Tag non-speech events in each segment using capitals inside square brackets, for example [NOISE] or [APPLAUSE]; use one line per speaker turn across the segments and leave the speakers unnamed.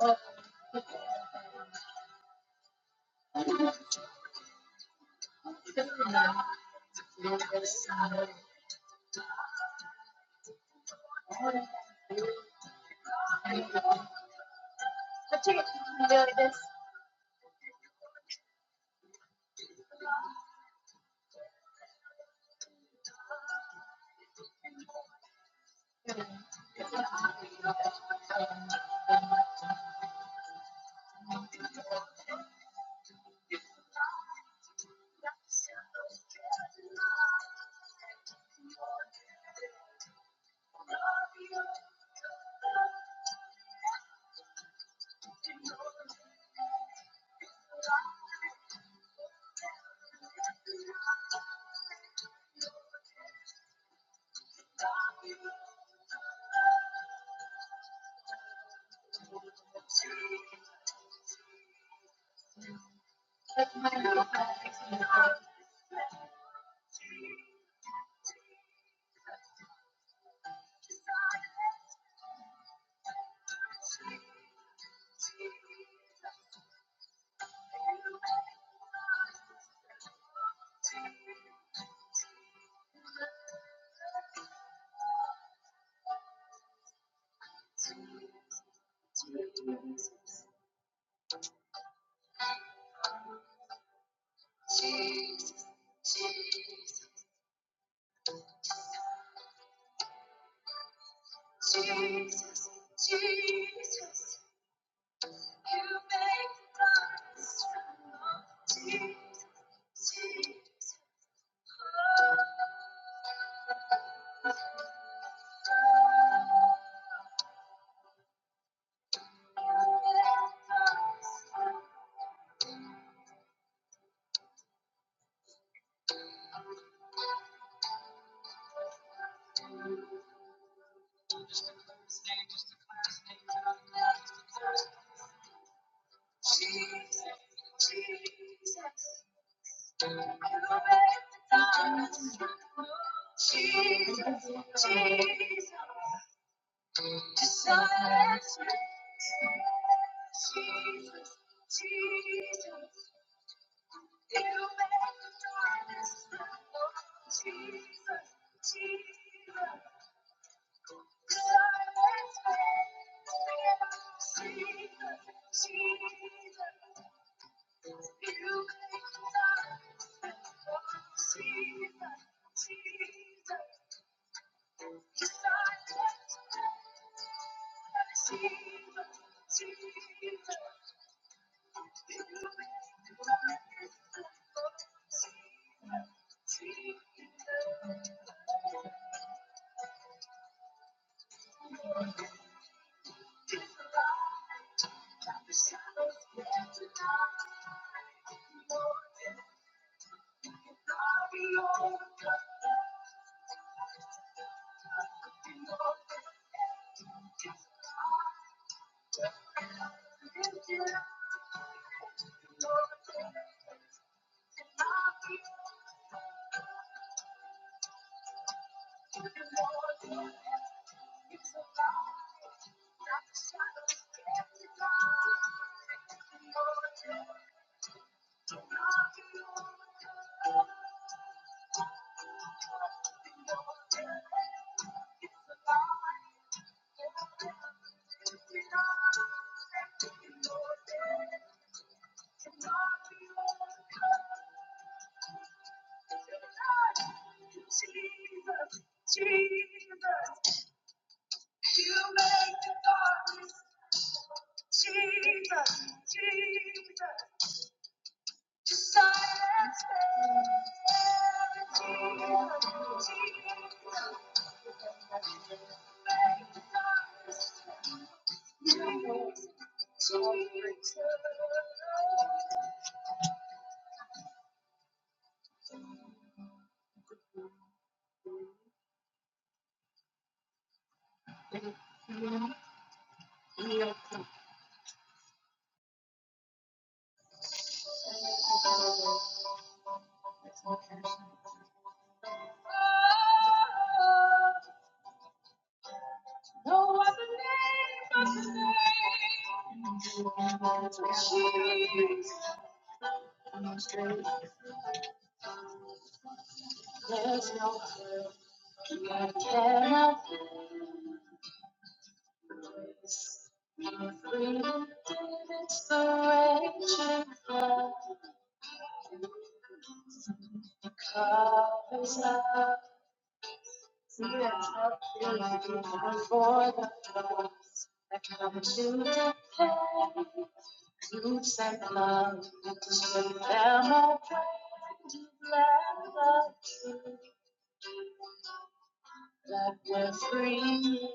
No one can stop me. There's no I cannot face. It's the raging fire, the cover's up. See you at your life before the cross. I come to the pain to send love to spread them all praise to bless the truth that we're free.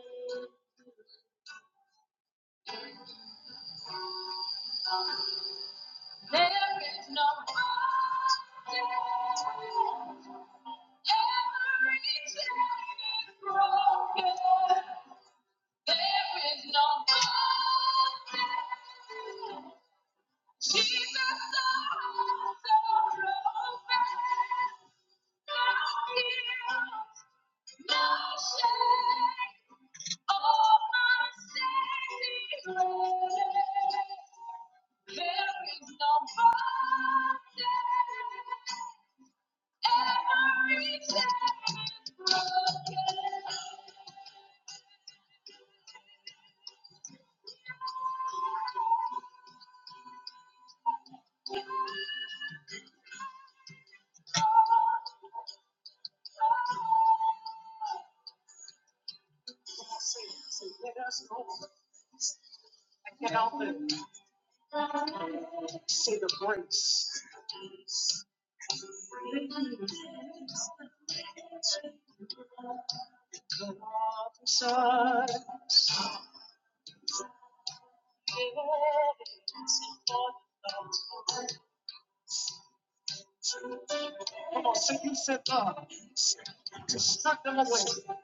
I can't help but say the grace. Come on, sing you said love to suck them away.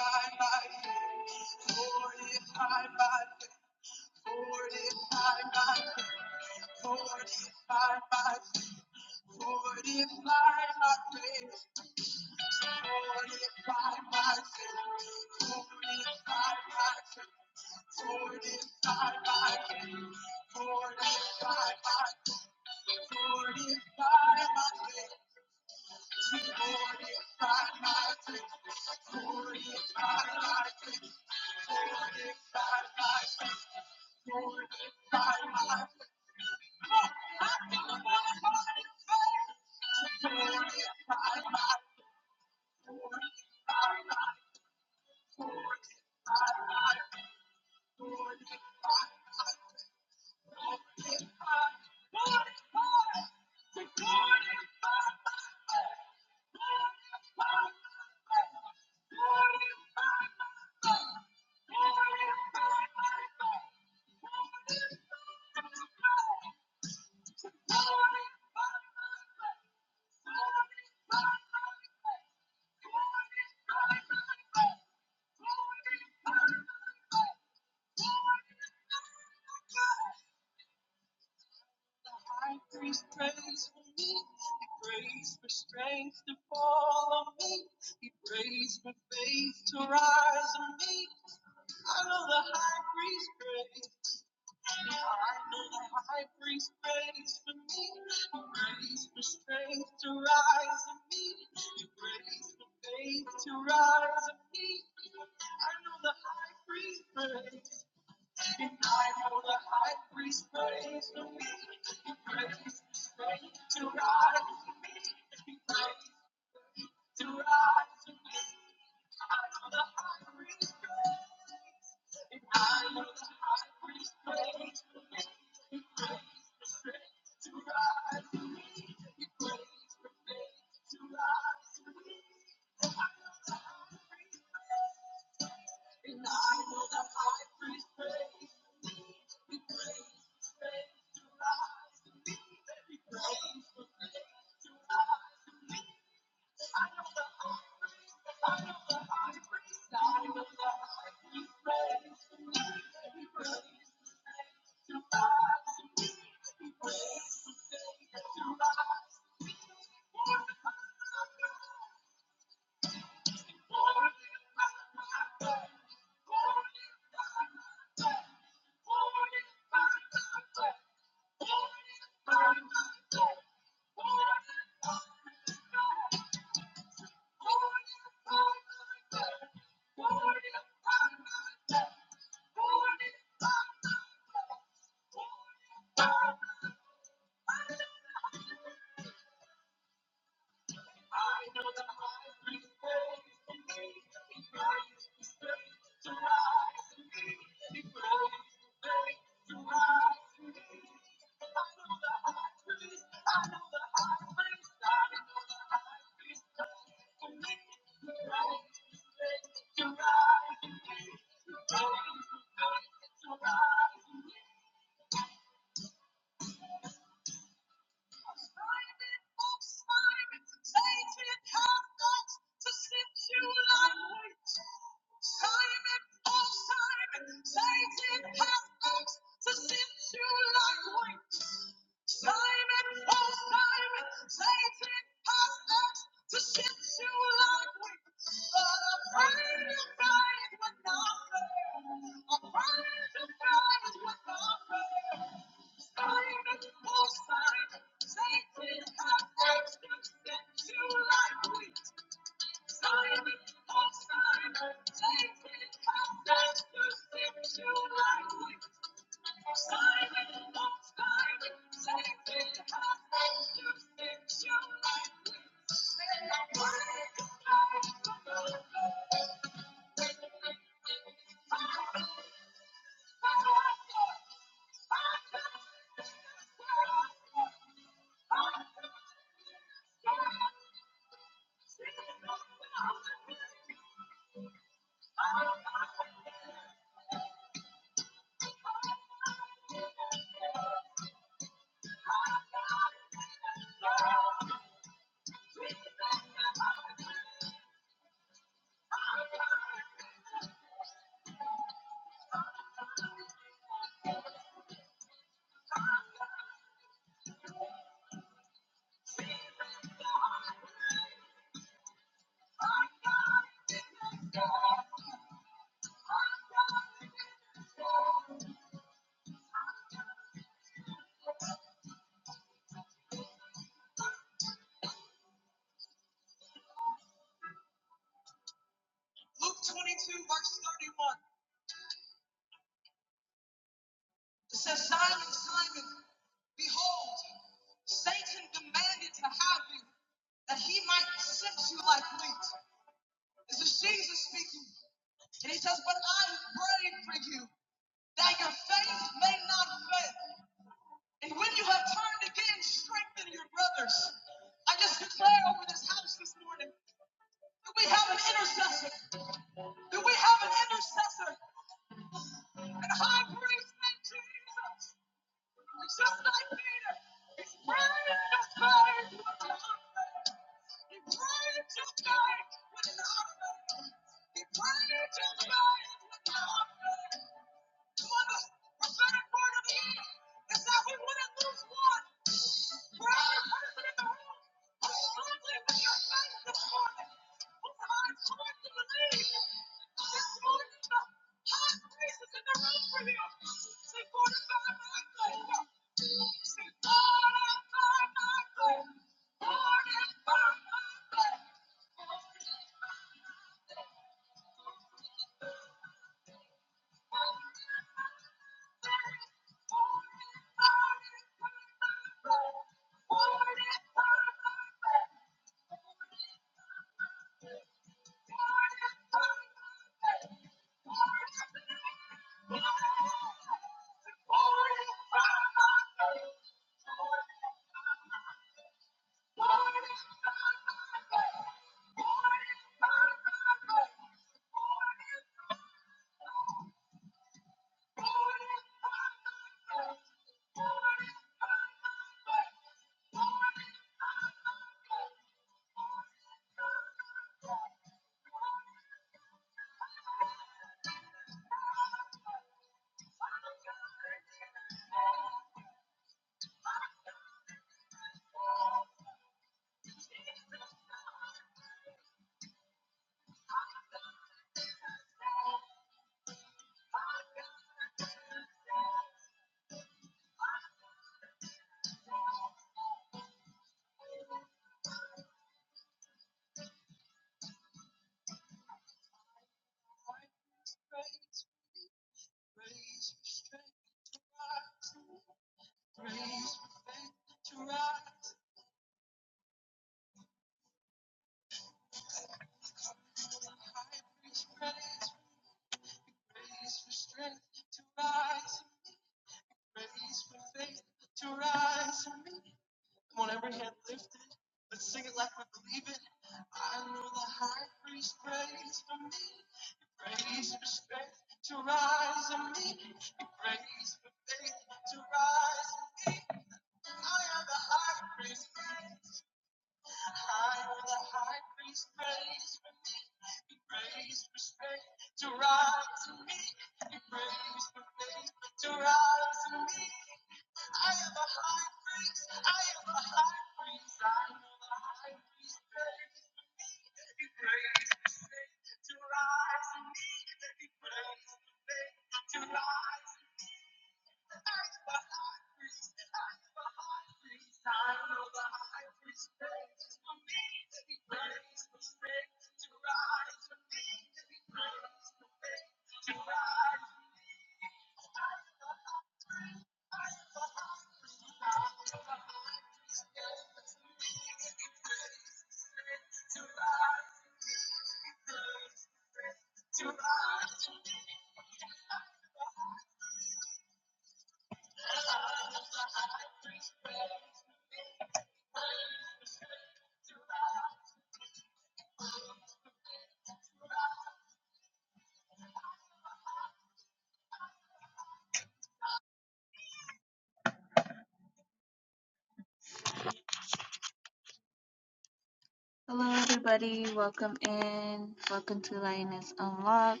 Hello, everybody. Welcome in. Welcome to Lioness Unlocked.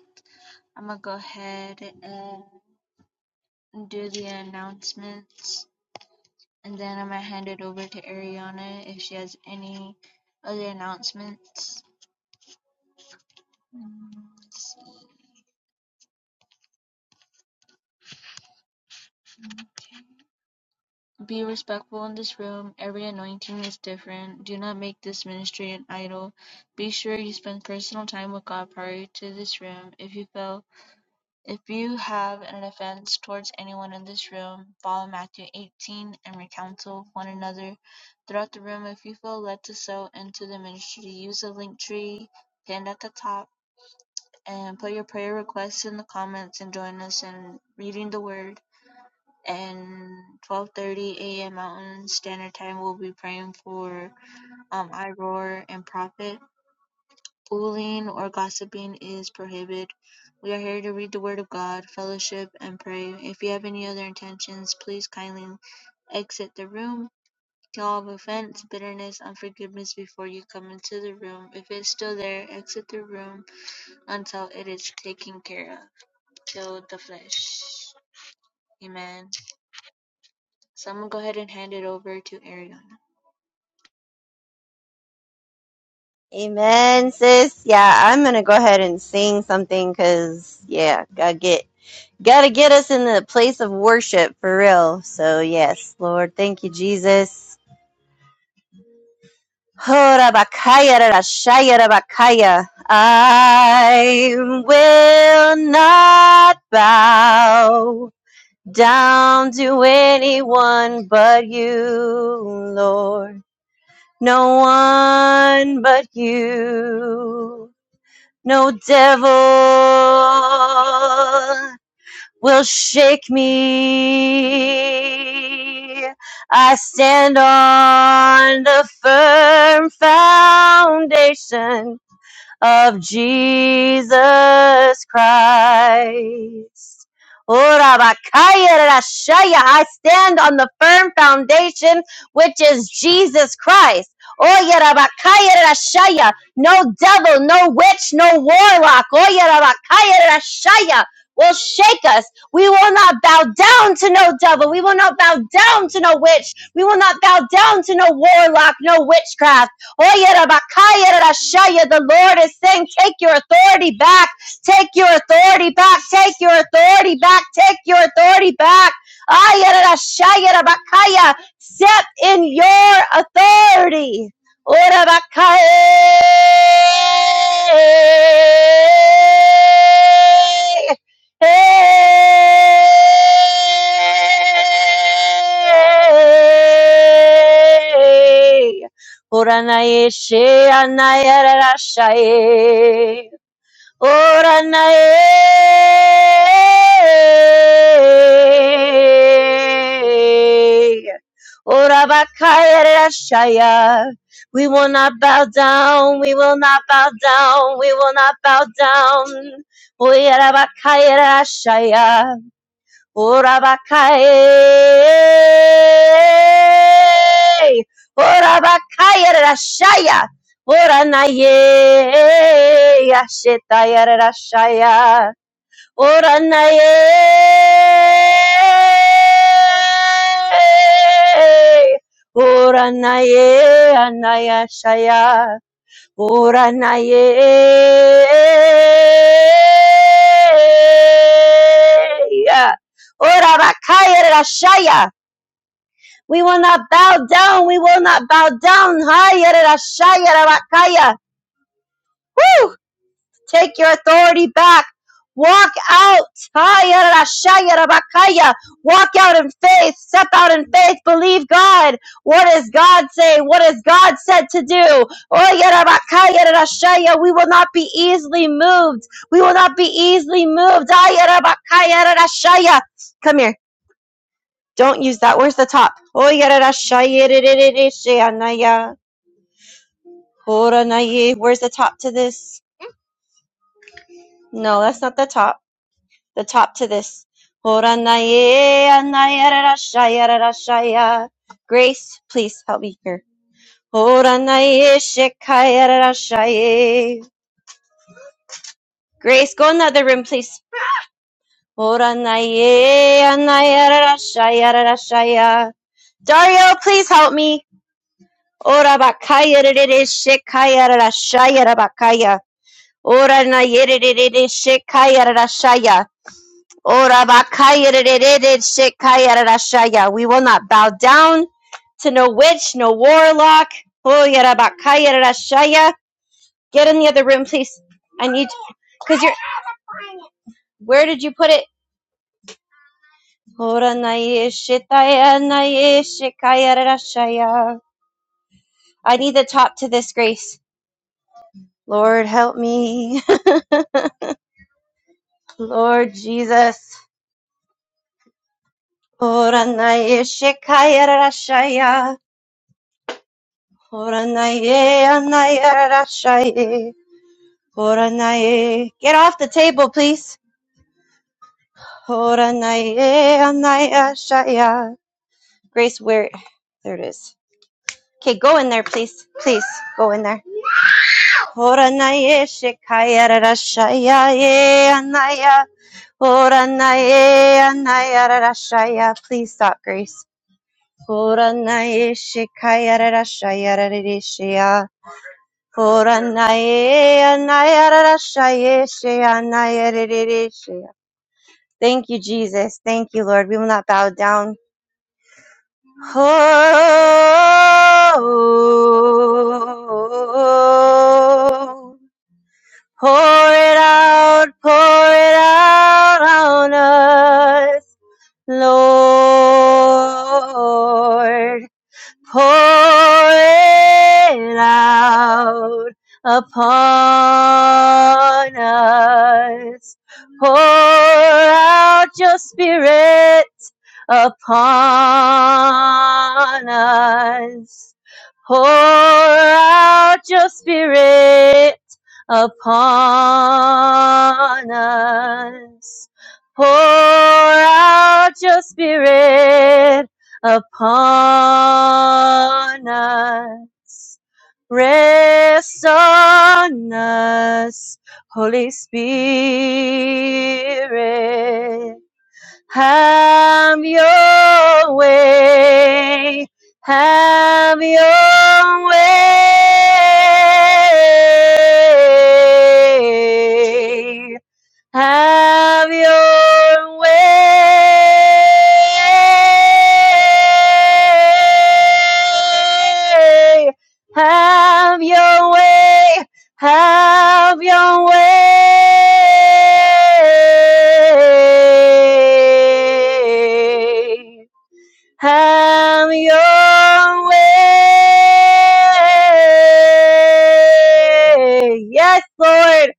I'm gonna go ahead and do the announcements, and then I'm gonna hand it over to Ariana if she has any other announcements. Mm, let's see. Okay. Be respectful in this room. Every anointing is different. Do not make this ministry an idol. Be sure you spend personal time with God prior to this room. If you fail If you have an offense towards anyone in this room, follow Matthew 18 and recounsel one another throughout the room. If you feel led to sow into the ministry, use the link tree pinned at the top and put your prayer requests in the comments and join us in reading the word. And 12:30 a.m. Mountain Standard Time, we'll be praying for um, Iroar and Prophet. Fooling or gossiping is prohibited. We are here to read the Word of God, fellowship, and pray. If you have any other intentions, please kindly exit the room. Kill all offense, bitterness, unforgiveness before you come into the room. If it's still there, exit the room until it is taken care of. Kill the flesh. Amen. Someone go ahead and hand it over to Ariana.
Amen, sis. Yeah, I'm gonna go ahead and sing something because yeah, gotta get gotta get us in the place of worship for real. So yes, Lord, thank you, Jesus. Horabakayarashayarabakaya. I will not bow down to anyone but you, Lord. No one but you. No devil will shake me. I stand on the firm foundation of Jesus Christ. Ora bakaya rashaya. I stand on the firm foundation, which is Jesus Christ. Oya rabakaya rashaya. No devil, no witch, no warlock. Oya rabakaya rashaya will shake us. We will not bow down to no devil. We will not bow down to no witch. We will not bow down to no warlock, no witchcraft. Oyerabakayerashaya. The Lord is saying, Take your authority back. Take your authority back. Take your authority back. Take your authority back. Ayerashayerabakaya. Step in your authority. Orabakaye. Hey! Oranaye she anayarashaye. Oranaye. Orabakayarashaya. We will not bow down. We will not bow down. We will not bow down. Oyarabakayarashaya. Orabakaye. Orabakaye rashaya. Oranaye. Yashetaya rashaya. Oranaye. Oranaye anaya shaya. Ora naye Ora rakaya rashaya. We will not bow down. We will not bow down. Haya rashaya rakaya. Take your authority back. Walk out. Hayarashayarabakaya. Walk out in faith. Step out in faith. Believe God. What does God say? What has God said to do? Oyarabakayarashaya. We will not be easily moved. We will not be easily moved. Ayarabakayarashaya. Come here. Don't use that. Where's the top? Oyarashayarishaya. Horanaya. Where's the top to this? No, that's not the top. the top to this. Horanaye, anayarashaya, rarashaya. Grace, please help me here. Horanaye, shekaya, rarashaye. Grace, go another room, please. Horanaye, anayarashaya, rarashaya. Dario, please help me. Ora bakaya rere shekaya rarashaya rabakaya. Ora na yere rere shekaya rarashaya. Ora bakaya de shekaya rashaya. We will not bow down to no witch, no warlock. Oh, yada bakaya rashaya. Get in the other room, please. I need because you're. Where did you put it? Ora na shetaya na shekaya rashaya. I need the top to this grace. Lord, help me. [LAUGHS] Lord Jesus. Ora na shekaya rashaya. Ora na ye rashaya. Get off the table, please. Grace, where? There it is. Okay, go in there, please. Please, go in there. eh, Please stop, Grace. Thank you, Jesus. Thank you, Lord. We will not bow down. Oh, pour it out, pour it out on us, Lord pour it out upon us. Pour out your spirit upon us. Pour out your spirit upon us. Pour out your spirit upon us. Rest on us, Holy Spirit. Have your way. Have your way. Have your way. Have your way. Have your way. Have your way. Yes, Lord.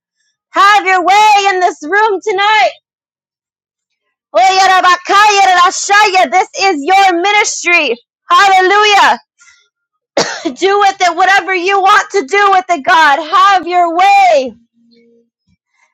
Have your way in this room tonight. Oyarabakayarashaya. This is your ministry. Hallelujah. Do with it whatever you want to do with it, God. Have your way.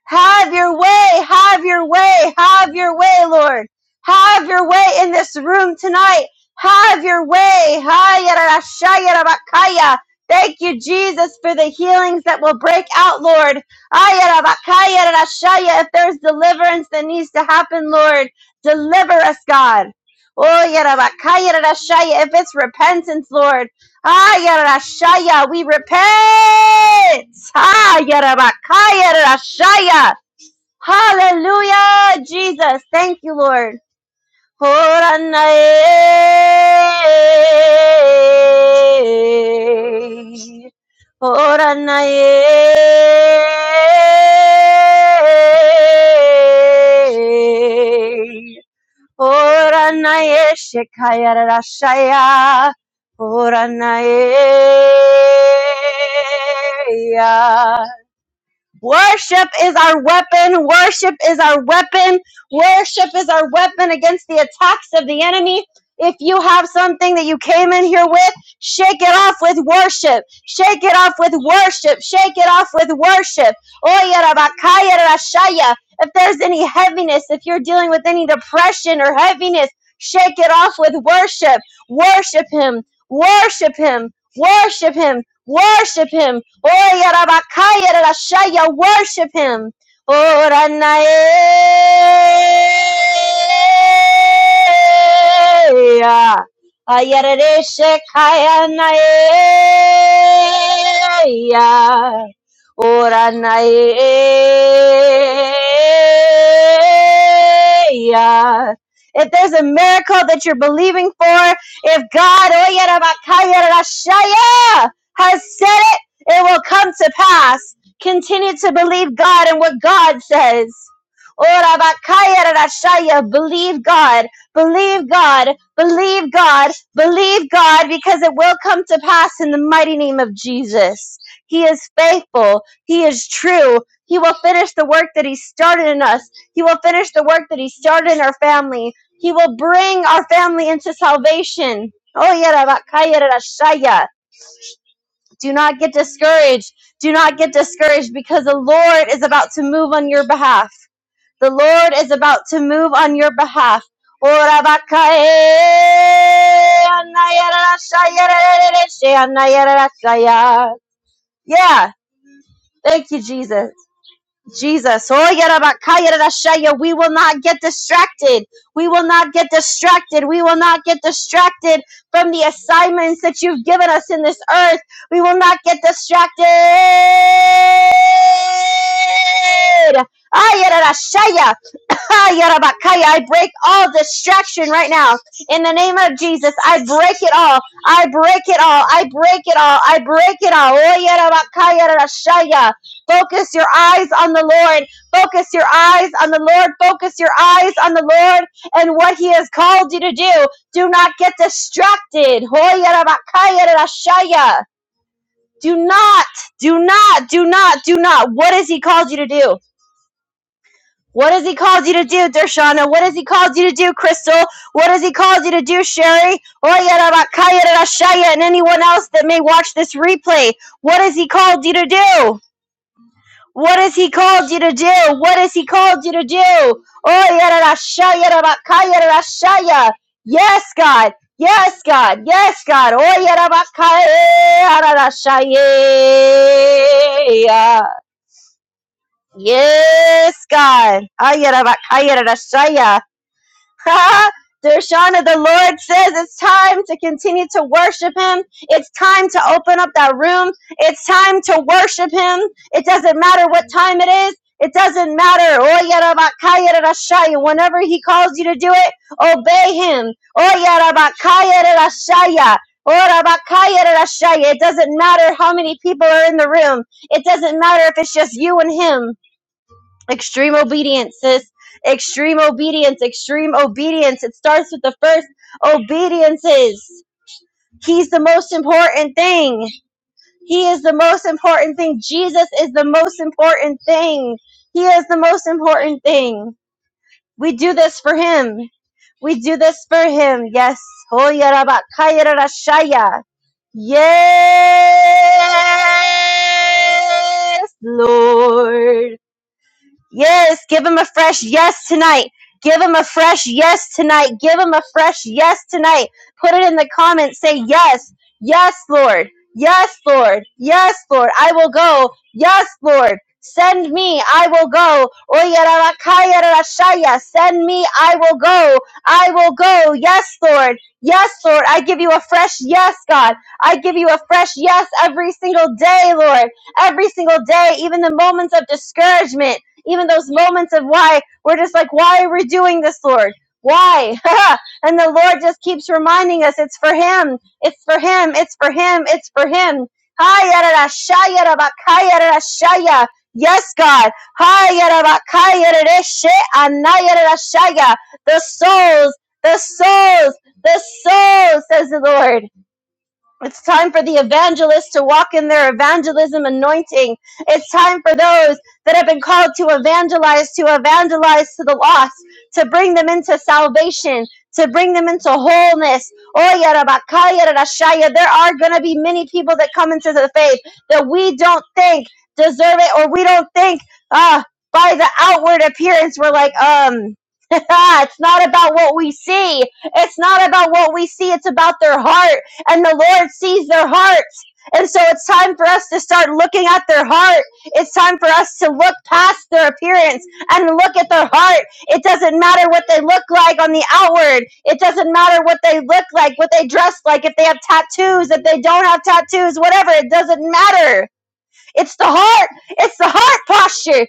Have your way, have your way, have your way, Lord. Have your way in this room tonight. Have your way. Hayarashayarabakaya. Thank you, Jesus, for the healings that will break out, Lord. Hayarabakayarashaya. If there's deliverance that needs to happen, Lord, deliver us, God. Oh, yarabakayarashaya. If it's repentance, Lord. Ayarashaya, we repent. Ayarabakayarashaya. Hallelujah, Jesus. Thank you, Lord. Horanae. Horanae. Ora nae shekaya rashaya. Ora nae ya. Worship is our weapon. Worship is our weapon. Worship is our weapon against the attacks of the enemy. If you have something that you came in here with, shake it off with worship. Shake it off with worship. Shake it off with worship. Oya rabakaya If there's any heaviness, if you're dealing with any depression or heaviness, shake it off with worship. Worship Him. Worship Him. Worship Him. Worship him. Oh, yarabakaya rarashaya. Worship him. Oh, ranae. Ayaradeshekaya nae. Oh, ranae. If there's a miracle that you're believing for, if God, oh, yarabakaya rarashaya has said it, it will come to pass. Continue to believe God and what God says. Ora bakaya rarashaya. Believe God, believe God, believe God, believe God, because it will come to pass in the mighty name of Jesus. He is faithful, He is true. He will finish the work that He started in us, He will finish the work that He started in our family. He will bring our family into salvation. Oh, yeah, Rabakaya Rashaya. Do not get discouraged. Do not get discouraged because the Lord is about to move on your behalf. The Lord is about to move on your behalf. Ora bakae, anayarashaya, rererereshaya, anayarashaya. Yeah. Thank you, Jesus. Jesus. Oh, yarabakaya rarashaya. We will not get distracted. We will not get distracted. We will not get distracted from the assignments that you've given us in this earth. We will not get distracted. Ah, yararashaya. I break all distraction right now. In the name of Jesus, I break it all. I break it all. I break it all. I break it all. Oh, yarabakaya rashaya. Focus your eyes on the Lord. Focus your eyes on the Lord. Focus your eyes on the Lord and what He has called you to do. Do not get distracted. Oh, yarabakaya rashaya. Do not, do not, do not, do not. What has He called you to do? What has he called you to do, Dershana? What has he called you to do, Crystal? What has he called you to do, Sherry? Oyarabakayarashaya, And anyone else that may watch this replay, what has he called you to do? What has he called you to do? What has he called you to do? Oyarabashayarabakayarashaya. Yes, God. Yes, God. Yes, God. Oyarabakayarashaya. Yes, God. Ayarabakayarashaya. [LAUGHS] Dershana, the Lord says it's time to continue to worship Him. It's time to open up that room. It's time to worship Him. It doesn't matter what time it is. It doesn't matter. Oh, Whenever He calls you to do it, obey Him. Oh, Oh, It doesn't matter how many people are in the room. It doesn't matter if it's just you and Him. Extreme obedience, sis. Extreme obedience, extreme obedience. It starts with the first obediences. He's the most important thing. He is the most important thing. Jesus is the most important thing. He is the most important thing. We do this for him. We do this for him. Yes. Hoyarabakayarashaya. Yes, Lord. Yes, give him a fresh yes tonight. Give him a fresh yes tonight. Give him a fresh yes tonight. Put it in the comments. Say yes. Yes, Lord. Yes, Lord. Yes, Lord. I will go. Yes, Lord. Send me. I will go. Oyararakayarashaya. Send me. I will go. I will go. Yes, Lord. Yes, Lord. I give you a fresh yes, God. I give you a fresh yes every single day, Lord. Every single day, even the moments of discouragement even those moments of why we're just like, why are we doing this, Lord? Why? [LAUGHS] and the Lord just keeps reminding us it's for Him, it's for Him, it's for Him, it's for Him. Hayarashayarabakayarashaya. Yes, God. Hayarabakayareshe anayarashaya. The souls, the souls, the souls, says the Lord. It's time for the evangelists to walk in their evangelism anointing. It's time for those that have been called to evangelize, to evangelize to the lost, to bring them into salvation, to bring them into wholeness. Oh, yada ba ka, yada da sha There are going to be many people that come into the faith that we don't think deserve it, or we don't think, ah, by the outward appearance, we're like, um, [LAUGHS] it's not about what we see. It's not about what we see. It's about their heart and the Lord sees their hearts. And so it's time for us to start looking at their heart. It's time for us to look past their appearance and look at their heart. It doesn't matter what they look like on the outward. It doesn't matter what they look like, what they dress like, if they have tattoos, if they don't have tattoos, whatever. It doesn't matter. It's the heart. It's the heart posture.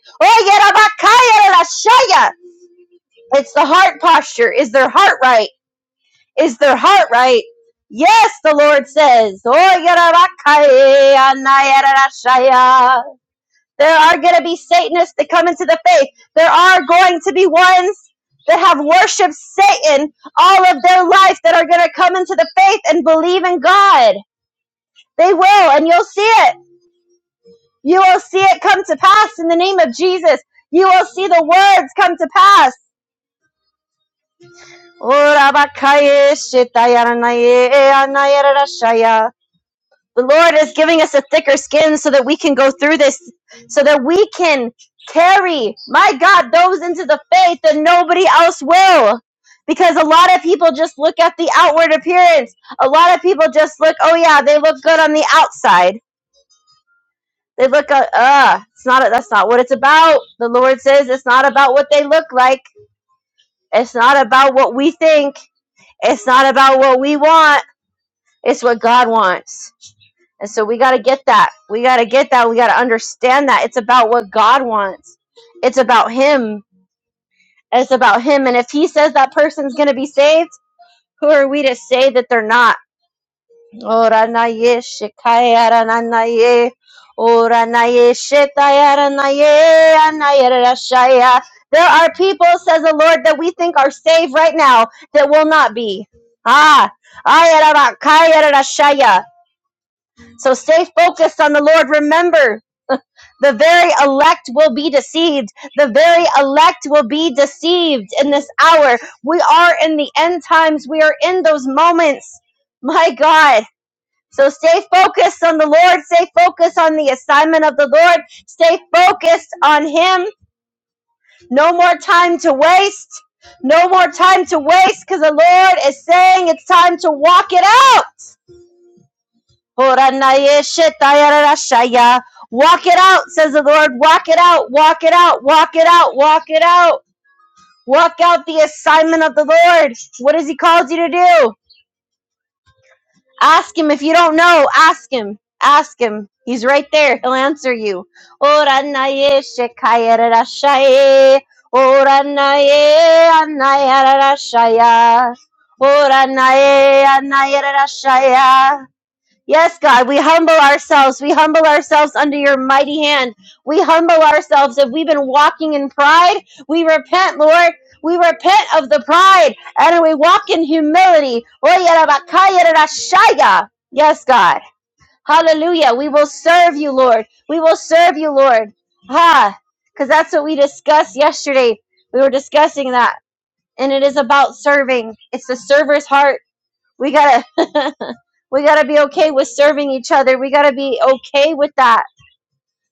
It's the heart posture. Is their heart right? Is their heart right? Yes, the Lord says. "Oh, There are going to be Satanists that come into the faith. There are going to be ones that have worshiped Satan all of their life that are going to come into the faith and believe in God. They will, and you'll see it. You will see it come to pass in the name of Jesus. You will see the words come to pass. Oh, The Lord is giving us a thicker skin so that we can go through this, so that we can carry, my God, those into the faith that nobody else will. Because a lot of people just look at the outward appearance. A lot of people just look, oh yeah, they look good on the outside. They look, uh, uh it's not. That's not what it's about. The Lord says it's not about what they look like. It's not about what we think. It's not about what we want. It's what God wants. And so we got to get that. We got to get that. We got to understand that it's about what God wants. It's about Him. It's about Him. And if He says that person's going to be saved, who are we to say that they're not? Oranaye shikaya rananaye. Oranaye shetaya ranaye anayera rashaya. There are people, says the Lord, that we think are saved right now that will not be. Ah, ayera bakaya rashaya. So stay focused on the Lord. Remember, The very elect will be deceived. The very elect will be deceived in this hour. We are in the end times. We are in those moments. My God. So stay focused on the Lord. Stay focused on the assignment of the Lord. Stay focused on Him. No more time to waste. No more time to waste because the Lord is saying it's time to walk it out. Walk it out, says the Lord. Walk it out, walk it out, walk it out, walk it out. Walk out the assignment of the Lord. What has He called you to do? Ask Him if you don't know. Ask Him. Ask Him. He's right there. He'll answer you. Yes, God, we humble ourselves. We humble ourselves under your mighty hand. We humble ourselves. If we've been walking in pride, we repent, Lord. We repent of the pride and we walk in humility. Oyarabakayarashaya. Yes, God. Hallelujah. We will serve you, Lord. We will serve you, Lord. Ha. Because that's what we discussed yesterday. We were discussing that. And it is about serving. It's the server's heart we gotta [LAUGHS] we gotta be okay with serving each other we gotta be okay with that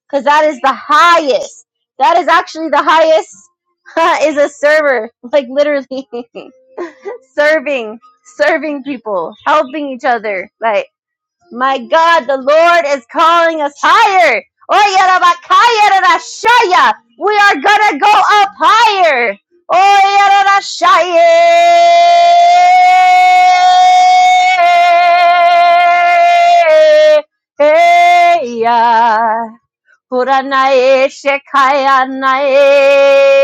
because that is the highest that is actually the highest [LAUGHS] is a server like literally [LAUGHS] serving serving people helping each other like. My God, the Lord is calling us higher. Oyarabakayarashaya. We are going to go up higher. Oyarashaya. Hey, yeah. Puranae Shekaya Nae.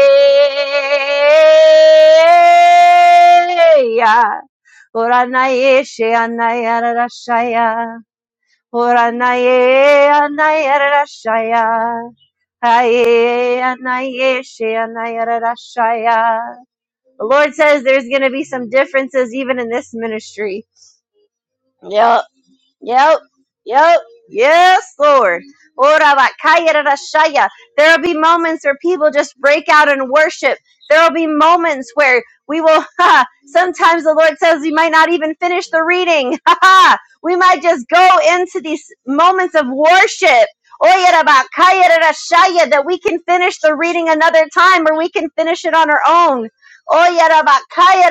Puranae Shekaya Nae Rashaya. Oranaye, anayarashaya. Aye, anaye, she, anayarashaya. The Lord says there's going to be some differences even in this ministry. Yep. Yep. Yep. Yes, Lord. Ora bakaya rara There'll be moments where people just break out in worship. There'll be moments where we will, [LAUGHS] ha, sometimes the Lord says we might not even finish the reading. [LAUGHS] Ha ha. We might just go into these moments of worship. Oya rara bakaya That we can finish the reading another time or we can finish it on our own. Oya rara bakaya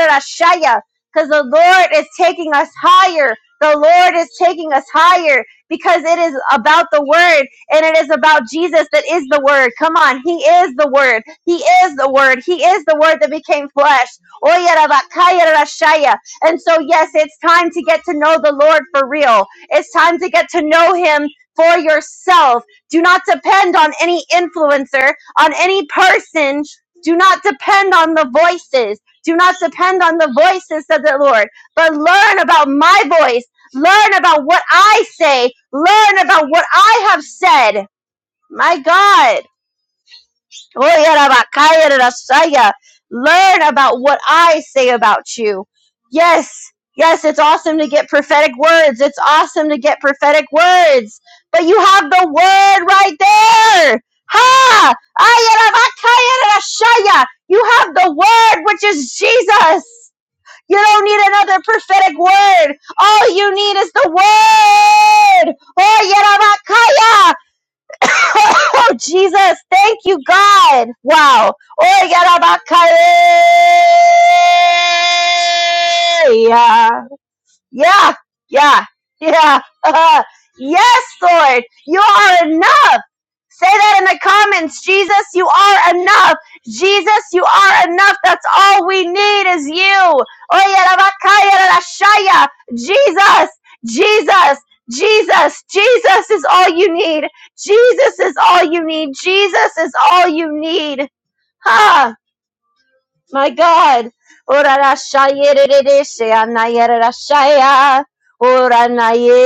Because the Lord is taking us higher. The Lord is taking us higher because it is about the Word and it is about Jesus that is the Word. Come on, He is the Word. He is the Word. He is the Word that became flesh. Oya rabakaya rashaya. And so, yes, it's time to get to know the Lord for real. It's time to get to know Him for yourself. Do not depend on any influencer, on any person. Do not depend on the voices. Do not depend on the voices, said the Lord, but learn about my voice Learn about what I say. Learn about what I have said. My God. Learn about what I say about you. Yes. Yes, it's awesome to get prophetic words. It's awesome to get prophetic words. But you have the word right there. Ha! Ayarabakayarasaya. You have the word, which is Jesus. You don't need another prophetic word. All you need is the word. Oh, Yarabakaya. [LAUGHS] Oh, Jesus. Thank you, God. Wow. Oh, Yarabakaya. Yeah. Yeah. Yeah. Yeah. [LAUGHS] yes, Lord. You are enough. Say that in the comments. Jesus, you are enough. Jesus, you are enough. That's all we need is you. Oye, rabakaya, Jesus, Jesus, Jesus, Jesus is all you need. Jesus is all you need. Jesus is all you need. Huh. My God. Ora ra shaya re se anaya ra ra Ora na ye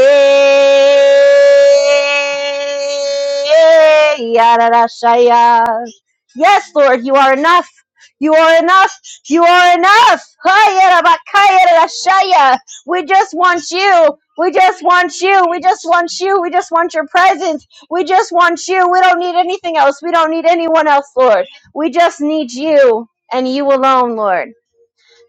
ya Yes, Lord, you are enough. You are enough. You are enough. Haya ra ba We just want you. We just want you. We just want you. We just want your presence. We just want you. We don't need anything else. We don't need anyone else, Lord. We just need you and you alone, Lord.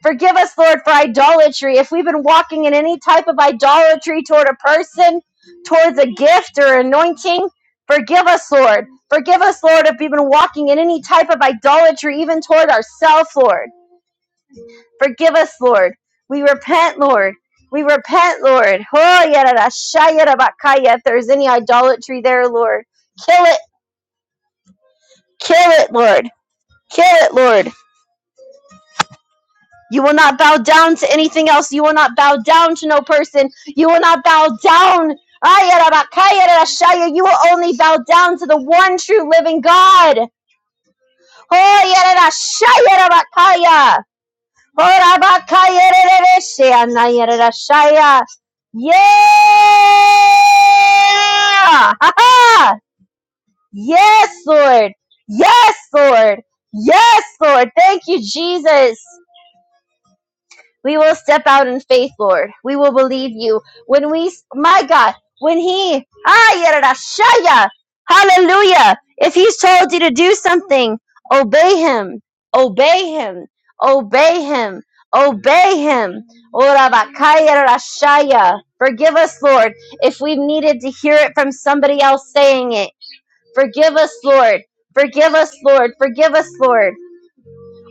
Forgive us, Lord, for idolatry. If we've been walking in any type of idolatry toward a person, towards a gift or anointing, forgive us, Lord. Forgive us, Lord, if we've been walking in any type of idolatry, even toward ourselves, Lord. Forgive us, Lord. We repent, Lord. We repent, Lord. Oh, yarara, shayara, bakaya. If there's any idolatry there, Lord, kill it. Kill it, Lord. Kill it, Lord. You will not bow down to anything else. You will not bow down to no person. You will not bow down. Ayarabakayarashaya. You will only bow down to the one true living God. Oyarashayarabakaya. Orabakayareresheanayarashaya. Yeah! [LAUGHS] Ha ha! Yes, Lord. Yes, Lord. Yes, Lord. Thank you, Jesus. We will step out in faith, Lord. We will believe you. When we, my God, when He, ah, hallelujah. If He's told you to do something, obey Him, obey Him, obey Him, obey Him. Ora bakaya yarashaya. Forgive us, Lord, if we've needed to hear it from somebody else saying it. Forgive us, Lord. Forgive us, Lord. Forgive us, Lord.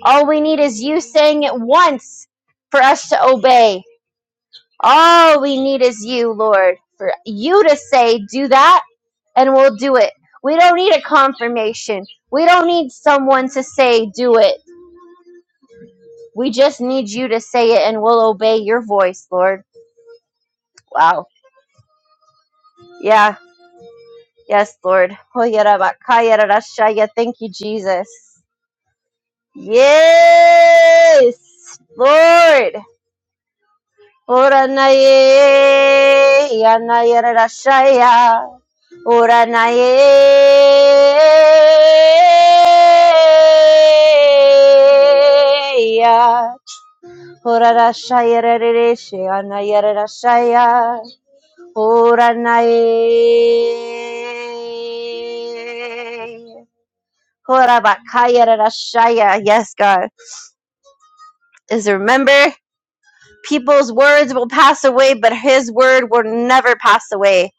All we need is you saying it once for us to obey. All we need is you, Lord, for you to say, do that, and we'll do it. We don't need a confirmation. We don't need someone to say, do it. We just need you to say it, and we'll obey your voice, Lord. Wow. Yeah. Yes, Lord. Hoyerabakayerashaya. Thank you, Jesus. Yes, Lord. Oranaye, yanayerashaya. Ora nae ya. Ora rashaya rereshe anaya rashaya. Ora nae. Ora bakaya Yes, God. Is remember people's words will pass away, but his word will never pass away.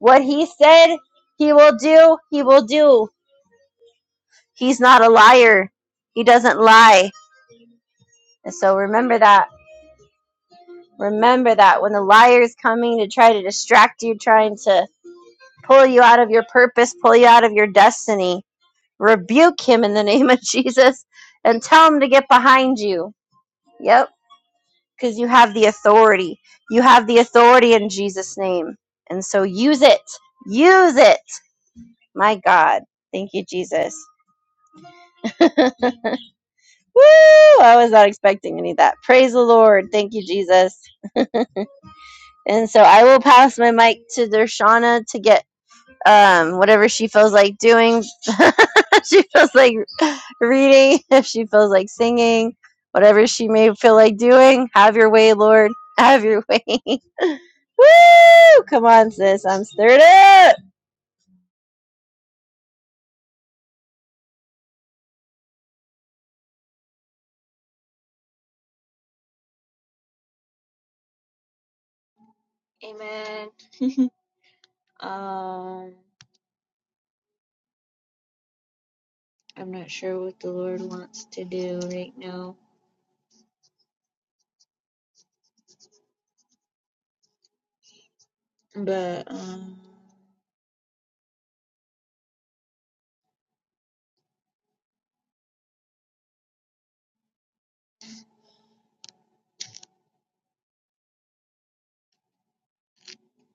What he said, he will do, he will do. He's not a liar. He doesn't lie. And so remember that. Remember that when the liar is coming to try to distract you, trying to pull you out of your purpose, pull you out of your destiny, rebuke him in the [LAUGHS] name of Jesus and tell him to get behind you. Yep, because you have the authority. You have the authority in Jesus' name. And so use it. Use it. My God. Thank you, Jesus. [LAUGHS] Woo! I was not expecting any of that. Praise the Lord. Thank you, Jesus. And so I will pass my mic to Dershana to get um whatever she feels like doing. [LAUGHS] she feels like reading, [LAUGHS] if she feels like singing, whatever she may feel like doing. Have your way, Lord. [LAUGHS] Have your way. [LAUGHS] Woo! Come on, sis. I'm stirred up.
Amen. [LAUGHS] um, I'm not sure what the Lord wants to do right now, but um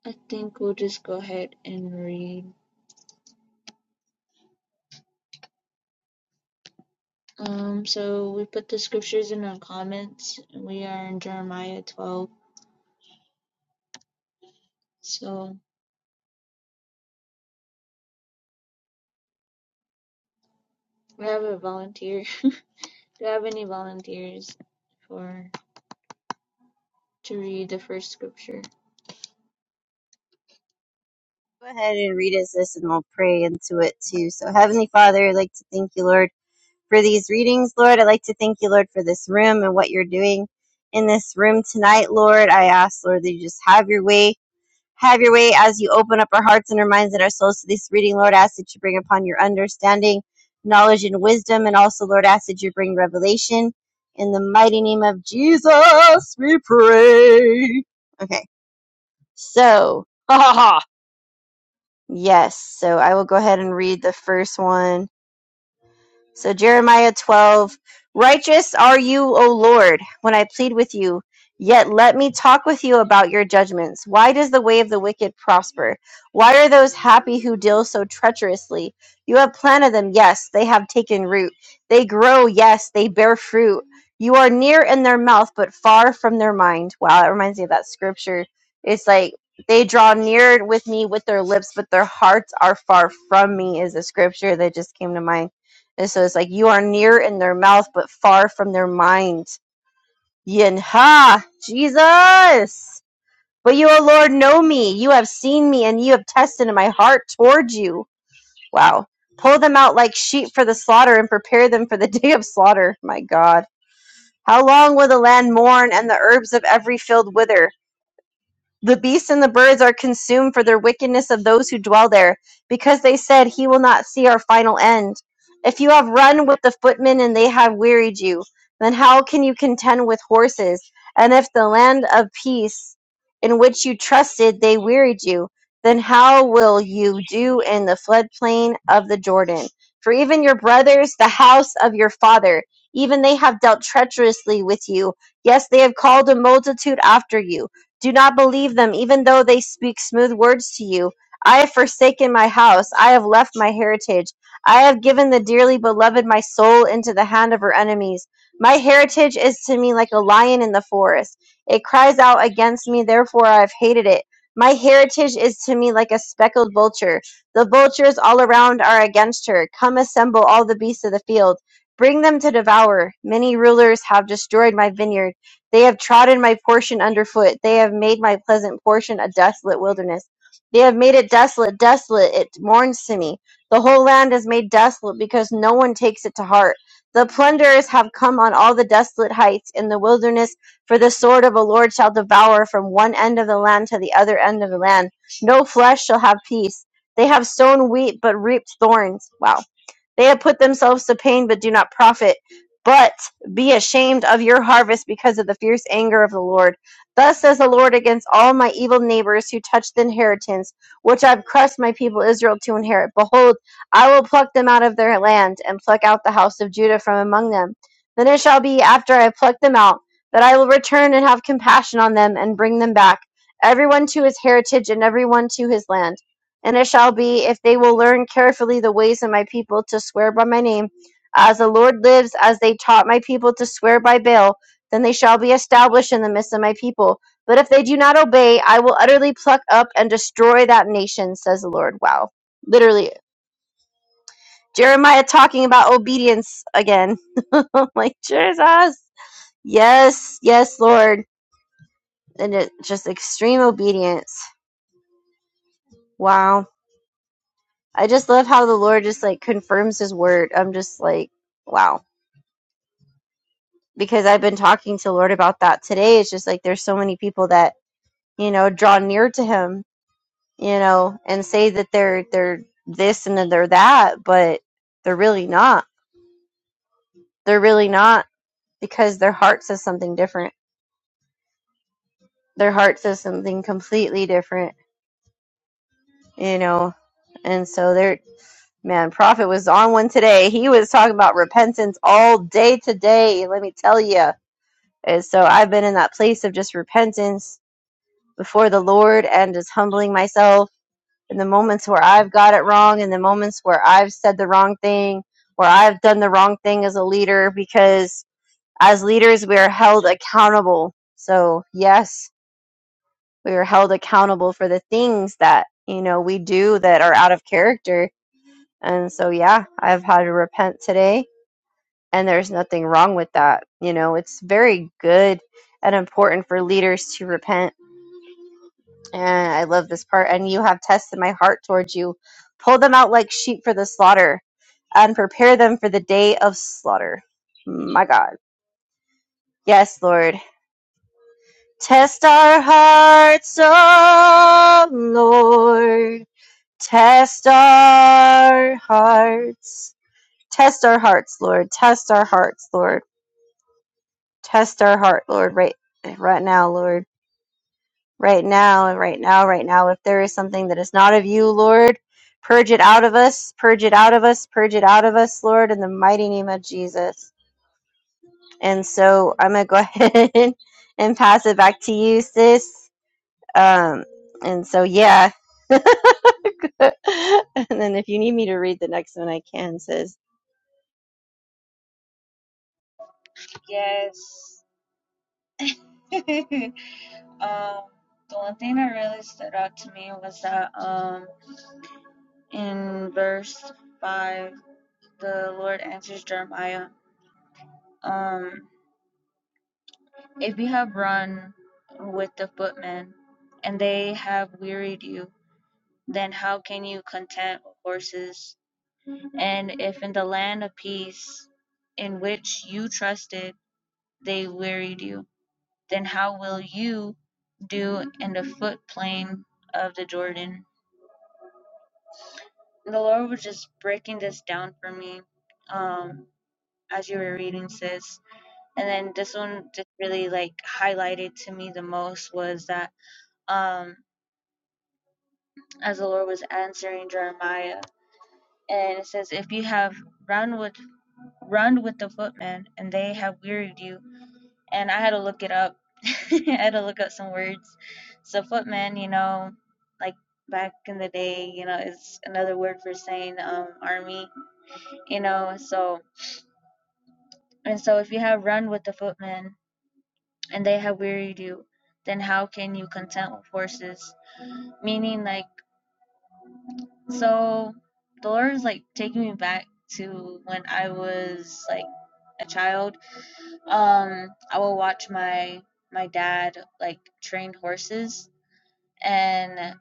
I think we'll just go ahead and read. Um, so we put the scriptures in our comments. We are in Jeremiah 12. So we have a volunteer. [LAUGHS] Do you have any volunteers for to read the first scripture?
Go ahead and read it, sis, and we'll pray into it too. So, Heavenly Father, I'd like to thank you, Lord. for these readings, Lord. I'd like to thank you, Lord, for this room and what you're doing in this room tonight, Lord. I ask, Lord, that you just have your way. Have your way as you open up our hearts and our minds and our souls to this reading, Lord. I ask that you bring upon your understanding, knowledge, and wisdom. And also, Lord, I ask that you bring revelation. In the mighty name of Jesus, we pray. Okay. So, [LAUGHS] ha ha ha. Yes. So I will go ahead and read the first one So, Jeremiah 12 Righteous are you, O Lord, when I plead with you. Yet let me talk with you about your judgments. Why does the way of the wicked prosper? Why are those happy who deal so treacherously? You have planted them, yes, they have taken root. They grow, yes, they bear fruit. You are near in their mouth, but far from their mind. Wow, that reminds me of that scripture. It's like they draw near with me with their lips, but their hearts are far from me, is a scripture that just came to mind and so it's like, you are near in their mouth, but far from their mind. Yin ha! Jesus! But you, O Lord, know me. You have seen me, and you have tested my heart toward you. Wow. Pull them out like sheep for the slaughter and prepare them for the [LAUGHS] day of slaughter. My God. How long will the land mourn and the herbs of every field wither? The beasts and the birds are consumed for their wickedness of those who dwell there, because they said, He will not see our final end. If you have run with the footmen and they have wearied you, then how can you contend with horses? And if the land of peace in which you trusted they wearied you, then how will you do in the floodplain of the Jordan? For even your brothers, the house of your father, even they have dealt treacherously with you. Yes, they have called a multitude after you do not believe them, even though they speak smooth words to you. I have forsaken my house. I have left my heritage. I have given the dearly beloved my soul into the hand of her enemies. My heritage is to me like a lion in the forest. It cries out against me, therefore I have hated it. My heritage is to me like a speckled vulture. The vultures all around are against her. Come assemble all the beasts of the field. Bring them to devour. Many rulers have destroyed my vineyard. They have trodden my portion underfoot. They have made my pleasant portion a desolate wilderness. They have made it desolate, desolate. It mourns to me. The whole land is made desolate because no one takes it to heart. The plunderers have come on all the desolate heights in the wilderness, for the sword of a Lord shall devour from one end of the land to the other end of the land. No flesh shall have peace. They have sown wheat but reaped thorns. Wow. They have put themselves to pain but do not profit. But be ashamed of your harvest because of the fierce anger of the Lord. Thus says the Lord against all my evil neighbors who touch the inheritance, which I've crushed my people Israel to inherit. Behold, I will pluck them out of their land and pluck out the house of Judah from among them. Then it shall be after I have plucked them out that I will return and have compassion on them and bring them back, everyone to his heritage and everyone to his land. And it shall be, if they will learn carefully the ways of my people to swear by my name, as the Lord lives, as they taught my people to swear by Baal, then they shall be established in the midst of my people. But if they do not obey, I will utterly pluck up and destroy that nation, says the Lord. Wow. Literally, Jeremiah talking about obedience again. [LAUGHS] I'm like, Jesus. Yes, yes, Lord. And it, just extreme obedience. Wow. I just love how the Lord just like confirms his word. I'm just like, wow. Because I've been talking to the Lord about that today. It's just like there's so many people that, you know, draw near to him, you know, and say that they're they're this and then they're that, but they're really not. They're really not because their heart says something different. Their heart says something completely different, you know. And so they're man, Prophet was on one today. He was talking about repentance all day today, let me tell you And so I've been in that place of just repentance before the Lord and just humbling myself in the moments where I've got it wrong, in the moments where I've said the wrong thing, where I've done the wrong thing as a leader, because as leaders, we are held accountable. So, yes, we are held accountable for the things that, you know, we do that are out of character. And so, yeah, I've had to repent today, and there's nothing wrong with that. You know, it's very good and important for leaders to repent And I love this part. And you have tested my heart towards you. Pull them out like sheep for the slaughter and prepare them for the day of slaughter. My God. Yes, Lord. Test our hearts, oh Lord. Test our hearts. Test our hearts, Lord. Test our hearts, Lord. Test our heart, Lord, right, right now, Lord. right now and right now, right now. If there is something that is not of you, Lord, purge it out of us, purge it out of us, purge it out of us, Lord, in the mighty name of Jesus. And so I'm going to go [LAUGHS] ahead and pass it back to you, sis. Um, and so, yeah. [LAUGHS] and then if you need me to read the next one, I can, sis.
Yes. [LAUGHS] um, the one thing that really stood out to me was that um, in verse 5, the Lord answers Jeremiah. Um, If you have run with the footmen, and they have wearied you, then how can you content horses? And if in the land of peace, in which you trusted, they wearied you, then how will you do in the foot plain of the Jordan? And The Lord was just breaking this down for me um, as you were reading, sis. And then this one just really like highlighted to me the most was that um, as the Lord was answering Jeremiah. And it says, If you have run with run with the footmen, and they have wearied you. And I had to look it up. [LAUGHS] I had to look up some words. So footmen, you know, like back in the day, you know, is another word for saying um army, you know, so and so if you have run with the footmen and they have wearied you, then how can you content with horses? Meaning like So the Lord is like taking me back to when I was like a child. Um, I would watch my my dad like train horses and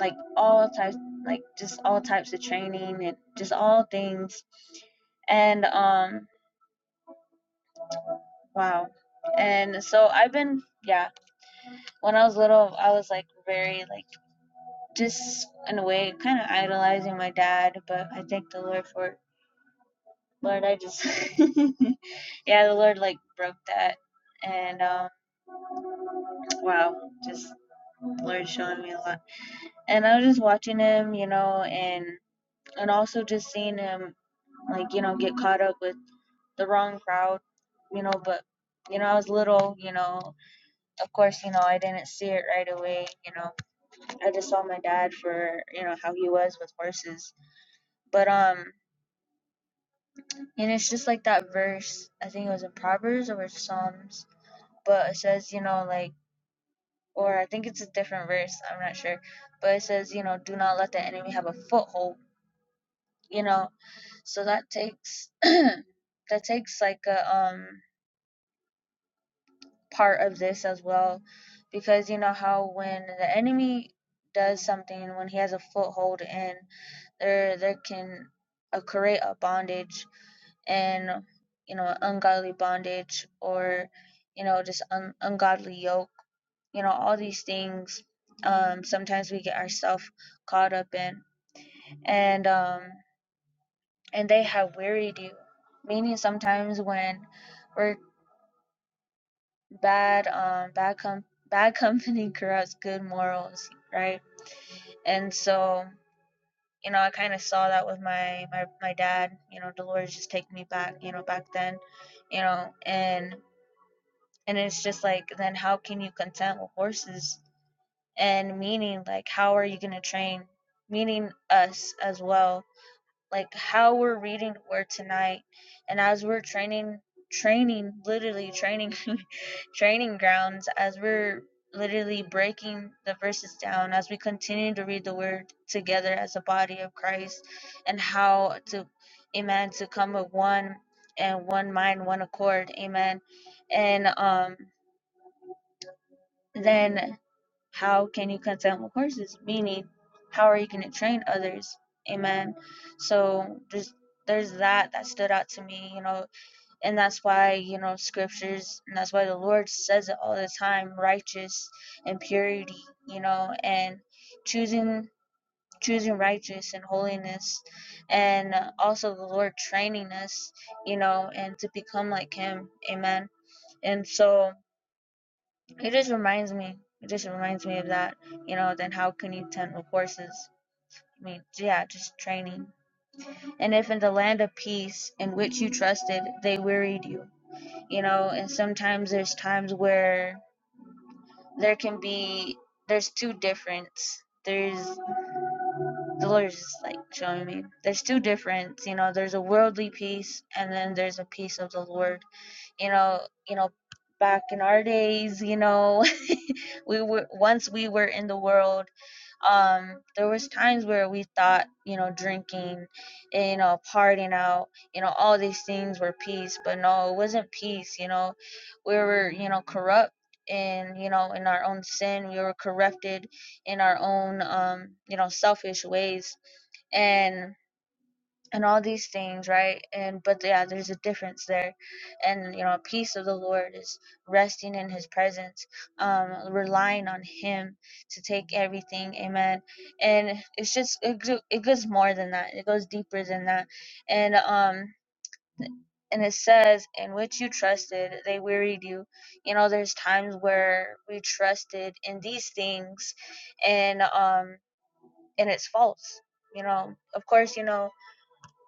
like all types like just all types of training and just all things and um wow and so i've been yeah when i was little i was like very like just in a way kind of idolizing my dad but i thank the lord for it. lord i just [LAUGHS] yeah, the Lord like broke that. And um, wow, just the Lord showing me a lot. And I was just watching him, you know, and and also just seeing him like you know get caught up with the wrong crowd, you know. But you know, I was little, you know. Of course, you know, I didn't see it right away. You know, I just saw my dad for you know how he was with horses. But um, and it's just like that verse. I think it was in Proverbs or Psalms. But it says, you know, like or I think it's a different verse, I'm not sure. But it says, you know, do not let the enemy have a foothold, you know. So that takes [CLEARS THROAT] that takes like a um part of this as well because you know how when the enemy does something when he has a foothold and there there can uh, create a bondage and you know ungodly bondage or you know just un- ungodly yoke you know all these things um sometimes we get ourselves caught up in and um and they have wearied you meaning sometimes when we're bad um bad com- bad company [LAUGHS] corrupts good morals right and so you know i kind of saw that with my, my my dad you know the lord just take me back you know back then you know and and it's just like then how can you consent with horses and meaning like how are you going to train meaning us as well like how we're reading the word tonight and as we're training training literally training [LAUGHS] training grounds as we're literally breaking the verses down as we continue to read the word together as a body of christ and how to amen to come with one and one mind one accord amen and um then how can you contempt horses? Meaning, how are you going to train others? Amen. So there's there's that that stood out to me, you know, and that's why you know scriptures, and that's why the Lord says it all the time: righteous and purity, you know, and choosing choosing righteous and holiness, and uh, also the Lord training us, you know, and to become like Him. Amen. And so it just reminds me. It just reminds me of that. You know, then how can you tend with horses? I mean, yeah, just training. And if in the land of peace in which you trusted, they wearied you. You know, and sometimes there's times where there can be there's two difference. There's the Lord's just like showing me. There's two difference. You know, there's a worldly peace, and then there's a peace of the Lord. You know, you know, back in our days, you know, [LAUGHS] we were once we were in the world um there was times where we thought you know drinking and, you know partying out you know all these things were peace but no it wasn't peace you know we were you know corrupt in you know in our own sin we were corrupted in our own um you know selfish ways and and all these things, right? And but yeah, there's a difference there, and you know, peace of the Lord is resting in His presence, um, relying on Him to take everything, Amen. And it's just it, go- it goes more than that; it goes deeper than that, and um. And it says, in which you trusted, they wearied you. You know, there's times where we trusted in these things, and um, and it's false. You know, of course, you know,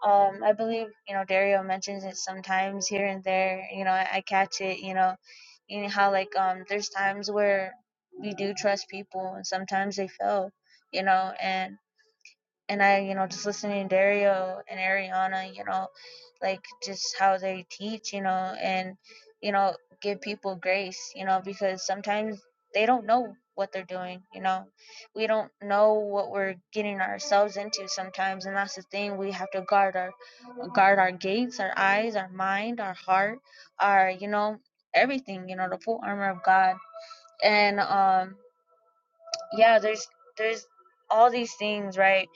um, I believe you know Dario mentions it sometimes here and there. You know, I, I catch it. You know, and how like um, there's times where we do trust people, and sometimes they fail. You know, and and I, you know, just listening to Dario and Ariana, you know, like just how they teach, you know, and you know, give people grace, you know, because sometimes they don't know what they're doing, you know. We don't know what we're getting ourselves into sometimes, and that's the thing. We have to guard our guard our gates, our eyes, our mind, our heart, our, you know, everything, you know, the full armor of God. And um yeah, there's there's all these things, right?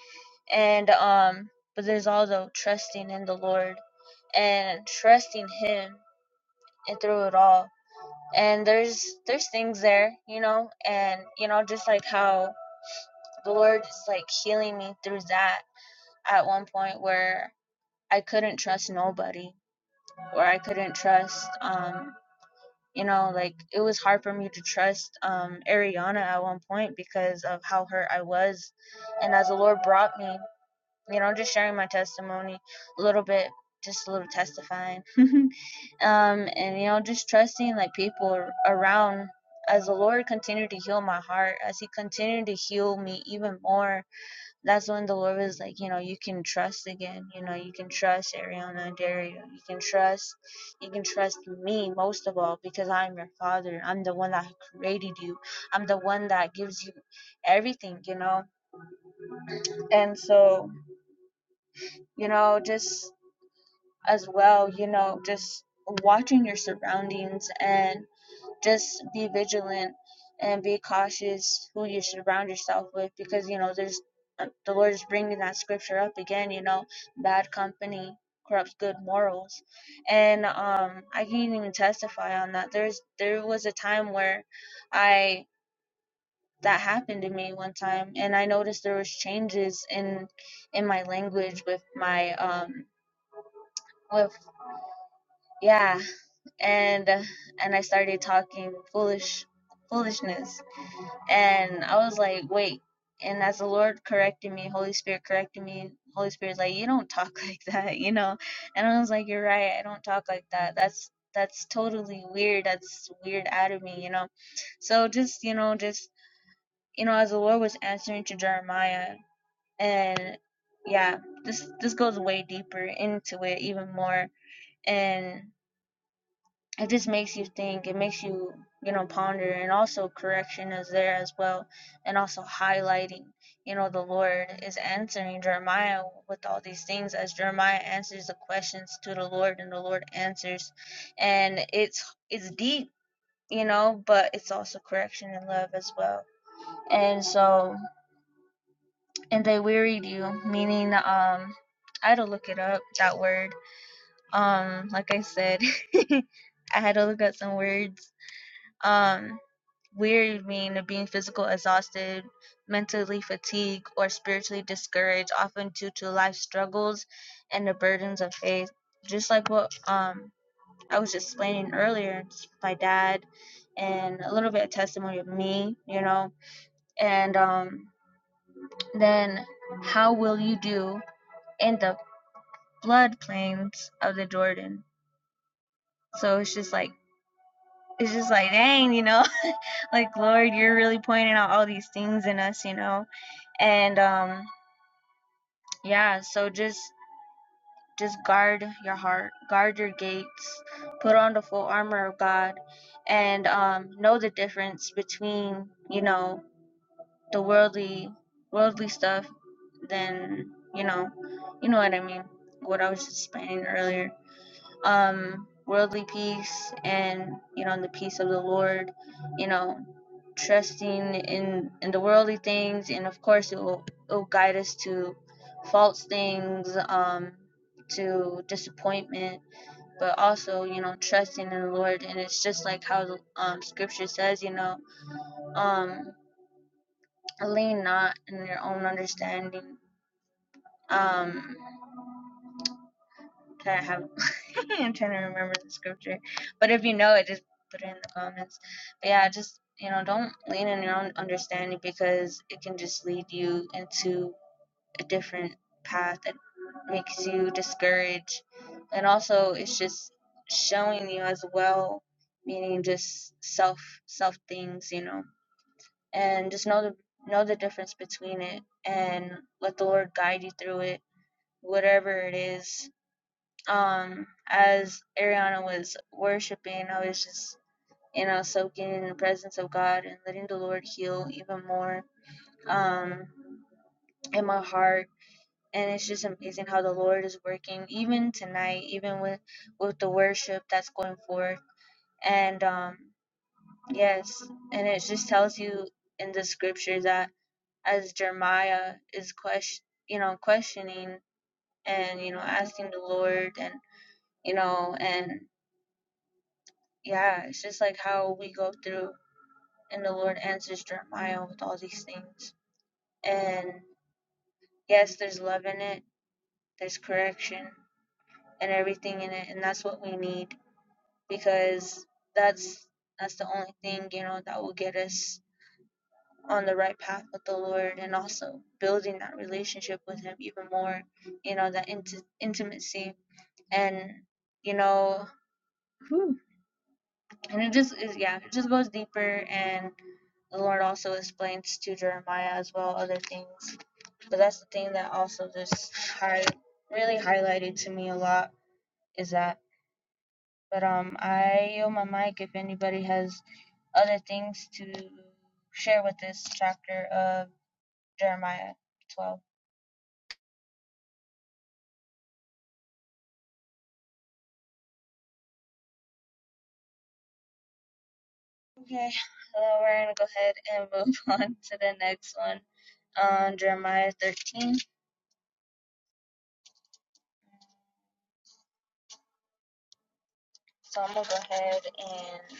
and um but there's also trusting in the lord and trusting him and through it all and there's there's things there you know and you know just like how the lord is like healing me through that at one point where i couldn't trust nobody or i couldn't trust um you know like it was hard for me to trust um ariana at one point because of how hurt i was and as the lord brought me you know, just sharing my testimony a little bit, just a little testifying. [LAUGHS] um, and, you know, just trusting like people around as the Lord continued to heal my heart, as He continued to heal me even more. That's when the Lord was like, you know, you can trust again. You know, you can trust Ariana Dario. You can trust, you can trust me most of all because I'm your father. I'm the one that created you. I'm the one that gives you everything, you know? And so, you know, just as well, you know, just watching your surroundings and just be vigilant and be cautious who you surround yourself with because, you know, there's uh, the Lord is bringing that scripture up again, you know, bad company corrupts good morals. And um I can't even testify on that. There's there was a time where I that happened to me one time and I noticed there was changes in in my language with my um with yeah and and I started talking foolish foolishness and I was like wait and as the Lord corrected me Holy Spirit corrected me Holy Spirit's like you don't talk [LAUGHS] like that you know and I was like you're right I don't talk like that that's that's totally weird that's weird out of me you know so just you know just you know as the Lord was answering to Jeremiah and yeah this this goes way deeper into it even more and it just makes you think it makes you you know ponder and also correction is there as well and also highlighting you know the lord is answering jeremiah with all these things as jeremiah answers the questions to the lord and the lord answers and it's it's deep you know but it's also correction and love as well and so and they wearied you meaning um i had to look it up that word um like i said [LAUGHS] i had to look up some words Um, weary mean being physical exhausted, mentally fatigued, or spiritually discouraged, often due to life struggles and the burdens of faith. Just like what um I was explaining earlier, it's my dad and a little bit of testimony of me, you know, and um then how will you do in the flood plains of the Jordan? So it's just like it's just like, dang, you know, [LAUGHS] like Lord, you're really pointing out all these things in us, you know, and um, yeah, so just just guard your heart, guard your gates, put on the full armor of God, and um, know the difference between you know the worldly worldly stuff than you know, you know what I mean, what I was explaining earlier um, worldly peace and you know the peace of the Lord, you know, trusting in in the worldly things, and of course it will it will guide us to false things, um, to disappointment, but also you know trusting in the Lord, and it's just like how um, Scripture says, you know, um, lean not in your own understanding. Um, I have? [LAUGHS] I'm trying to remember the scripture, but if you know it, just put it in the comments. But yeah, just you know, don't lean on your own understanding because it can just lead you into a different path that makes you discouraged, and also it's just showing you as well, meaning just self self things, you know, and just know the know the difference between it and let the Lord guide you through it, whatever it is um as ariana was worshiping i was just you know soaking in the presence of god and letting the lord heal even more um in my heart and it's just amazing how the lord is working even tonight even with with the worship that's going forth and um yes and it just tells you in the scripture that as jeremiah is question you know questioning and you know asking the lord and you know and Yeah, it's just like how we go through and the Lord answers Jeremiah with all these things. And yes, there's love in it, there's correction and everything in it, and that's what we need because that's that's the only thing, you know, that will get us on the right path with the Lord and also building that relationship with him even more, you know, that inti- intimacy and you know, whew, and it just is yeah, it just goes deeper and The Lord also explains to Jeremiah as well other things. But that's the thing that also just high, really highlighted to me a lot is that. But um, I yield my mic if anybody has other things to share with this chapter of Jeremiah 12. Okay, so we're gonna go ahead and move [LAUGHS] on to the next one on Jeremiah 13. So I'm gonna go ahead and,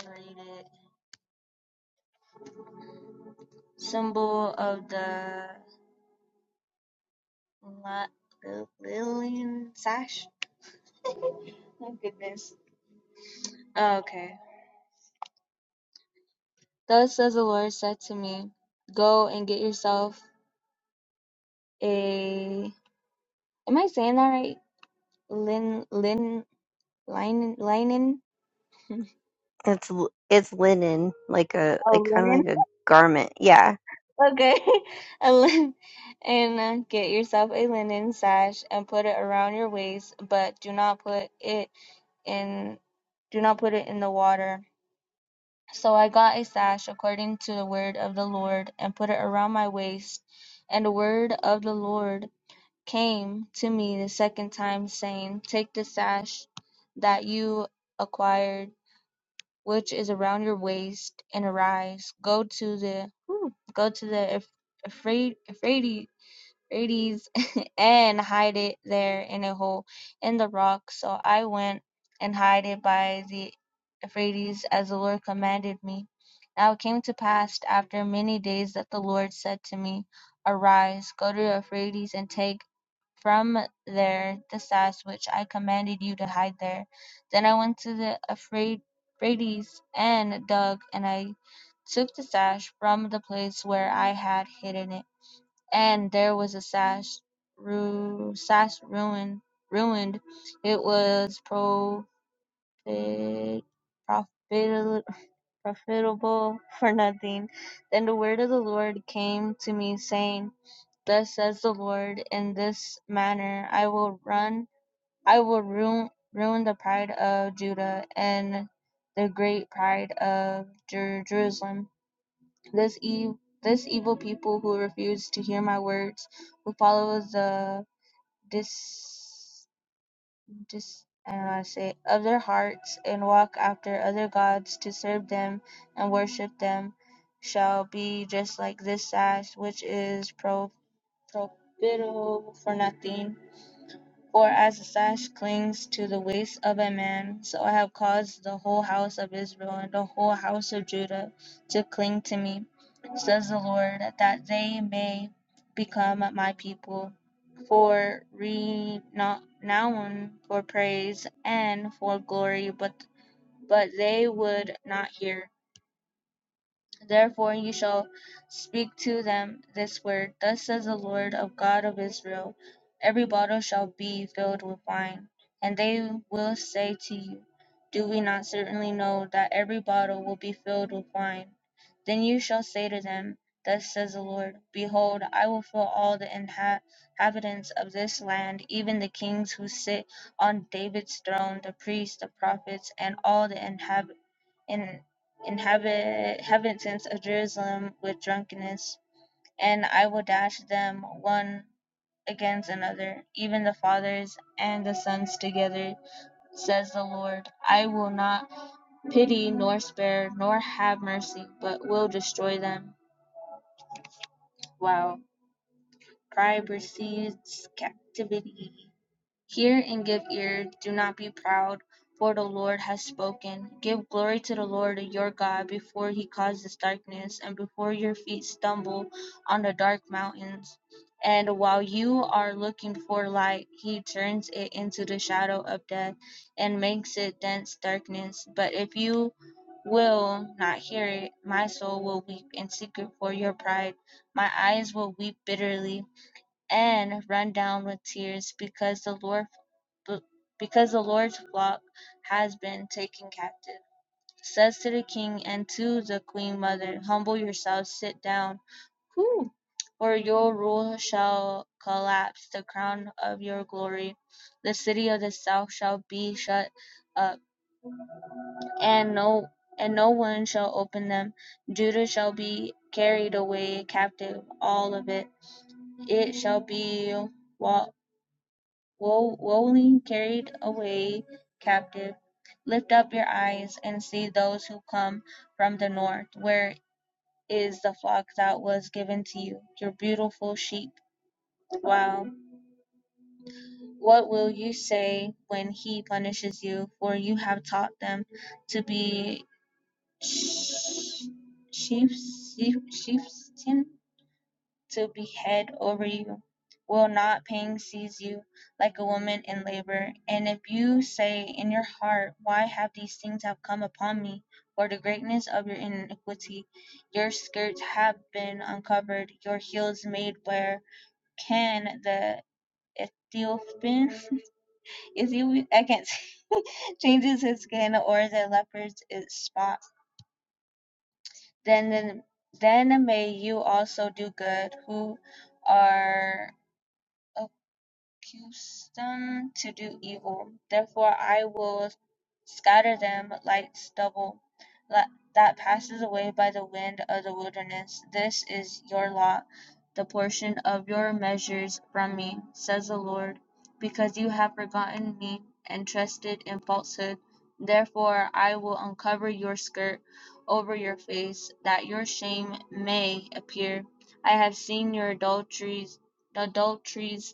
and read it. Symbol of the La- Lil- Lillian Sash? Oh, okay. Thus says the Lord said to me, Go and get yourself a. Am I saying that right? Lin, lin, linen, linen?
It's l- it's linen, like a like
Oh,
kind of
linen? [LAUGHS]
like a garment. Yeah.
Okay. [LAUGHS] a lin, and uh, get yourself a linen sash and put it around your waist, but do not put it in. Do not put it in the water So I got a sash according to the word of the Lord, and put it around my waist. And the word of the Lord came to me the second time, saying, Take the sash that you acquired, which is around your waist, and arise. Go to the whew, go to the Ephraites 80s [LAUGHS] and hide it there in a hole in the rock. So I went and hid it by the Euphrates as the Lord commanded me. Now it came to pass after many days that the Lord said to me, Arise, go to Euphrates and take from there the staff which I commanded you to hide there. Then I went to the Euphrates and dug, and I took the stash from the place where I had hidden it and there was a sash, ru- sash ruined, ruined. It was profit, profit, profitable for nothing. Then the word of the Lord came to me, saying, Thus says the Lord, in this manner I will run, I will ruin, ruin the pride of Judah and the great pride of Jer- Jerusalem this ev- this evil people who refuse to hear my words, who follow the dis, dis I don't know how to say it, of their hearts and walk after other gods to serve them and worship them, shall be just like this sash which is pro, profitable for nothing for as a sash clings to the waist of a man, so I have caused the whole house of Israel and the whole house of Judah to cling to me, says the Lord, that they may become my people for renown, for praise, and for glory, but, but they would not hear. Therefore you shall speak to them this word Thus says the Lord of God of Israel Every bottle shall be filled with wine. And they will say to you, Do we not certainly know that every bottle will be filled with wine? Then you shall say to them, Thus says the Lord Behold, I will fill all the inhabitants of this land, even the kings who sit on David's throne, the priests, the prophets, and all the inhabitants and inhabit inhabitants of Jerusalem with drunkenness, and I will dash them one against another, even the fathers and the sons together, says the Lord. I will not pity nor spare nor have mercy, but will destroy them. Wow. Cry precedes captivity. Hear and give ear, do not be proud, for the Lord has spoken. Give glory to the Lord your God before he causes darkness, and before your feet stumble on the dark mountains. And while you are looking for light, he turns it into the shadow of death and makes it dense darkness. But if you will not hear it, my soul will weep in secret for your pride. My eyes will weep bitterly and run down with tears because the Lord but because the Lord's flock has been taken captive. Says to the king and to the queen mother, Humble yourselves, sit down, whew, for your rule shall collapse, the crown of your glory. The city of the south shall be shut up, and no and no one shall open them. Judah shall be carried away captive, all of it. It shall be Wo- rolling carried away captive. Lift up your eyes and see those who come from the north. Where is the flock that was given to you, your beautiful sheep? Wow. What will you say when he punishes you? For you have taught them to be sh- sheep, sheep, sheepskin? to be head over you? Will not pain seize you like a woman in labor? And if you say in your heart, Why have these things have come upon me? For the greatness of your iniquity, your skirts have been uncovered, your heels made bare. Can the Ethiopian, [LAUGHS] Ethiopian I can't [LAUGHS] changes his skin, or the leopard's its spot? Then, then, then may you also do good, who are accustomed to do evil; therefore I will scatter them like stubble that passes away by the wind of the wilderness: this is your lot, the portion of your measures from me, says the Lord: because you have forgotten me, and trusted in falsehood, therefore I will uncover your skirt over your face, that your shame may appear. I have seen your adulteries, adulteries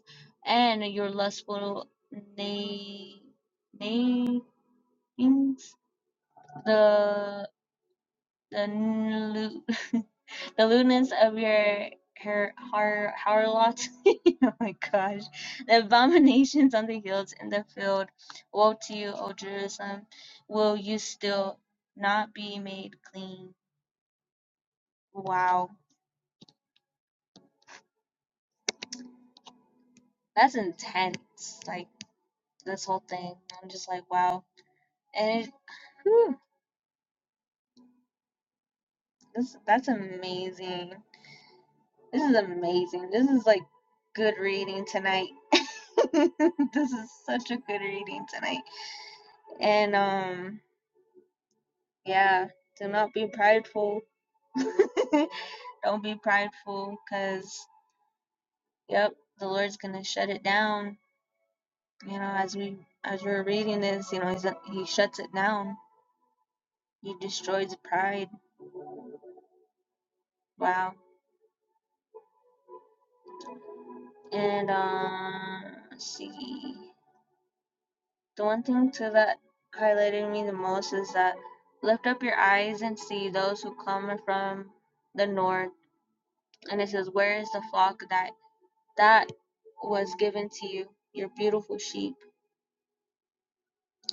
and your lustful na- names, the the lu- [LAUGHS] the lewdness of your her har harlot. [LAUGHS] oh my gosh, the abominations on the hills and the field. Woe to you, O Jerusalem! Will you still not be made clean? Wow, that's intense. Like this whole thing, I'm just like, wow, and it, whew, this, that's amazing. This is amazing. This is like good reading tonight. [LAUGHS] this is such a good reading tonight. And um yeah, do not be prideful. [LAUGHS] Don't be prideful cuz yep, the Lord's going to shut it down. You know, as we as we're reading this, you know, he's, he shuts it down. He destroys pride. Wow. And um let's see. The one thing too that highlighted me the most is that lift up your eyes and see those who come from the north. And it says, Where is the flock that that was given to you, your beautiful sheep?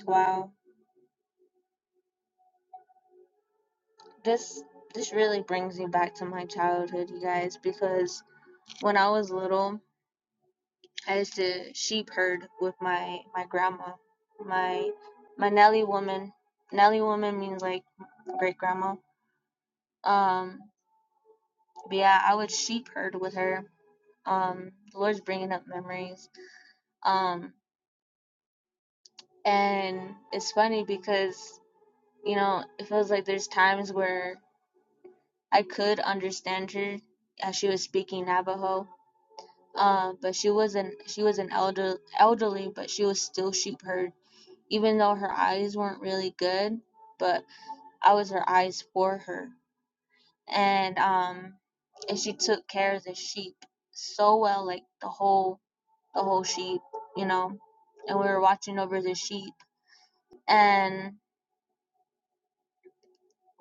Wow. This this really brings me back to my childhood, you guys, because when I was little, I used to sheep herd with my my grandma, my my Nelly woman. Nelly woman means like great grandma. Um, But yeah, I would sheep herd with her. Um, the Lord's bringing up memories. Um, and it's funny because you know it feels like there's times where I could understand her as she was speaking Navajo. Uh, but she wasn't. She was an elder, elderly, but she was still sheep herd, even though her eyes weren't really good. But I was her eyes for her, and um, and she took care of the sheep so well, like the whole the whole sheep, you know, and we were watching over the sheep. And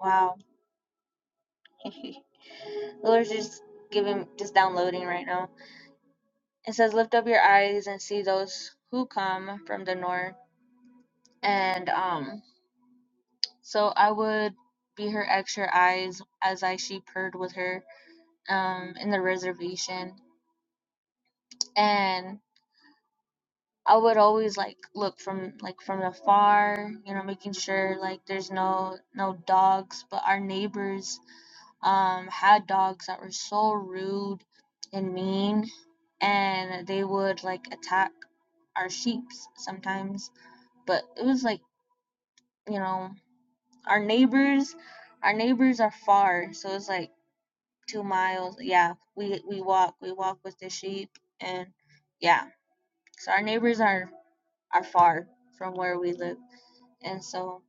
wow, [LAUGHS] the Lord's just giving, just downloading right now. It says, "Lift up your eyes and see those who come from the north." And um, so I would be her extra eyes as I sheep herd with her um in the reservation, and I would always like look from like from afar, you know, making sure like there's no no dogs, but our neighbors um, had dogs that were so rude and mean, and they would like attack our sheep sometimes. But it was like, you know, our neighbors, our neighbors are far, so it's like two miles. Yeah, we we walk, we walk with the sheep, and yeah, so our neighbors are are far from where we live, and so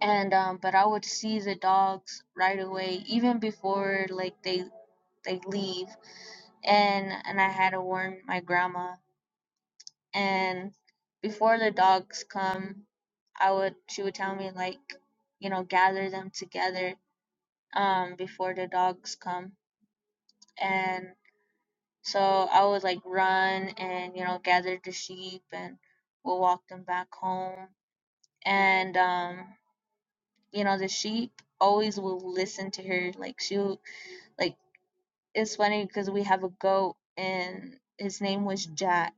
and um, but I would see the dogs right away, even before like they they leave. and and I had to warn my grandma. And before the dogs come, I would she would tell me like, you know, gather them together um before the dogs come. And so I would like run and you know gather the sheep and we'll walk them back home. And um you know the sheep always will listen to her like she will like it's funny because we have a goat and his name was Jack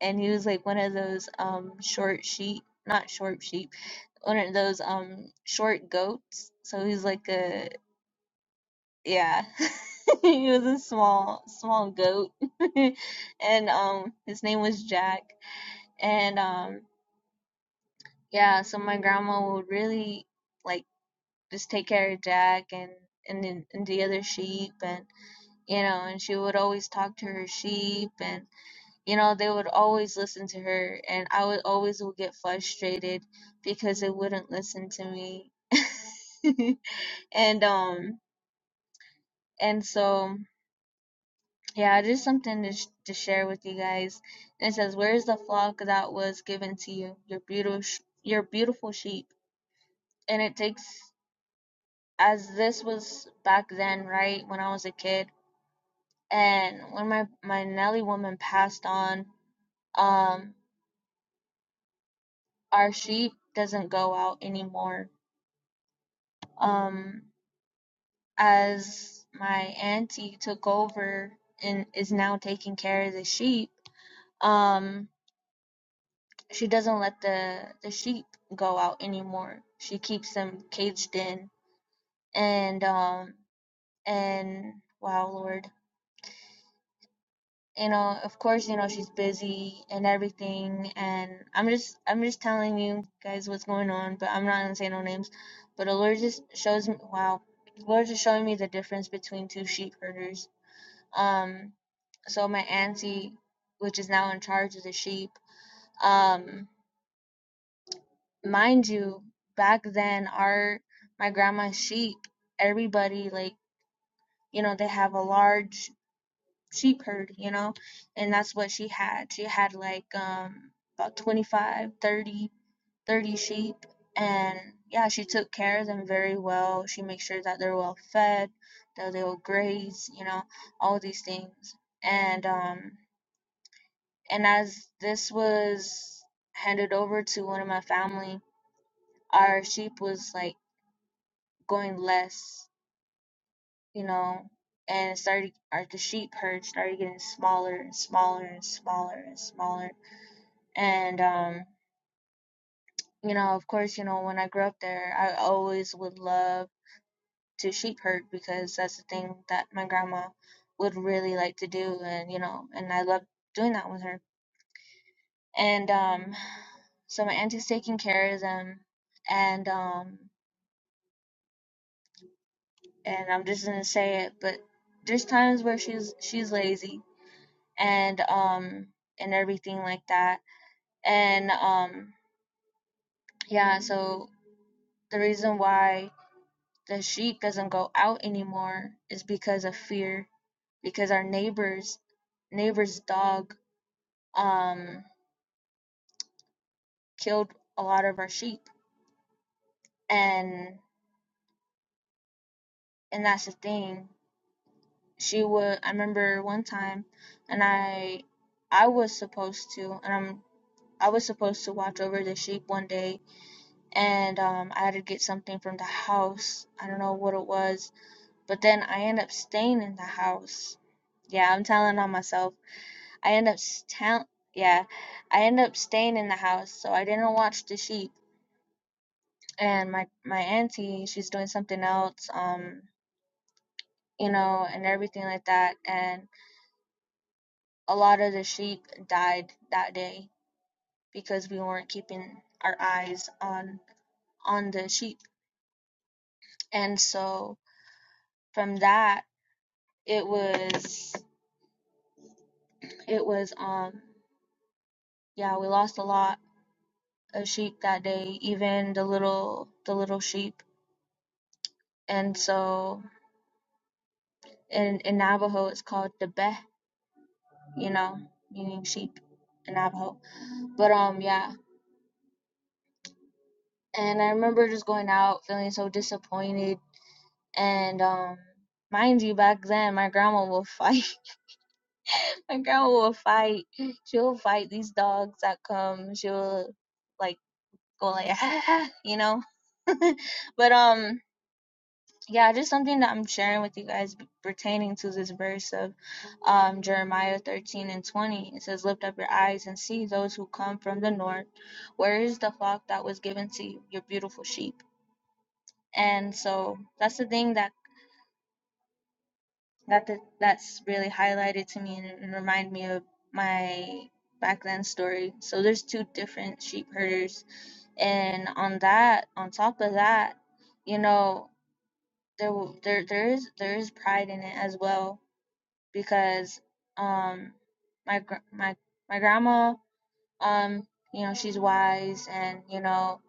and he was like one of those um short sheep not short sheep one of those um short goats so he's like a yeah [LAUGHS] he was a small small goat [LAUGHS] and um his name was Jack and um yeah so my grandma would really like just take care of Jack and and, then- and the other sheep and you know and she would always talk to her sheep and you know they would always listen to her and i would always would get frustrated because they wouldn't listen to me [LAUGHS] and um and so yeah just something to, sh- to share with you guys And it says where's the flock that was given to you your beautiful sh- your beautiful sheep and it takes as this was back then right when i was a kid and when my my nelly woman passed on um our sheep doesn't go out anymore um as my auntie took over and is now taking care of the sheep um she doesn't let the the sheep go out anymore she keeps them caged in and um and wow lord you know of course you know she's busy and everything and i'm just i'm just telling you guys what's going on but i'm not gonna say no names but the lord just shows me wow the lord just showing me the difference between two sheep herders um so my auntie which is now in charge of the sheep um mind you back then our my grandma's sheep everybody like you know they have a large sheep herd you know and that's what she had she had like um about 25, 30, 30 sheep and yeah she took care of them very well she makes sure that they're well fed that they will graze you know all these things and um And as this was handed over to one of my family, our sheep was like going less, you know, and it started our the sheep herd started getting smaller and smaller and smaller and smaller. And um, you know, of course, you know, when I grew up there, I always would love to sheep herd because that's the thing that my grandma would really like to do and you know, and I loved doing that with her. And um so my auntie's taking care of them and um and I'm just gonna say it, but there's times where she's she's lazy and um and everything like that. And um yeah, so the reason why the sheep doesn't go out anymore is because of fear. Because our neighbors neighbor's dog um killed a lot of our sheep and and that's the thing. She would I remember one time and I I was supposed to and I'm I was supposed to watch over the sheep one day, and um, I had to get something from the house. I don't know what it was, but then I end up staying in the house. Yeah, I'm telling on myself. I end up s- yeah, I end up staying in the house, so I didn't watch the sheep. And my my auntie, she's doing something else, um, you know, and everything like that. And a lot of the sheep died that day because we weren't keeping our eyes on on the sheep. And so from that it was it was um yeah we lost a lot of sheep that day even the little the little sheep and so in in navajo it's called the beh you know meaning sheep in navajo but um yeah and i remember just going out feeling so disappointed and um mind you back then my grandma will fight [LAUGHS] my grandma will fight she'll fight these dogs that come she'll like go like [LAUGHS] you know [LAUGHS] but um yeah just something that i'm sharing with you guys pertaining to this verse of um jeremiah 13 and 20 it says lift up your eyes and see those who come from the north where is the flock that was given to you your beautiful sheep and so that's the thing that that the, that's really highlighted to me and, it remind me of my back then story so there's two different sheep herders and on that on top of that you know there w- there there is there is pride in it as well because um my my my grandma um you know she's wise and you know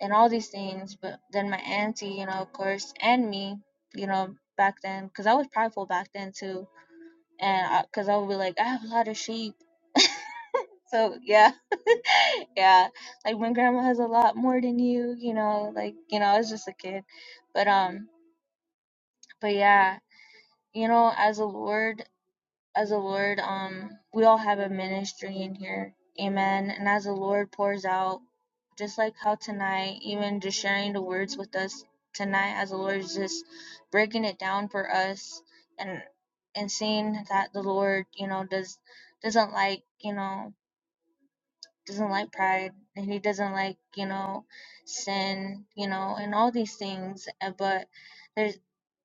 and all these things but then my auntie you know of course and me you know back then because I was prideful back then too and because I, 'cause I would be like I have a lot of sheep so yeah [LAUGHS] yeah like when grandma has a lot more than you you know like you know I was just a kid but um but yeah you know as the Lord as the Lord, um, we all have a ministry in here. Amen. And as the Lord pours out, just like how tonight, even just sharing the words with us tonight, as the Lord is just breaking it down for us and and seeing that the Lord, you know, does doesn't like, you know, doesn't like pride and he doesn't like, you know, sin, you know, and all these things. uh, But there's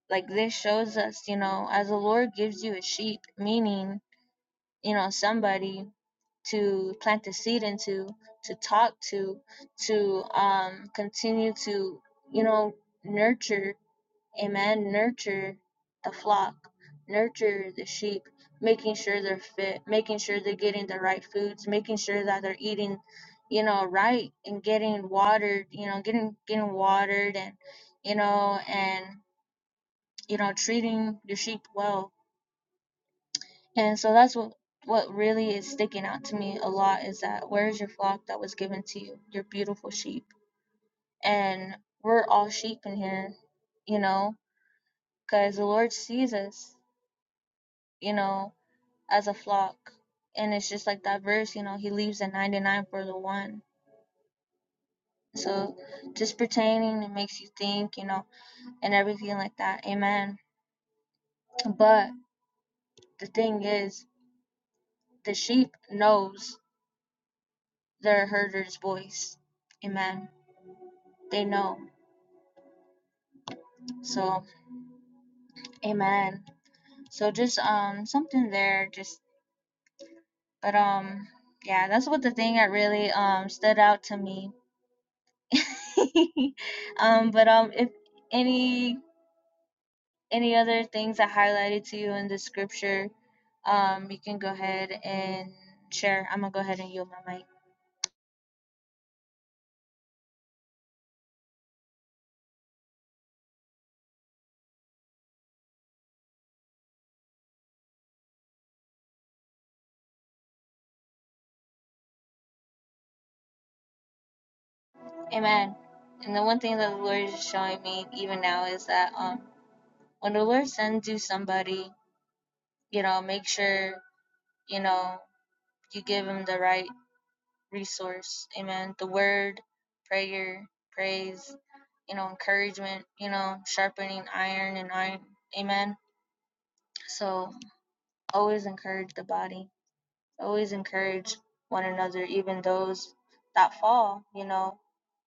like this shows us, you know, as the Lord gives you a sheep, meaning you know somebody to plant the seed into to talk to to um continue to you know nurture amen nurture the flock nurture the sheep making sure they're fit making sure they're getting the right foods making sure that they're eating you know right and getting watered you know getting getting watered and you know and you know treating your sheep well and so that's what what really is sticking out to me a lot is that where is your flock that was given to you, your beautiful sheep? And we're all sheep in here, you know, because the Lord sees us, you know, as a flock. And it's just like that verse, you know, he leaves the 99 for the one. So just pertaining, it makes you think, you know, and everything like that. Amen. But the thing is, the sheep knows their herder's voice. Amen. They know So, amen. So just um something there just but um yeah, that's what the thing that really um stood out to me. [LAUGHS] um but um if any any other things I highlighted to you in the scripture, um you can go ahead and share. I'm going to go ahead and yield my mic. Amen. And the one thing that the Lord is showing me even now is that um when the Lord sends you somebody, you know, make sure, you know, you give them the right resource. Amen. The word, prayer, praise, you know, encouragement, you know, sharpening iron and iron. Amen. So always encourage the body. Always encourage one another, even those that fall, you know,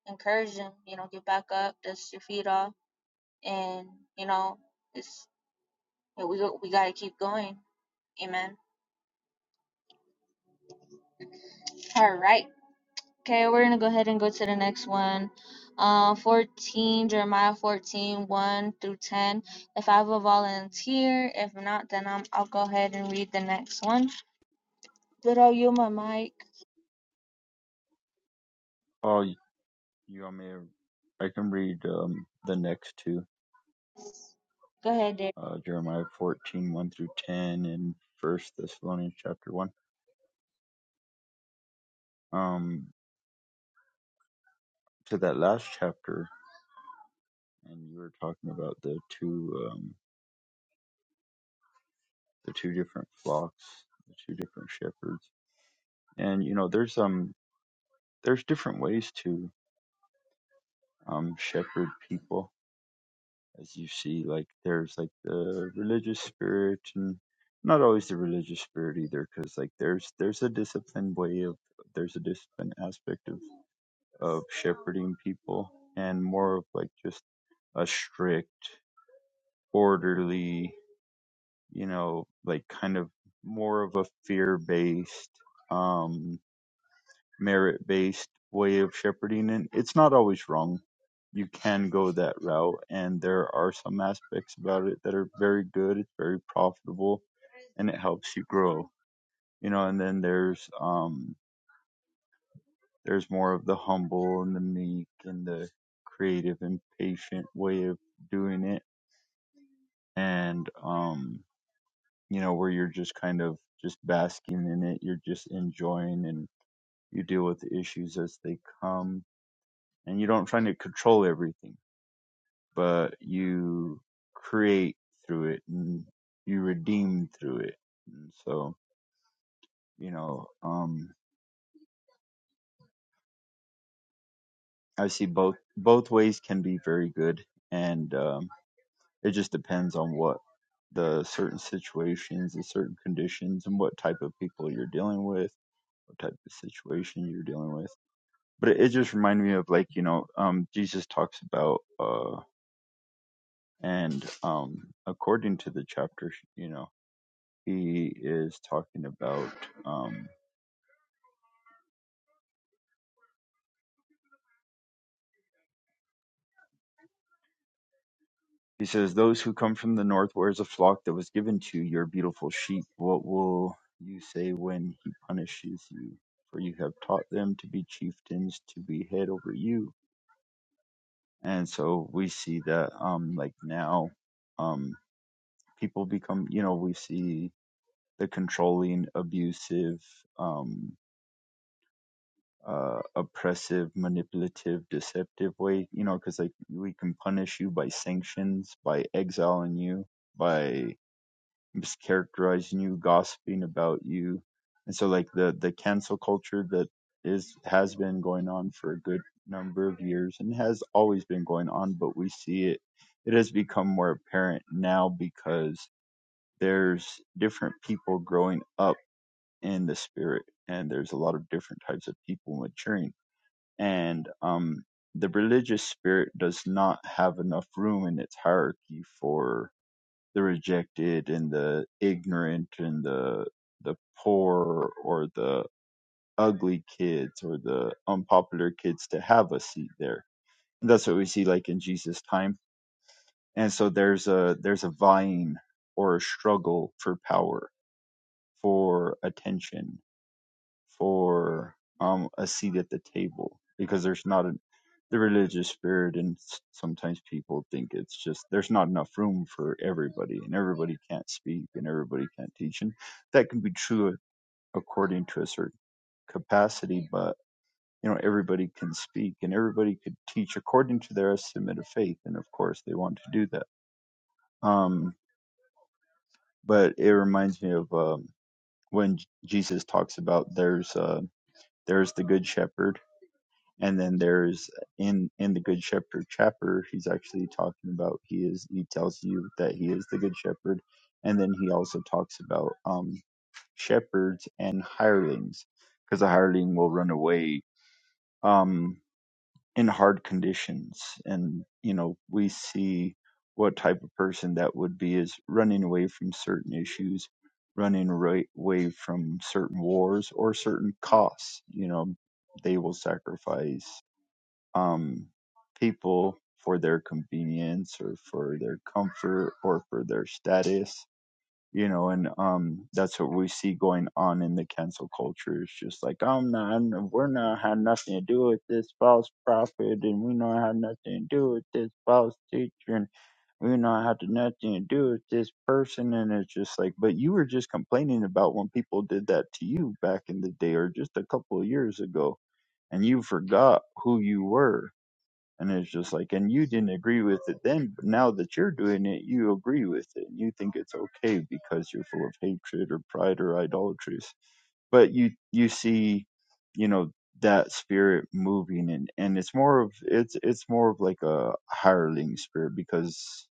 encourage them, you know, get back up, dust your feet off, and, you know, it's, we, we got to keep going. Amen. All right. Okay, we're gonna go ahead and go to the next one. Uh, 14, Jeremiah fourteen, one through 10. If I have a volunteer, if not, then I'm, I'll go ahead and read the next one. Good old you, my mic.
Oh, y- you want me to? I can read um, the next two,
Go ahead, Dave.
uh, Jeremiah fourteen one through 10, and First Thessalonians chapter 1. Um, to that last chapter, and you were talking about the two, um, the two different flocks, the two different shepherds, and you know, there's um, there's different ways to um shepherd people. as you see like there's like the religious spirit and not always the religious spirit either because like there's there's a disciplined way of there's a disciplined aspect of of shepherding people and more of like just a strict orderly you know like kind of more of a fear based um, merit based way of shepherding and it's not always wrong you can go that route and there are some aspects about it that are very good it's very profitable and it helps you grow you know and then there's um there's more of the humble and the meek and the creative and patient way of doing it and um you know where you're just kind of just basking in it you're just enjoying and you deal with the issues as they come and you don't try to control everything but you create through it and you redeem through it. And so, you know, um, I see both both ways can be very good, and um, it just depends on what the certain situations, the certain conditions, and what type of people you're dealing with, what type of situation you're dealing with. But it, it just reminded me of like you know, um, Jesus talks about uh, and um, according to the chapter, you know. he is talking about um he says those who come from the north where is a flock that was given to your beautiful sheep what will you say when he punishes you for you have taught them to be chieftains to be head over you and so we see that um like now um people become you know we see the controlling abusive um, uh, oppressive, manipulative, deceptive way, you know, because like we can punish you by sanctions, by exiling you, by mischaracterizing you, gossiping about you, and so like the the cancel culture that is has been going on for a good number of years and has always been going on, but we see it it has become more apparent now because there's different people growing up in the spirit and there's a lot of different types of people maturing and um, the religious spirit does not have enough room in its hierarchy for the rejected and the ignorant and the the poor or the ugly kids or the unpopular kids to have a seat there. And that's what we see like in Jesus' time. And so there's a there's a vying or a struggle for power, for attention, for um, a seat at the table because there's not a, the religious spirit, and s- sometimes people think it's just there's not enough room for everybody, and everybody can't speak, and everybody can't teach, and that can be true according to a certain capacity, but you know everybody can speak and everybody could teach according to their estimate of faith, and of course they want to do that. Um, but it reminds me of um, when J- Jesus talks about there's uh, there's the good shepherd And then there's in in the Good Shepherd chapter, he's actually talking about he is he tells you that he is the Good Shepherd, and then he also talks about um, shepherds and hirelings, because a hireling will run away um, in hard conditions, and you know we see what type of person that would be is running away from certain issues, running right away from certain wars or certain costs. You know they will sacrifice um, people for their convenience or for their comfort or for their status you know and um that's what we see going on in the cancel culture it's just like i'm not I'm, we're not had nothing to do with this false prophet and we not had nothing to do with this false teacher and we not had nothing to do with this person and it's just like but you were just complaining about when people did that to you back in the day or just a couple of years ago and you forgot who you were and it's just like, and you didn't agree with it then, but now that you're doing it, you agree with it. You think it's okay because you're full of hatred or pride or idolatries. But you you see, you know, that spirit moving and and it's more of it's it's more of like a hireling spirit because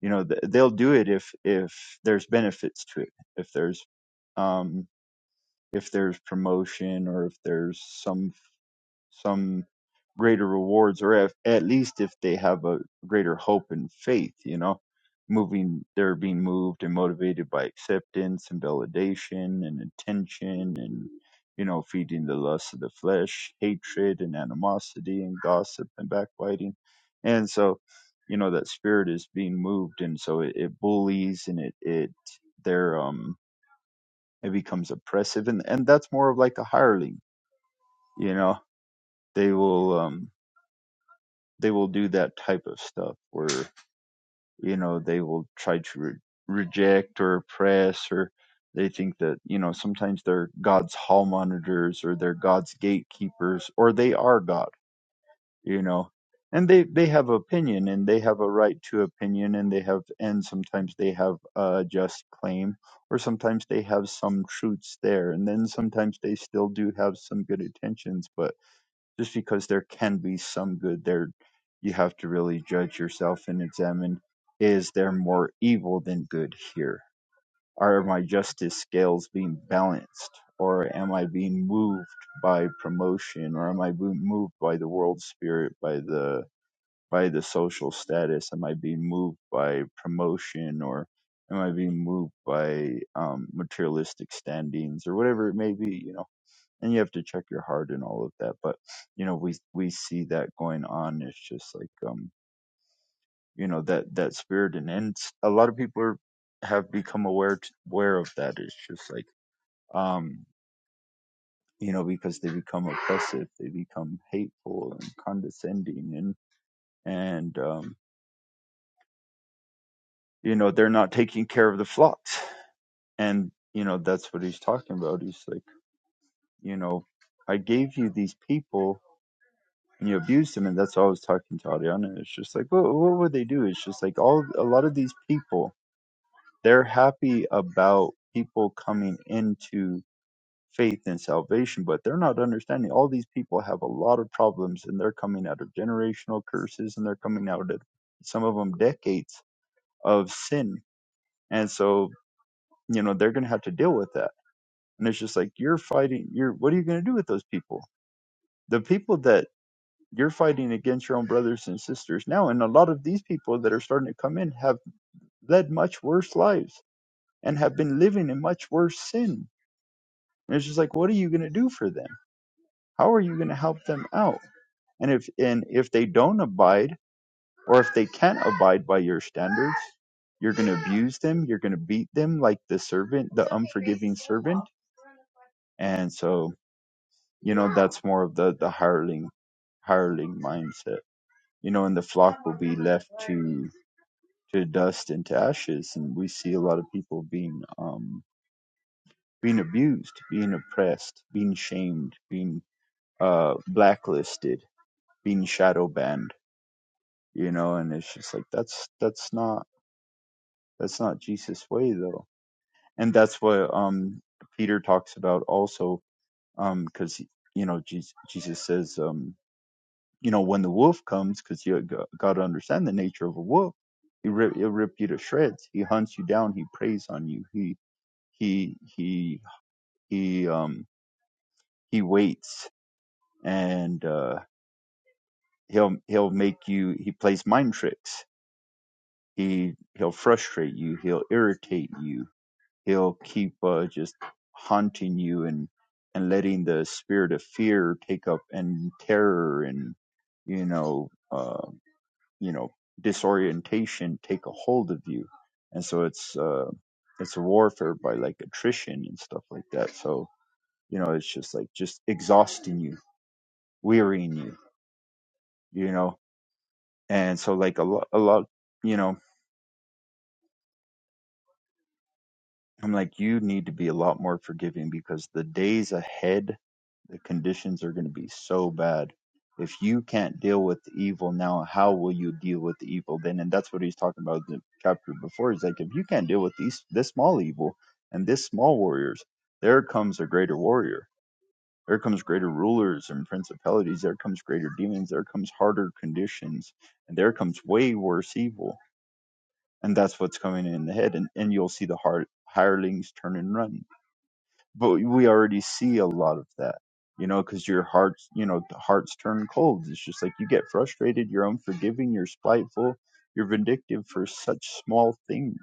you know th- they'll do it if if there's benefits to it if there's um if there's promotion or if there's some some greater rewards, or if, at least if they have a greater hope and faith, you know, moving, they're being moved and motivated by acceptance and validation and attention and, you know, feeding the lust of the flesh, hatred and animosity and gossip and backbiting. And so, you know, that spirit is being moved. And so it, it bullies and it, it, they're, um, it becomes oppressive. And, and that's more of like a hireling, you know, they will, um, they will do that type of stuff where you know they will try to re- reject or oppress or they think that you know sometimes they're god's hall monitors or they're god's gatekeepers or they are god you know and they they have opinion and they have a right to opinion and they have and sometimes they have a just claim or sometimes they have some truths there and then sometimes they still do have some good intentions but just because there can be some good there you have to really judge yourself and examine is there more evil than good here are my justice scales being balanced or am i being moved by promotion or am i being moved by the world spirit by the by the social status am i being moved by promotion or am i being moved by um, materialistic standings or whatever it may be you know and you have to check your heart and all of that but you know we we see that going on it's just like um you know that that spirit and and a lot of people are have become aware t aware of that it's just like um you know because they become oppressive they become hateful and condescending and and um you know they're not taking care of the flocks and you know that's what he's talking about he's like you know i gave you these people and you abused him. And that's all I was talking to Ariana. It's just like, what, what would they do? It's just like all a lot of these people, they're happy about people coming into faith and salvation, but they're not understanding. All these people have a lot of problems, and they're coming out of generational curses, and they're coming out of some of them decades of sin, and so you know they're going to have to deal with that. And it's just like you're fighting. You're what are you going to do with those people? The people that You're fighting against your own brothers and sisters now. And a lot of these people that are starting to come in have led much worse lives and have been living in much worse sin. And it's just like, what are you going to do for them? How are you going to help them out? And if and if they don't abide or if they can't abide by your standards, you're going to abuse them. You're going to beat them like the servant, the unforgiving servant. And so, you know, that's more of the, the hireling, hireling mindset, you know, and the flock will be left to. to dust and to ashes and we see a lot of people being um being abused being oppressed being shamed being uh blacklisted being shadow banned you know and it's just like that's that's not that's not jesus way though and that's what um peter talks about also um because um, you know jesus, jesus says um you know when the wolf comes because you got to understand the nature of a wolf he rip, he'll rip you to shreds he hunts you down he preys on you he. he he he um he waits and uh he'll he'll make you he plays mind tricks he he'll frustrate you he'll irritate you he'll keep uh just haunting you and and letting the spirit of fear take up and terror and you know uh you know disorientation take a hold of you and so it's uh it's a warfare by like attrition and stuff like that so you know it's just like just exhausting you wearying you you know and so like a lot a lot you know i'm like you need to be a lot more forgiving because the days ahead the conditions are going to be so bad if you can't deal with the evil now how will you deal with the evil then and that's what he's talking about in the chapter before He's like if you can't deal with these this small evil and this small warriors there comes a greater warrior There comes greater rulers and principalities. There comes greater demons. There comes harder conditions. And there comes way worse evil. And that's what's coming in the head. And, and you'll see the heart, hirelings turn and run. But we already see a lot of that, you know, because your hearts, you know, the hearts turn cold. It's just like you get frustrated. You're unforgiving. You're spiteful. You're vindictive for such small things.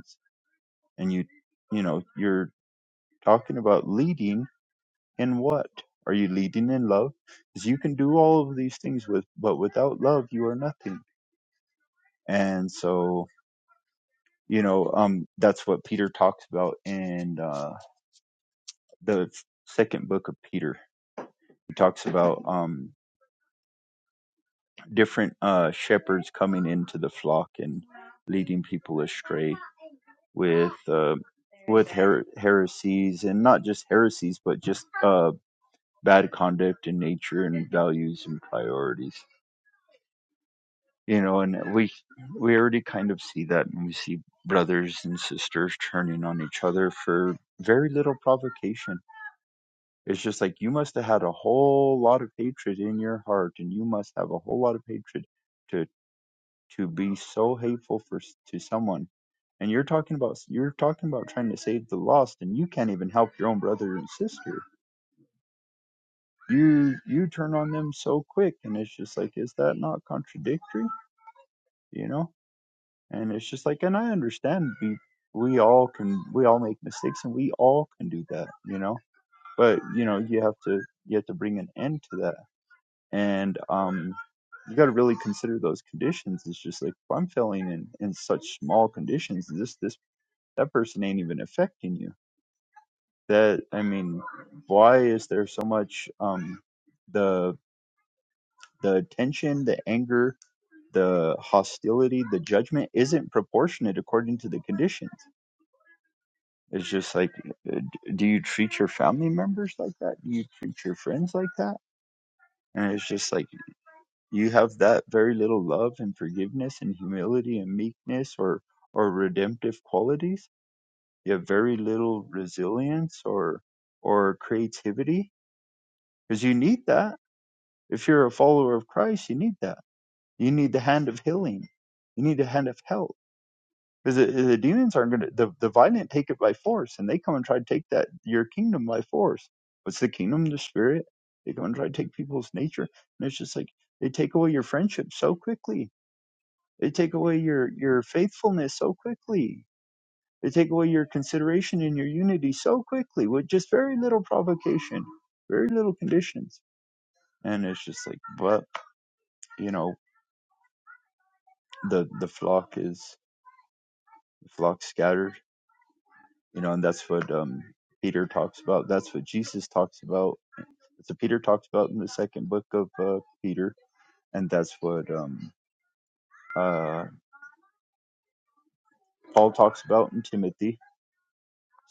And you, you know, you're talking about leading in what? Are you leading in love? Because you can do all of these things with, but without love, you are nothing. And so, you know, um, that's what Peter talks about in uh, the second book of Peter. He talks about um, different uh, shepherds coming into the flock and leading people astray with uh, with her- heresies and not just heresies, but just uh, bad conduct and nature and values and priorities you know and we we already kind of see that and we see brothers and sisters turning on each other for very little provocation it's just like you must have had a whole lot of hatred in your heart and you must have a whole lot of hatred to to be so hateful for to someone and you're talking about you're talking about trying to save the lost and you can't even help your own brother and sister you you turn on them so quick and it's just like is that not contradictory you know And it's just like, and I understand we we all can we all make mistakes and we all can do that, you know. But you know, you have to you have to bring an end to that. And um you got to really consider those conditions. It's just like if I'm failing in in such small conditions, this this that person ain't even affecting you. That I mean, why is there so much um the the tension, the anger, the hostility, the judgment isn't proportionate according to the conditions It's just like, uh, do you treat your family members like that? Do you treat your friends like that? And it's just like you have that very little love and forgiveness and humility and meekness or or redemptive qualities. You have very little resilience or or creativity because you need that. If you're a follower of Christ, you need that. You need the hand of healing. You need the hand of help Because the, the demons aren't going to, the, the violent take it by force, and they come and try to take that, your kingdom by force. What's the kingdom? The spirit. They come and try to take people's nature. And it's just like, they take away your friendship so quickly. They take away your, your faithfulness so quickly. They take away your consideration and your unity so quickly with just very little provocation, very little conditions. And it's just like, but, you know, the, the flock is, the flock scatters you know, and that's what um, Peter talks about. That's what Jesus talks about. That's what Peter talks about in the second book of uh, Peter, and that's what um, uh, Paul talks about in Timothy.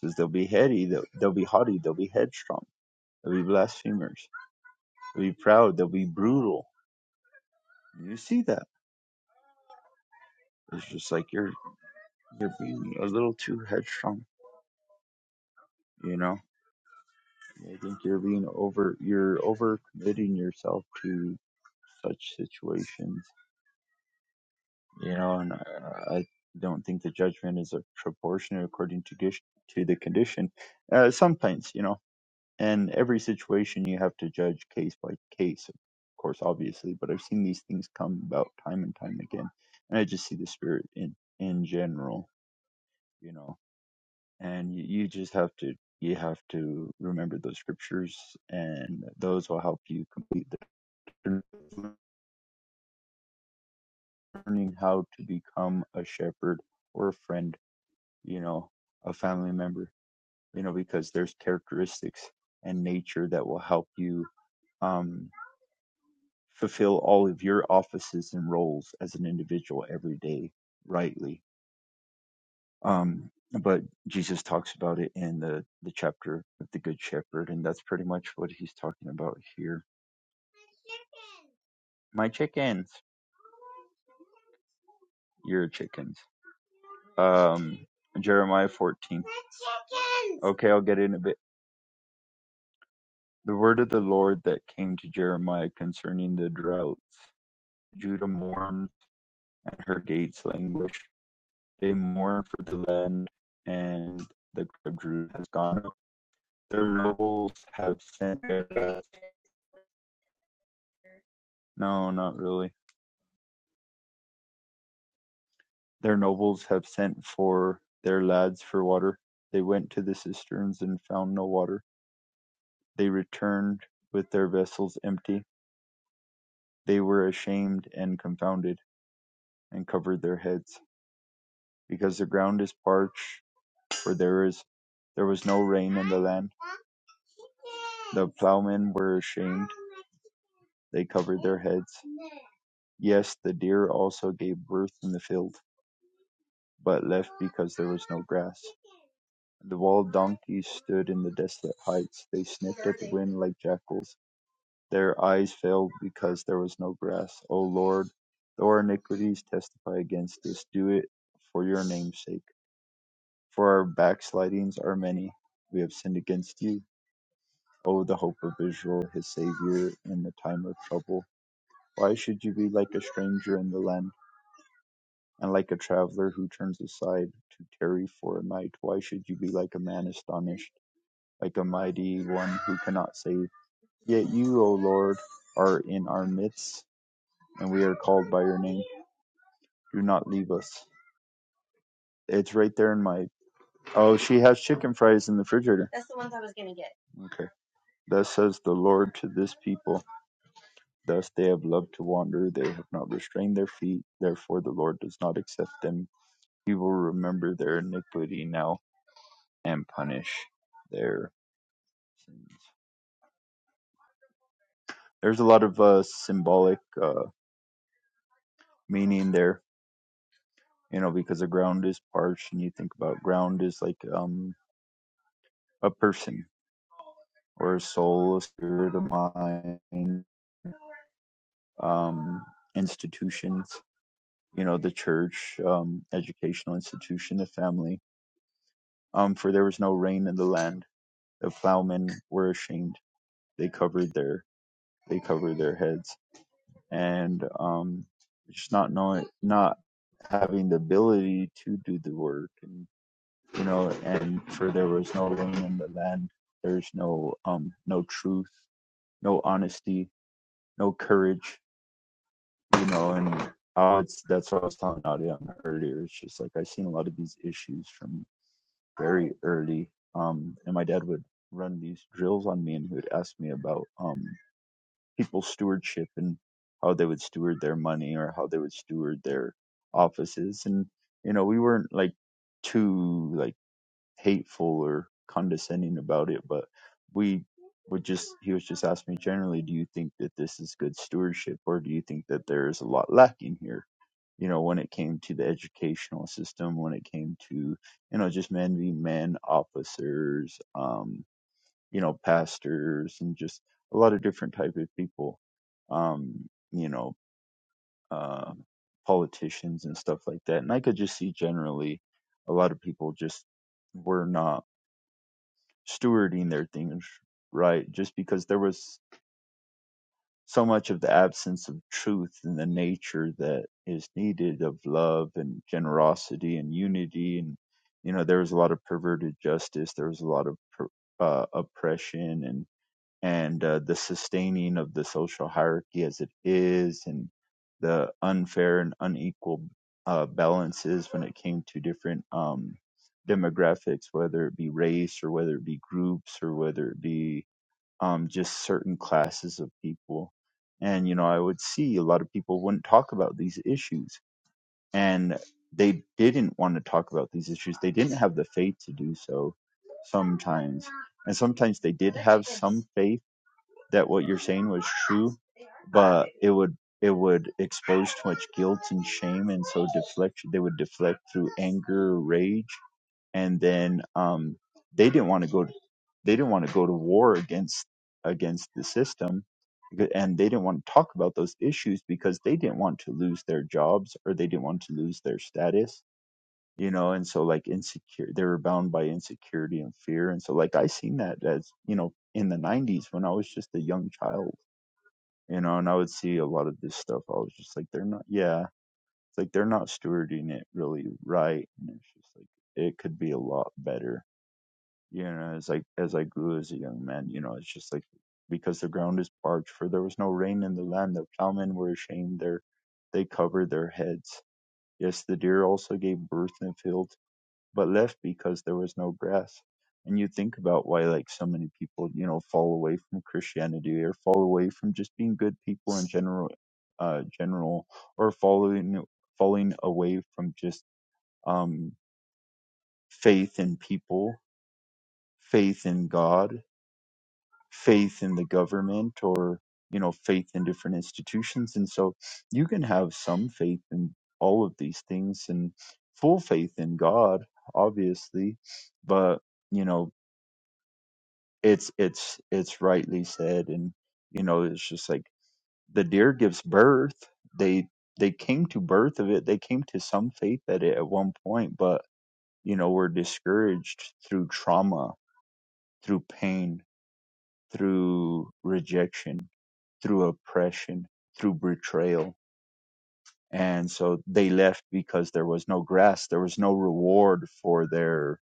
Says they'll be heady, they'll, they'll be haughty, they'll be headstrong, they'll be blasphemers, they'll be proud, they'll be brutal. You see that? It's just like you're you're being a little too headstrong, you know. I think you're being over you're over committing yourself to such situations you know, and I I don't think the judgment is a proportionate according to gish- to the condition. Uh, sometimes, you know, and every situation you have to judge case by case, of course, obviously. But I've seen these things come about time and time again, and I just see the spirit in in general, you know, and you, you just have to you have to remember those scriptures, and those will help you complete the learning how to become a shepherd or a friend you know, a family member, you know, because there's characteristics and nature that will help you um, fulfill all of your offices and roles as an individual every day rightly. Um, but Jesus talks about it in the, the chapter of the Good Shepherd, and that's pretty much what he's talking about here. My chickens, your chickens. Um, Jeremiah 14. Okay, I'll get in a bit. The word of the Lord that came to Jeremiah concerning the droughts Judah mourned, and her gates languished. They mourn for the land, and the grapes has gone up. Their nobles have sent their lads. No, not really. Their nobles have sent for their lads for water. They went to the cisterns and found no water. They returned with their vessels empty. They were ashamed and confounded, and covered their heads, because the ground is parched, for there is there was no rain in the land. The ploughmen were ashamed; they covered their heads. Yes, the deer also gave birth in the field, but left because there was no grass. The wild donkeys stood in the desolate heights. They sniffed at the wind like jackals. Their eyes failed because there was no grass. O Lord, though our iniquities testify against us, do it for your name's sake. For our backslidings are many. We have sinned against you. O the hope of Israel, his Savior in the time of trouble, why should you be like a stranger in the land, and like a traveler who turns aside to tarry for a night? Why should you be like a man astonished, like a mighty one who cannot save? Yet you, O Lord, are in our midst, and we are called by your name. Do not leave us. It's right there in my. Oh, she has chicken fries in the refrigerator. Okay. Thus says the Lord to this people. Thus they have loved to wander, they have not restrained their feet, therefore the Lord does not accept them. He will remember their iniquity now and punish their sins. There's a lot of uh, symbolic uh, meaning there, you know, because the ground is parched, and you think about ground is like um, a person or a soul, a spirit, a mind, um, institutions, you know, the church, um, educational institution, the family. Um, for there was no rain in the land The ploughmen were ashamed; they covered their they covered their heads, and um, just not knowing, not having the ability to do the work, and you know, and for there was no rain in the land. There's no um, no truth, no honesty, no courage, you know, and uh, it's, that's what I was telling Nadia earlier. It's just like I've seen a lot of these issues from very early, um, and my dad would run these drills on me, and he would ask me about um people's stewardship and how they would steward their money or how they would steward their offices and you know we weren't like too like hateful or condescending about it but we would just he was just asking me generally do you think that this is good stewardship or do you think that there is a lot lacking here you know when it came to the educational system when it came to you know just men being men officers um, you know pastors and just a lot of different type of people um you know uh politicians and stuff like that and i could just see generally a lot of people just were not stewarding their things right just because there was so much of the absence of truth in the nature that is needed of love and generosity and unity and you know there was a lot of perverted justice there was a lot of per, uh, oppression and and uh, the sustaining of the social hierarchy as it is, and the unfair and unequal uh, balances when it came to different um, demographics, whether it be race or whether it be groups or whether it be um, just certain classes of people. And, you know, I would see a lot of people wouldn't talk about these issues, and they didn't want to talk about these issues. They didn't have the faith to do so sometimes. And sometimes they did have some faith that what you're saying was true, but it would it would expose too much guilt and shame, and so deflection they would deflect through anger, rage, and then um, they didn't want to go they didn't want to go to war against against the system, and they didn't want to talk about those issues because they didn't want to lose their jobs or they didn't want to lose their status you know and so like insecure they were bound by insecurity and fear and so like i seen that as you know in the 90s when i was just a young child you know and i would see a lot of this stuff i was just like they're not yeah it's like they're not stewarding it really right and it's just like it could be a lot better you know as like as i grew as a young man you know it's just like because the ground is parched for there was no rain in the land the plowmen were ashamed their they covered their heads yes the deer also gave birth in the field but left because there was no grass. And you think about why, like, so many people, you know, fall away from Christianity or fall away from just being good people in general, uh, general, or following, falling away from just, um, faith in people, faith in God, faith in the government, or, you know, faith in different institutions. And so you can have some faith in all of these things and full faith in God, obviously, but you know it's it's it's rightly said and you know it's just like the deer gives birth they they came to birth of it they came to some faith at it at one point but you know were discouraged through trauma through pain through rejection through oppression through betrayal and so they left because there was no grass there was no reward for their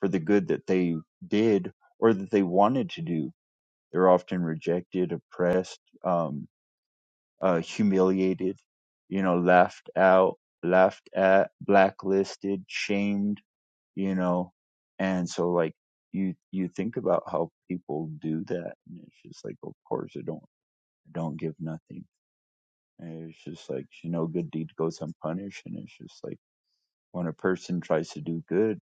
for the good that they did or that they wanted to do They're often rejected, oppressed, um, uh, humiliated, you know, laughed out, laughed at, blacklisted, shamed, you know, and so like you you think about how people do that, and it's just like, of course, I don't I don't give nothing. And it's just like you know, good deed goes unpunished, and it's just like when a person tries to do good,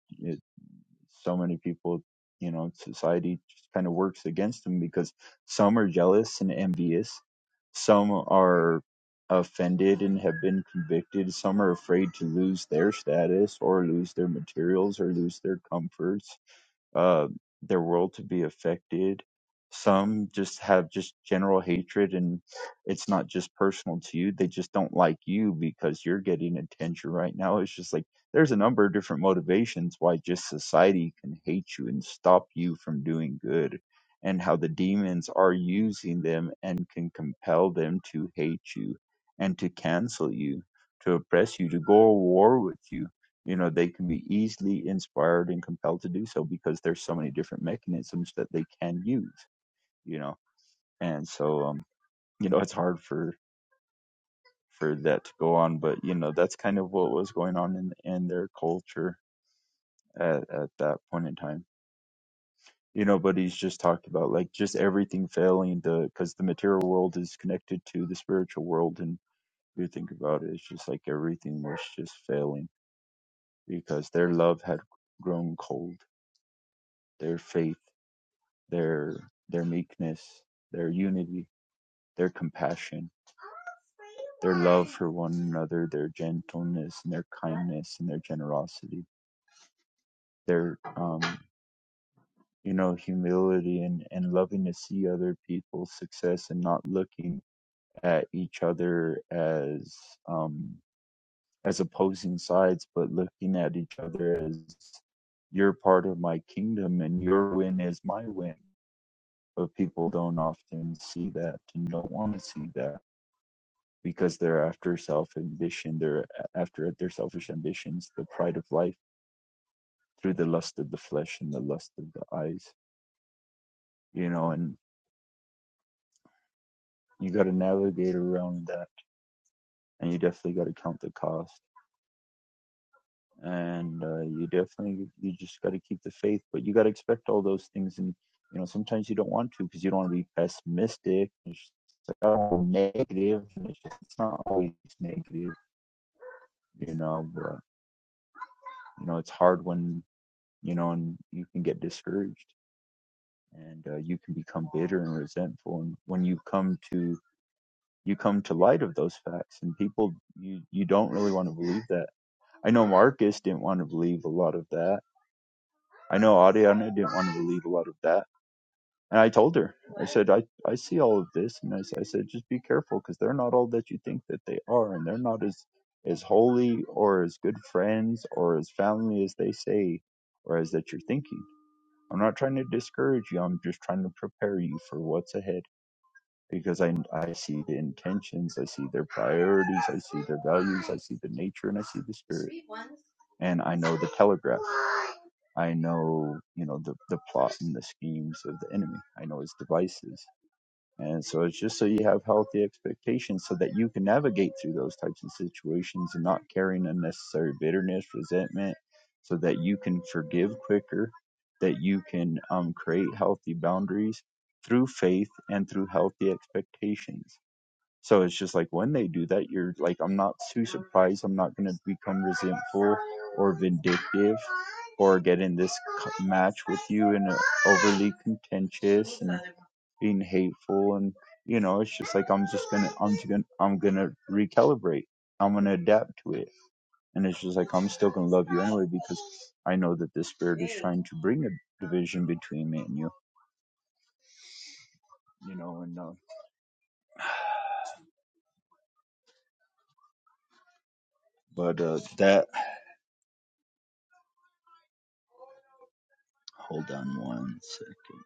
so many people, you know, society just kind of works against them because some are jealous and envious, some are offended and have been convicted, some are afraid to lose their status or lose their materials or lose their comforts uh, their world to be affected. Some just have just general hatred, and it's not just personal to you. They just don't like you because you're getting attention right now. It's just like there's a number of different motivations why just society can hate you and stop you from doing good, and how the demons are using them and can compel them to hate you and to cancel you, to oppress you, to go to war with you you know they can be easily inspired and compelled to do so because there's so many different mechanisms that they can use you know and so um you know it's hard for for that to go on but you know that's kind of what was going on in in their culture at, at that point in time you know but he's just talked about like just everything failing to because the material world is connected to the spiritual world and you think about it it's just like everything was just failing because their love had grown cold their faith their their meekness, their unity, their compassion, their love for one another, their gentleness and their kindness and their generosity, their um you know humility and and loving to see other people's success and not looking at each other as um as opposing sides, but looking at each other as you're part of my kingdom and your win is my win but people don't often see that and don't want to see that because they're after self ambition, they're after their selfish ambitions, the pride of life through the lust of the flesh and the lust of the eyes, you know, and you got to navigate around that and you definitely got to count the cost and uh, you definitely you just got to keep the faith but you got to expect all those things and you know sometimes you don't want to because you don't want to be pessimistic it's just so negative and it's, just, it's not always negative you know but you know it's hard when you know and you can get discouraged and uh, you can become bitter and resentful and when you come to you come to light of those facts and people you you don't really want to believe that i know marcus didn't want to believe a lot of that i know Adriana didn't want to believe a lot of that and i told her i said i i see all of this and I I said just be careful because they're not all that you think that they are and they're not as as holy or as good friends or as family as they say or as that you're thinking I'm not trying to discourage you. I'm just trying to prepare you for what's ahead because I I see the intentions, I see their priorities, I see their values, I see the nature, and I see the spirit. And I know the telegraph. I know you know the the plot and the schemes of the enemy. I know his devices. And so it's just so you have healthy expectations so that you can navigate through those types of situations and not carrying unnecessary bitterness, resentment, so that you can forgive quicker, that you can um, create healthy boundaries through faith and through healthy expectations. So it's just like when they do that, you're like, I'm not too surprised. I'm not going to become resentful or vindictive or get in this c- match with you and uh, overly contentious and being hateful. And, you know, it's just like, I'm just going to, I'm just going to, I'm going to recalibrate. I'm going to adapt to it. And it's just like, I'm still going to love you anyway because I know that this spirit is trying to bring a division between me and you, you know, and, uh, but, uh, that, hold on one second.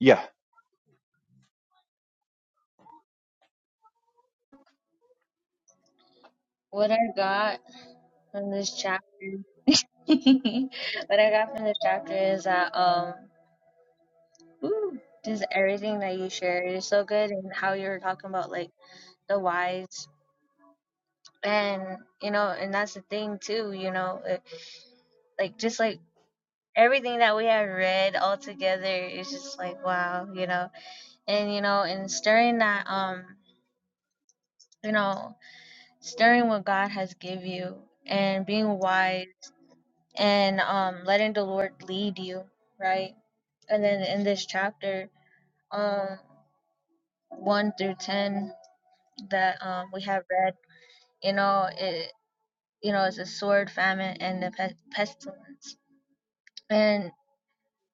Yeah,
What I got from this chapter, [LAUGHS] what I got from this chapter is that, um, ooh, just everything that you shared is so good and how you were talking about, like, the wise. And, you know, and that's the thing, too, you know, it, like, just like, everything that we have read all together is just like wow, you know. And you know, and stirring that um, you know, stirring what God has give you and being wise and um letting the Lord lead you, right? And then in this chapter, um one through ten that um we have read, you know, it you know, it's a sword, famine, and the pe- pestilence. And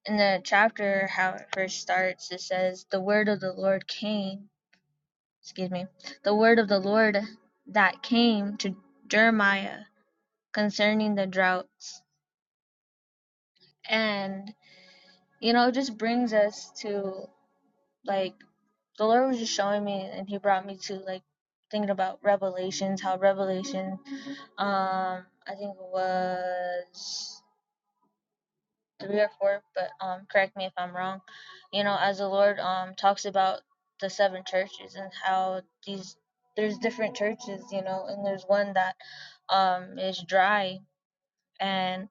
in the chapter, how it first starts, it says, The word of the Lord came excuse me, the word of the Lord that came to Jeremiah concerning the droughts. And, you know, it just brings us to like, the Lord was just showing me and he brought me to like thinking about revelations, how revelation, um, I think it was three or four, but um, correct me if I'm wrong. You know, as the Lord um talks about the seven churches and how these there's different churches, you know, and there's one that um is dry and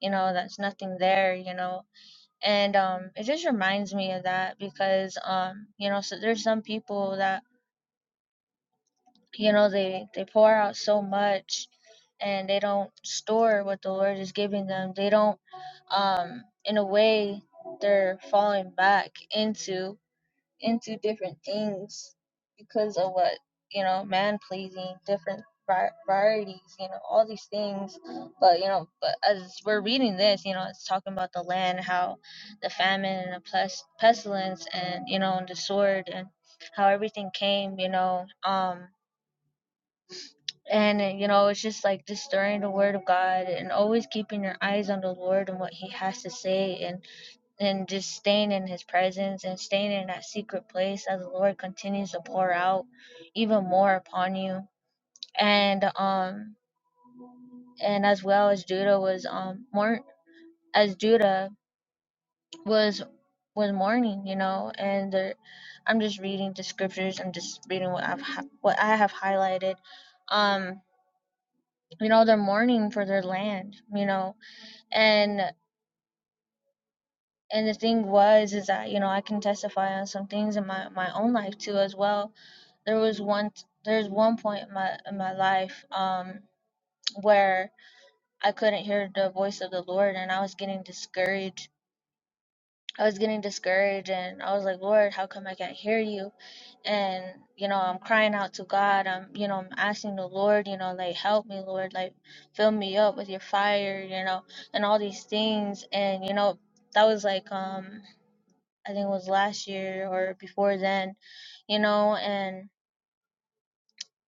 you know that's nothing there, you know, and um it just reminds me of that because um you know so there's some people that you know, they, they pour out so much and they don't store what the Lord is giving them. They don't, um, in a way, they're falling back into into different things because of what you know, man pleasing, different var- varieties, you know, all these things. But you know, but as we're reading this, you know, it's talking about the land, how the famine and the pes- pestilence, and you know, and the sword, and how everything came, you know, um and uh, you know it's just like just stirring the word of god and always keeping your eyes on the lord and what he has to say and and just staying in his presence and staying in that secret place as the lord continues to pour out even more upon you and um and as well as judah was um more as judah was was mourning you know and there, i'm just reading the scriptures i'm just reading what i've hi- what i have highlighted um you know they're mourning for their land you know and and the thing was is that you know i can testify on some things in my my own life too as well there was one t- there's one point in my in my life um where i couldn't hear the voice of the lord and i was getting discouraged i was getting discouraged and i was like lord how come i can't hear you and you know i'm crying out to god i'm you know i'm asking the lord you know like help me lord like fill me up with your fire you know and all these things and you know that was like um I think it was last year or before then, you know, and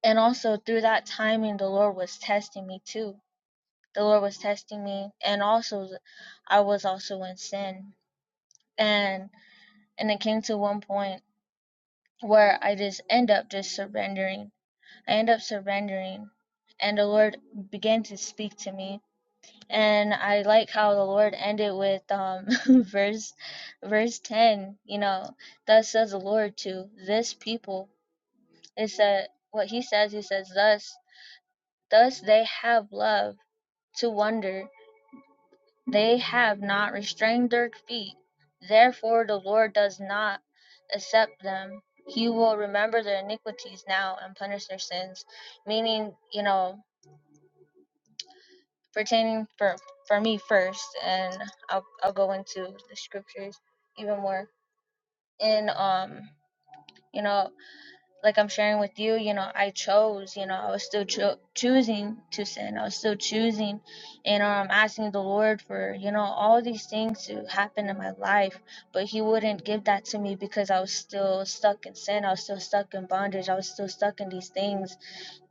and also through that timing the Lord was testing me too. The Lord was testing me and also I was also in sin. And and it came to one point where I just end up just surrendering. I end up surrendering and the Lord began to speak to me. And I like how the Lord ended with um [LAUGHS] verse verse ten, you know, thus says the Lord to this people It said what he says, he says, Thus thus they have love to wonder, they have not restrained their feet. Therefore the Lord does not accept them. He will remember their iniquities now and punish their sins. Meaning, you know, pertaining for for me first and I'll I'll go into the scriptures even more. In um, you know, like I'm sharing with you, you know, I chose, you know, I was still cho- choosing to sin. I was still choosing, and um, asking the Lord for, you know, all these things to happen in my life. But He wouldn't give that to me because I was still stuck in sin. I was still stuck in bondage. I was still stuck in these things.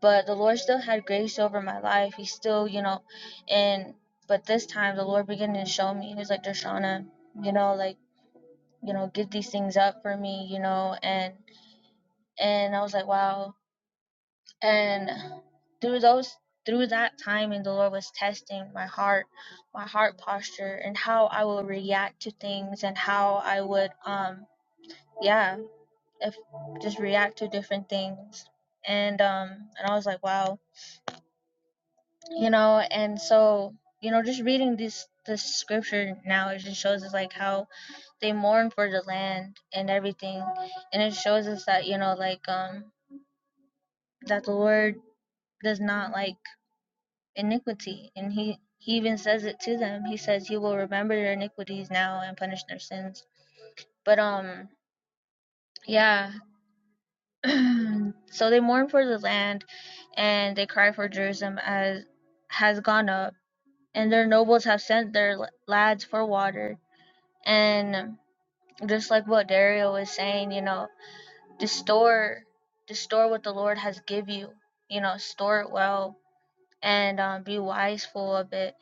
But the Lord still had grace over my life. He still, you know, and but this time the Lord began to show me. He was like, Dershana, you know, like, you know, give these things up for me, you know, and and I was like, wow, and through those through that time, and the lord was testing my heart my heart posture and how i would react to things and how i would um yeah if just react to different things and um and i was like wow you know and so you know just reading this this scripture now it just shows us like how they mourn for the land and everything and it shows us that you know like um that the lord does not like iniquity. And he, he even says it to them. He says he will remember their iniquities now and punish their sins. But um yeah. [CLEARS THROAT] so they mourn for the land and they cry for Jerusalem as has gone up. And their nobles have sent their lads for water. And just like what Dario was saying, you know, to store to store what the Lord has give you. You know, store it well and um, be wiseful of it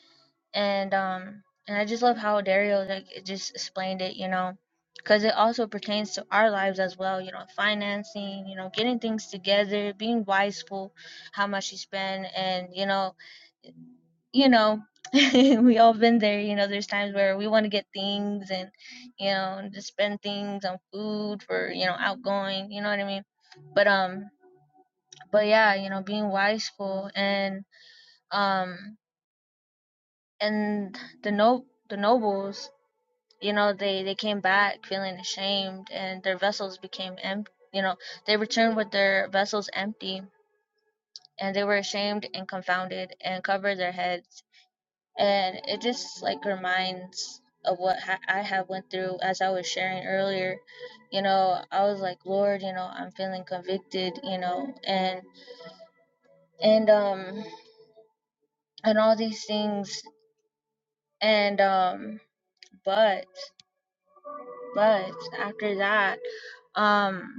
and um and I just love how Dario like it just explained it, you know, because it also pertains to our lives as well, you know, financing, you know, getting things together, being wiseful, how much you spend, and you know, you know, [LAUGHS] we all been there, you know. There's times where we want to get things and you know and just spend things on food for you know outgoing, you know what I mean? But um, but yeah, you know, being wiseful and um and the no the nobles you know they they came back feeling ashamed and their vessels became empty you know they returned with their vessels empty and they were ashamed and confounded and covered their heads and it just like reminds of what ha- i have went through as i was sharing earlier you know i was like lord you know i'm feeling convicted you know and and um and all these things and um but but after that um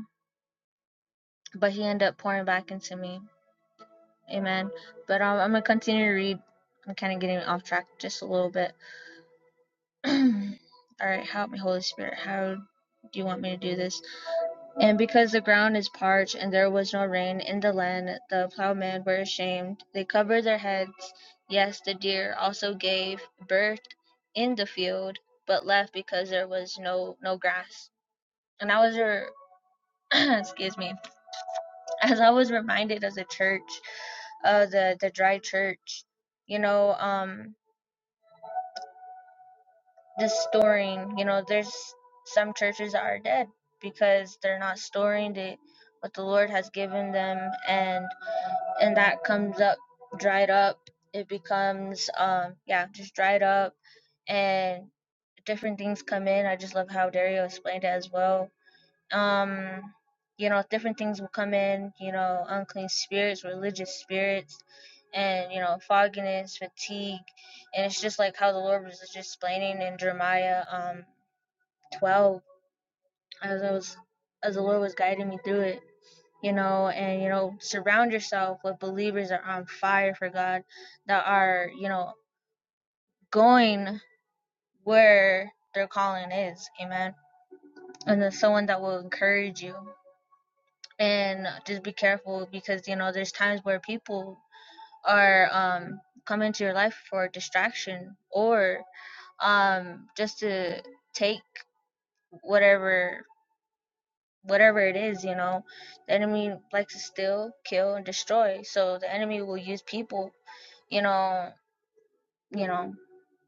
but he ended up pouring back into me. Amen. But um, I'm gonna continue to read. I'm kind of getting off track just a little bit. [CLEARS THROAT] All right, help me, Holy Spirit. How do you want me to do this? And because the ground is parched and there was no rain in the land, the plowmen were ashamed. They covered their heads. Yes, the deer also gave birth in the field, but left because there was no no grass. And I was, [CLEARS THROAT] re- excuse me. as I was reminded of the church, uh, the the dry church, you know, um, the storing, you know, there's some churches that are dead because they're not storing the what the Lord has given them, and and that comes up dried up. It becomes, um, yeah, just dried up, and different things come in. I just love how Dario explained it as well um you know different things will come in you know unclean spirits religious spirits and you know fogginess fatigue and it's just like how the lord was just explaining in jeremiah um 12 as i was as the lord was guiding me through it you know and you know surround yourself with believers that are on fire for god that are you know going where their calling is amen and then someone that will encourage you and just be careful because you know there's times where people are um come into your life for distraction or um just to take whatever whatever it is you know the enemy likes to steal kill and destroy so the enemy will use people you know you know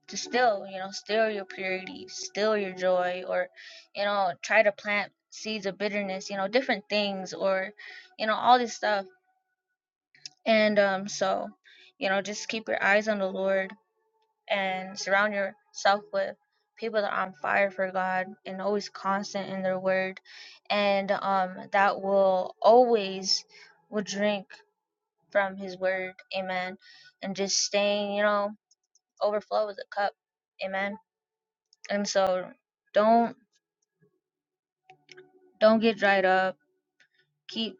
to steal you know steal your purity steal your joy or you know try to plant seeds of bitterness you know different things or you know all this stuff And um, so, you know, just keep your eyes on the Lord and surround yourself with people that are on fire for God and always constant in their word. And um, that will always will drink from his word. Amen. And just staying, you know, overflow with the cup. Amen. And so don't don't get dried up. Keep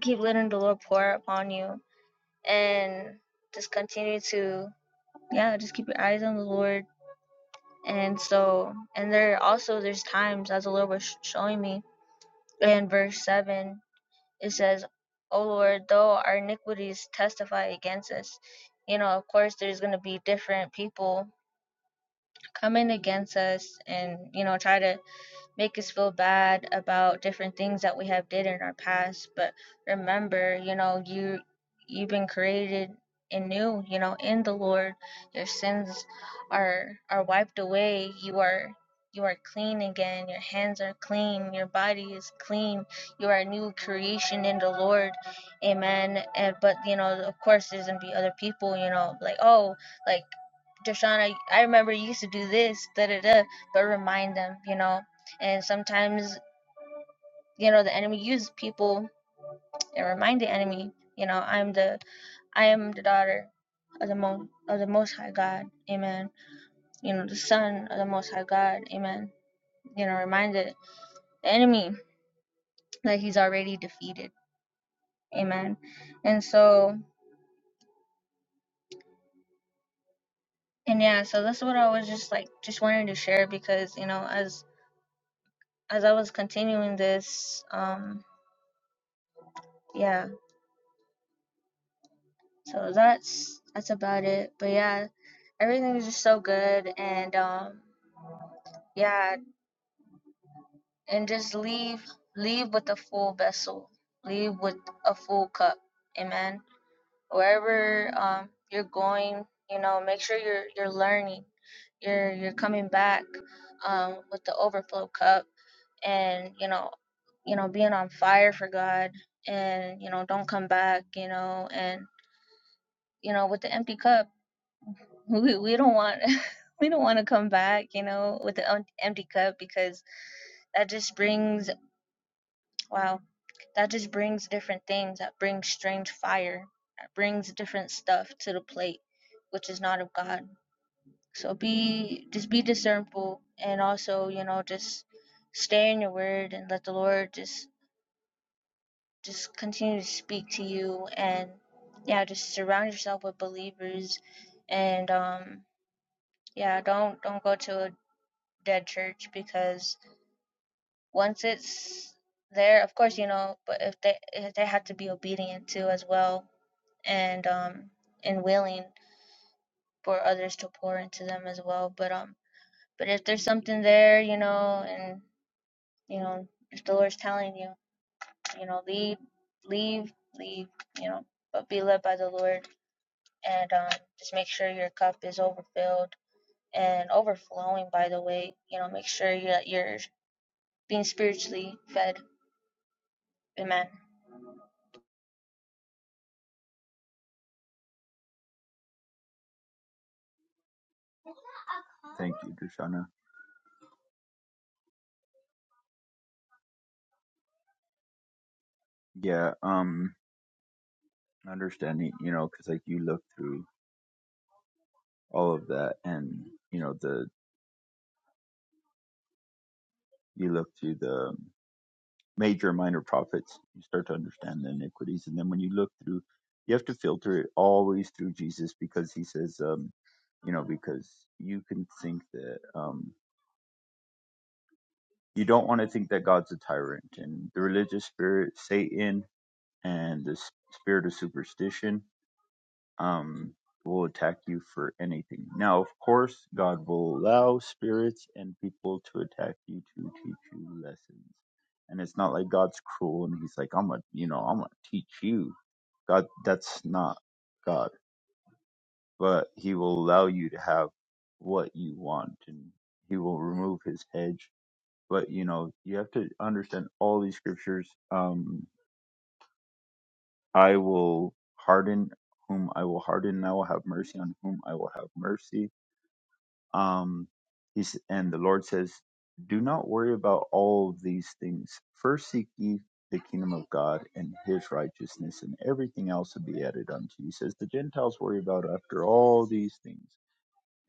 keep letting the Lord pour upon you and just continue to yeah, just keep your eyes on the Lord and so and there also there's times as the lord was showing me in verse 7 it says "O lord though our iniquities testify against us you know of course there's going to be different people coming against us and you know try to make us feel bad about different things that we have did in our past but remember you know you you've been created anew you know in the lord your sins are are wiped away you are you are clean again your hands are clean your body is clean you are a new creation in the lord amen and but you know of course there's gonna be other people you know like oh like Deshaun, I, I remember you used to do this, da da da. But remind them, you know and sometimes you know the enemy uses people and remind the enemy you know i'm the i am the daughter of the most of the most high god amen you know the son of the most high god amen you know remind the the enemy that he's already defeated amen and so and yeah so that's what i was just like just wanted to share because you know as as i was continuing this um yeah. So that's that's about it. But yeah, everything was just so good and um yeah, and just leave leave with a full vessel. Leave with a full cup. Amen. Wherever um you're going, you know, make sure you're you're learning. You're you're coming back um with the overflow cup and you know, you know, being on fire for God and you know, don't come back, you know, and you know, with the empty cup we we don't want [LAUGHS] we don't want to come back, you know, with an empty cup because that just brings wow, that just brings different things. That brings strange fire. That brings different stuff to the plate, which is not of God. So be just be discernful and also, you know, just stay in your word and let the Lord just just continue to speak to you and yeah, just surround yourself with believers and um yeah, don't don't go to a dead church because once it's there, of course, you know, but if they if they have to be obedient too as well and um and willing for others to pour into them as well. But um but if there's something there, you know, and you know, if the Lord's telling you, you know, leave, leave, leave, you know, but be led by the Lord and um just make sure your cup is overfilled and overflowing by the way, you know, make sure that you're being spiritually fed. Amen.
Thank you, Dushana. Yeah, um, understanding, you know, because like you look through all of that, and you know the you look through the major and minor prophets, you start to understand the iniquities, and then when you look through, you have to filter it always through Jesus because He says, um, you know, because you can think that um, you don't want to think that God's a tyrant, and the religious spirit, Satan, and the s- spirit of superstition um, will attack you for anything. Now, of course, God will allow spirits and people to attack you to teach you lessons. And it's not like God's cruel and he's like, I'm gonna, you know, I'm gonna teach you. God, that's not God. But he will allow you to have what you want and he will remove his hedge. But, you know, you have to understand all these scriptures. Um, I will harden whom I will harden, and I will have mercy on whom I will have mercy Um, he's, and the Lord says, Do not worry about all of these things. First seek ye the kingdom of God and his righteousness, and everything else will be added unto you. He says, The Gentiles worry about after all these things.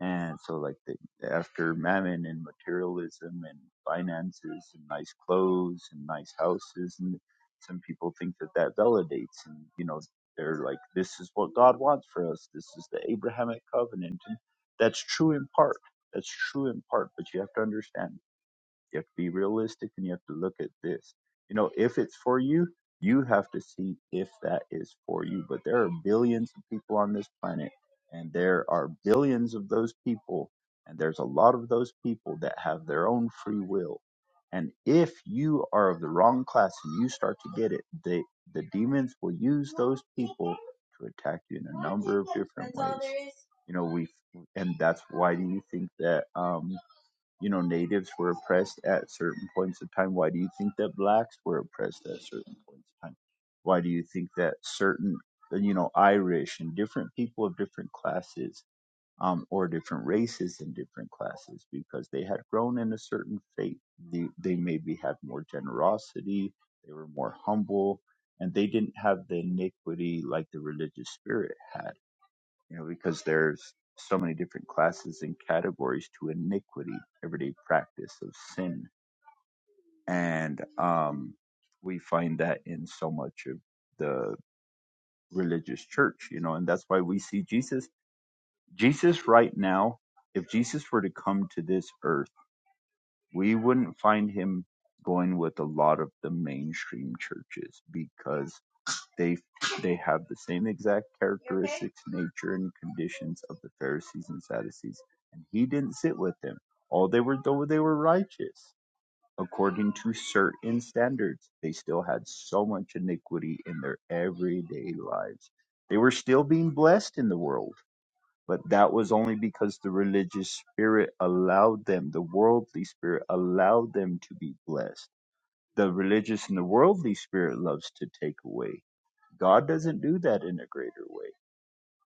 And so, like, the, after mammon and materialism and finances and nice clothes and nice houses, and some people think that that validates. And, you know, they're like, this is what God wants for us. This is the Abrahamic covenant. And that's true in part. That's true in part, but you have to understand. You have to be realistic and you have to look at this. You know, if it's for you, you have to see if that is for you. But there are billions of people on this planet, and there are billions of those people, and there's a lot of those people that have their own free will. And if you are of the wrong class and you start to get it, the the demons will use those people to attack you in a number of different ways. You know, we and that's why do you think that um you know, natives were oppressed at certain points of time? Why do you think that blacks were oppressed at certain points of time? Why do you think that certain, you know, Irish and different people of different classes um, or different races in different classes, because they had grown in a certain faith, they, they maybe had more generosity, they were more humble, and they didn't have the iniquity like the religious spirit had you know, because there's so many different classes and categories to iniquity, everyday practice of sin. And um, we find that in so much of the religious church, you know, and that's why we see Jesus. Jesus, right now, if Jesus were to come to this earth, we wouldn't find him going with a lot of the mainstream churches because They they have the same exact characteristics, nature, and conditions of the Pharisees and Sadducees, and he didn't sit with them. All they were though they were righteous according to certain standards, they still had so much iniquity in their everyday lives. They were still being blessed in the world, but that was only because the religious spirit allowed them, the worldly spirit allowed them to be blessed the religious and the worldly spirit loves to take away. God doesn't do that in a greater way.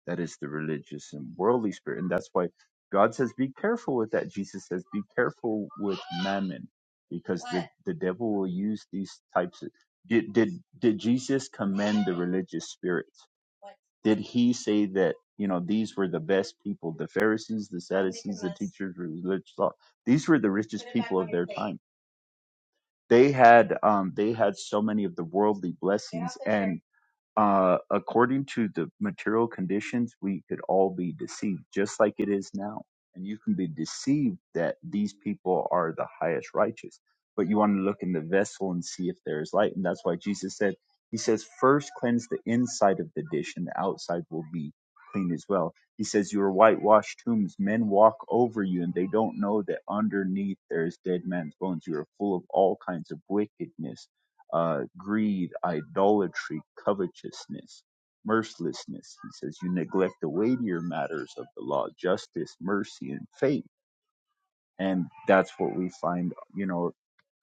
That is the religious and worldly spirit. And that's why God says, be careful with that. Jesus says, be careful with mammon because the, the devil will use these types of. Did, did, did Jesus commend the religious spirits? Did he say that, you know, these were the best people, the Pharisees, the Sadducees, the teachers of religious law? These were the richest people of their time. They had, um, they had so many of the worldly blessings uh, according to the material conditions, we could all be deceived, just like it is now. And you can be deceived that these people are the highest righteous. But you want to look in the vessel and see if there is light. And that's why Jesus said, He says, first cleanse the inside of the dish, and the outside will be clean as well. He says, You are whitewashed tombs. Men walk over you, and they don't know that underneath there is dead man's bones. You are full of all kinds of wickedness uh, greed, idolatry, covetousness, mercilessness. He says, You neglect the weightier matters of the law, justice, mercy, and faith. And that's what we find, you know,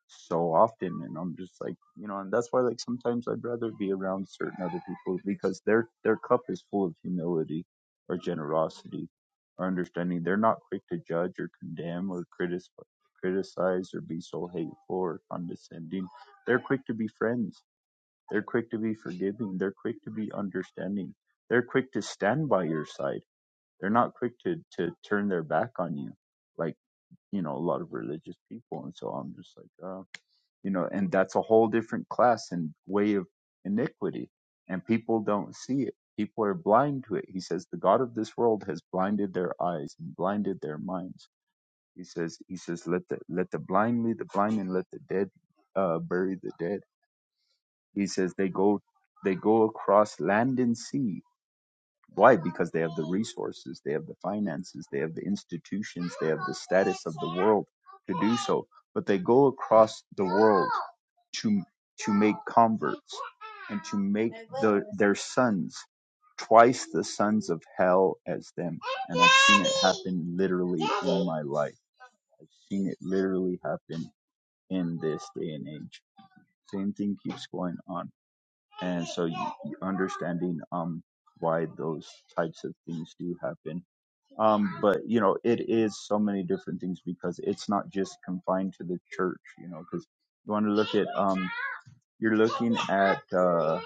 so often. And I'm just like, you know, and that's why, like, sometimes I'd rather be around certain other people because their their cup is full of humility or generosity or understanding. They're not quick to judge or condemn or criticize, criticize or be so hateful or condescending. They're quick to be friends they're quick to be forgiving. They're quick to be understanding. They're quick to stand by your side. They're not quick to, to turn their back on you, like, you know, a lot of religious people. And so I'm just like, uh, you know, and that's a whole different class and way of iniquity. And people don't see it. People are blind to it. He says, the God of this world has blinded their eyes and blinded their minds. He says, he says, let the, let the blind lead the blind and let the dead, uh, bury the dead he says they go they go across land and sea. Why? Because they have the resources, they have the finances, they have the institutions, they have the status of the world to do so. But they go across the world to to make converts and to make the, their sons twice the sons of hell as them. And I've seen it happen literally in my life. I've seen it literally happen in this day and age. Same thing keeps going on and so you, you understanding um why those types of things do happen um but you know it is so many different things because it's not just confined to the church you know because you want to look at um you're looking at uh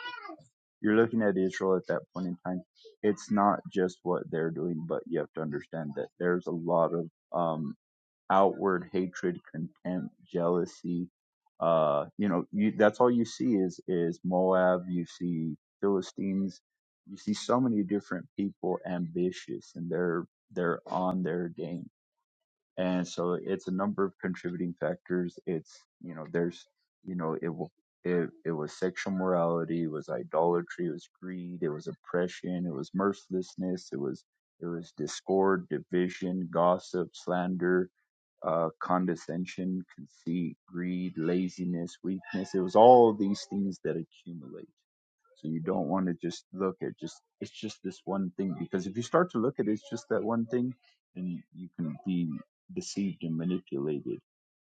you're looking at Israel at that point in time. It's not just what they're doing, but you have to understand that there's a lot of um outward hatred, contempt, jealousy. Uh, you know, you, that's all you see is is Moab. You see Philistines. You see so many different people ambitious, and they're they're on their game. And so it's a number of contributing factors. It's you know, there's you know, it wa- it it was sexual morality, it was idolatry, it was greed, it was oppression, it was mercilessness, it was it was discord, division, gossip, slander, uh, condescension, conceit, greed, laziness, weakness. It was all these things that accumulate. So you don't want to just look at just, it's just this one thing. Because if you start to look at it, it's just that one thing, then you, you can be deceived and manipulated.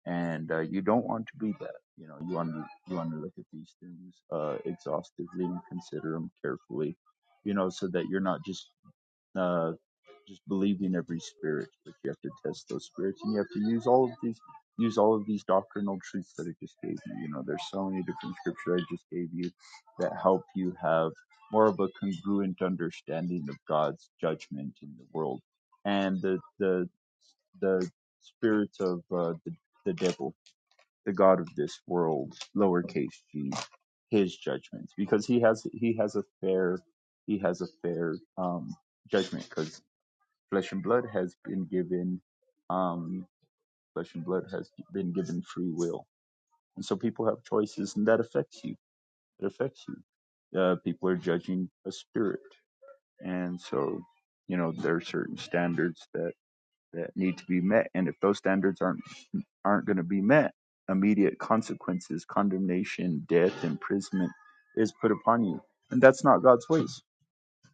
And uh, you don't want to be that. You know, you want to, you want to look at these things uh, exhaustively and consider them carefully, you know, so that you're not just uh, just believed in every spirit, but you have to test those spirits, and you have to use all of these use all of these doctrinal truths that I just gave you. You know, there's so many different scripture I just gave you that help you have more of a congruent understanding of God's judgment in the world and the the the spirits of uh, the the devil, the god of this world, lowercase g, his judgments, because he has he has a fair he has a fair um, judgment because Flesh and blood has been given, um, flesh and blood has been given free will, and so people have choices, and that affects you. It affects you. Uh, people are judging a spirit, and so you know there are certain standards that that need to be met, and if those standards aren't aren't going to be met, immediate consequences, condemnation, death, imprisonment is put upon you, and that's not God's ways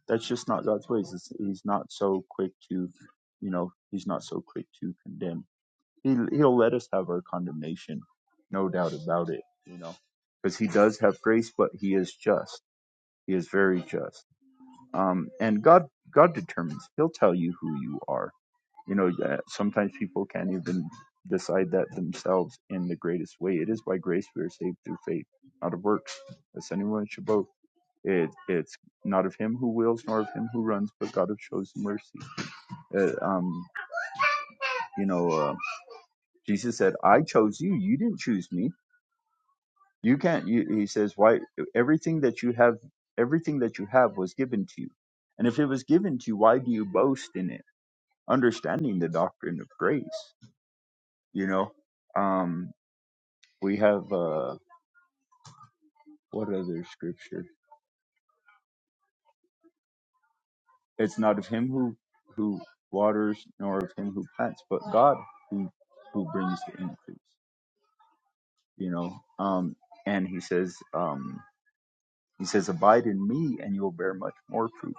that's just not God's ways. It's, he's not so quick to, you know, he's not so quick to condemn. He he'll let us have our condemnation, no doubt about it. You know, because he does have grace, but he is just. He is very just. Um, and God God determines. He'll tell you who you are. You know, uh, sometimes people can't even decide that themselves in the greatest way. It is by grace we are saved through faith, not of works, lest anyone should boast it, it's not of him who wills nor of him who runs, but God who chosen mercy. Uh, um, you know, uh, Jesus said, "I chose you. You didn't choose me. You can't." You, he says, "Why? Everything that you have, everything that you have was given to you, and if it was given to you, why do you boast in it? Understanding the doctrine of grace, you know." Um, we have uh, what other scripture? It's not of him who who waters nor of him who plants, but God who who brings the increase. you know um and he says um he says abide in me and you will bear much more fruit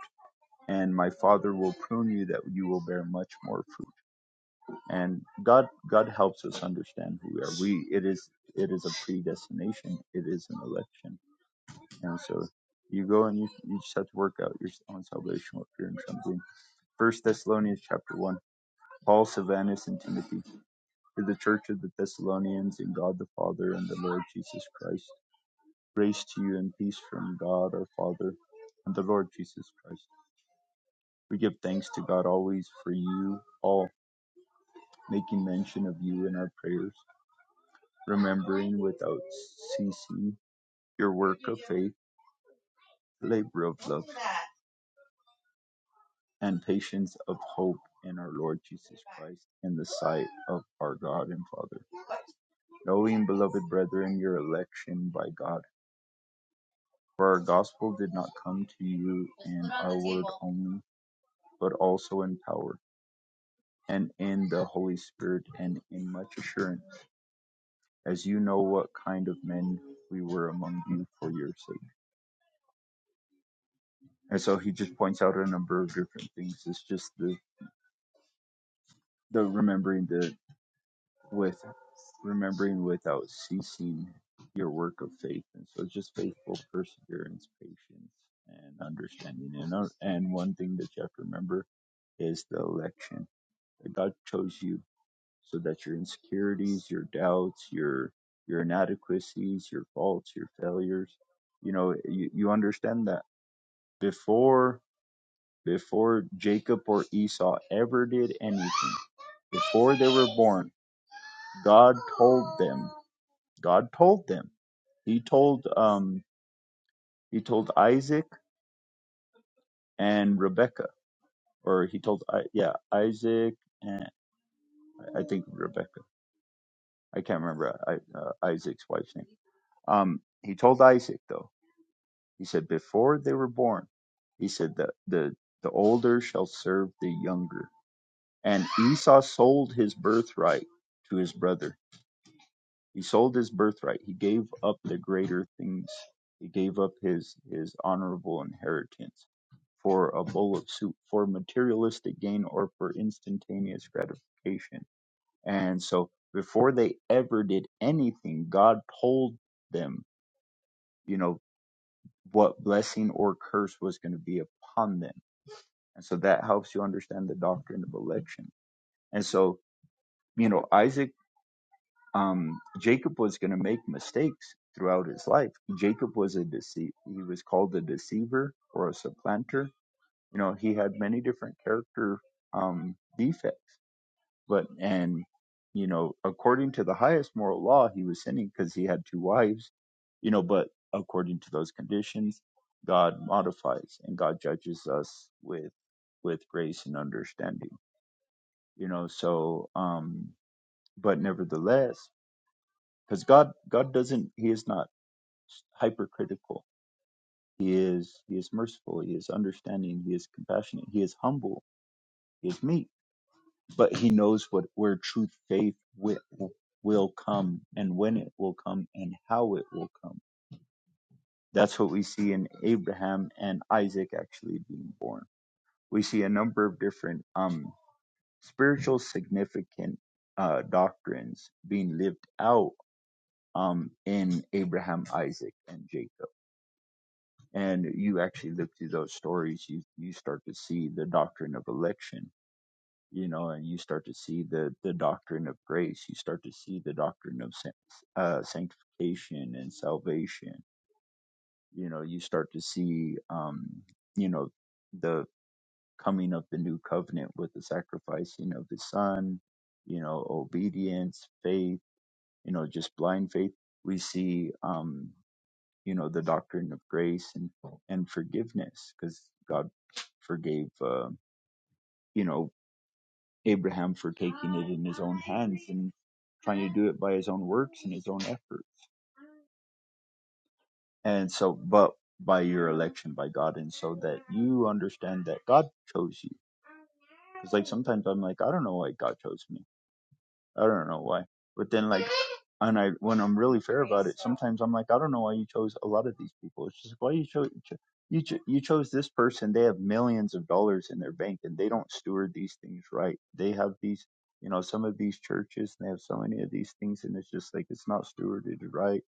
and my father will prune you that you will bear much more fruit and god god helps us understand who we are we it is it is a predestination it is an election and so you go and you, you just have to work out your own salvation with fear and trembling first thessalonians chapter 1 paul silvanus and timothy to the church of the thessalonians in god the father and the lord jesus christ Grace to you and peace from God our Father and the Lord Jesus Christ. We give thanks to God always for you all, making mention of you in our prayers, remembering without ceasing your work of faith, labor of love, and patience of hope in our Lord Jesus Christ in the sight of our God and Father. Knowing, beloved brethren, your election by God. For our gospel did not come to you in our word only, but also in power and in the Holy Spirit and in much assurance, as you know what kind of men we were among you for your sake. And so he just points out a number of different things. It's just the, the remembering the with remembering without ceasing your work of faith. And so just faithful perseverance, patience, and understanding. And, uh, and one thing that you have to remember is the election. That God chose you so that your insecurities, your doubts, your your inadequacies, your faults, your failures, you know, you, you understand that before before Jacob or Esau ever did anything, before they were born, God told them. God told them. He told um he told Isaac and Rebecca, or he told I yeah Isaac and I think Rebecca. I can't remember I, uh, Isaac's wife's name. Um, he told Isaac though He said, before they were born, he said, the, the, the older shall serve the younger. And Esau sold his birthright to his brother. He sold his birthright. He gave up the greater things. He gave up his, his honorable inheritance for a bowl of soup, for materialistic gain, or for instantaneous gratification. And so before they ever did anything, God told them, you know, what blessing or curse was going to be upon them And so that helps you understand the doctrine of election. And so, you know, Isaac, um, Jacob was going to make mistakes throughout his life. Jacob was a deceit. He was called a deceiver or a supplanter. You know, he had many different character um, defects. But, and, you know, according to the highest moral law, he was sinning because he had two wives, you know, but according to those conditions, God modifies and God judges us with with grace and understanding. you know so um but nevertheless because god god doesn't he is not hypercritical he is he is merciful he is understanding he is compassionate he is humble he is meek but he knows what where true faith will, will come and when it will come and how it will come that's what we see in abraham and isaac actually being born we see a number of different um spiritual significant uh doctrines being lived out um, in Abraham, Isaac, and Jacob. And you actually look through those stories, you, you start to see the doctrine of election, you know, and you start to see the, the doctrine of grace. You start to see the doctrine of san- uh, sanctification and salvation. You know, you start to see, um, you know, the coming of the new covenant with the sacrificing of his son, you know, obedience, faith, you know, just blind faith. We see, um, you know the doctrine of grace and and forgiveness because god forgave uh, you know abraham for taking it in his own hands and trying to do it by his own works and his own efforts and so but by your election by god and so that you understand that god chose you because like sometimes i'm like i don't know why god chose me I don't know why. But then like and I when I'm really fair about it, sometimes I'm like, I don't know why you chose a lot of these people. It's just why you chose cho- you cho- you chose this person. They have millions of dollars in their bank and they don't steward these things right. They have these you know some of these churches and they have so many of these things and it's just like it's not stewarded right.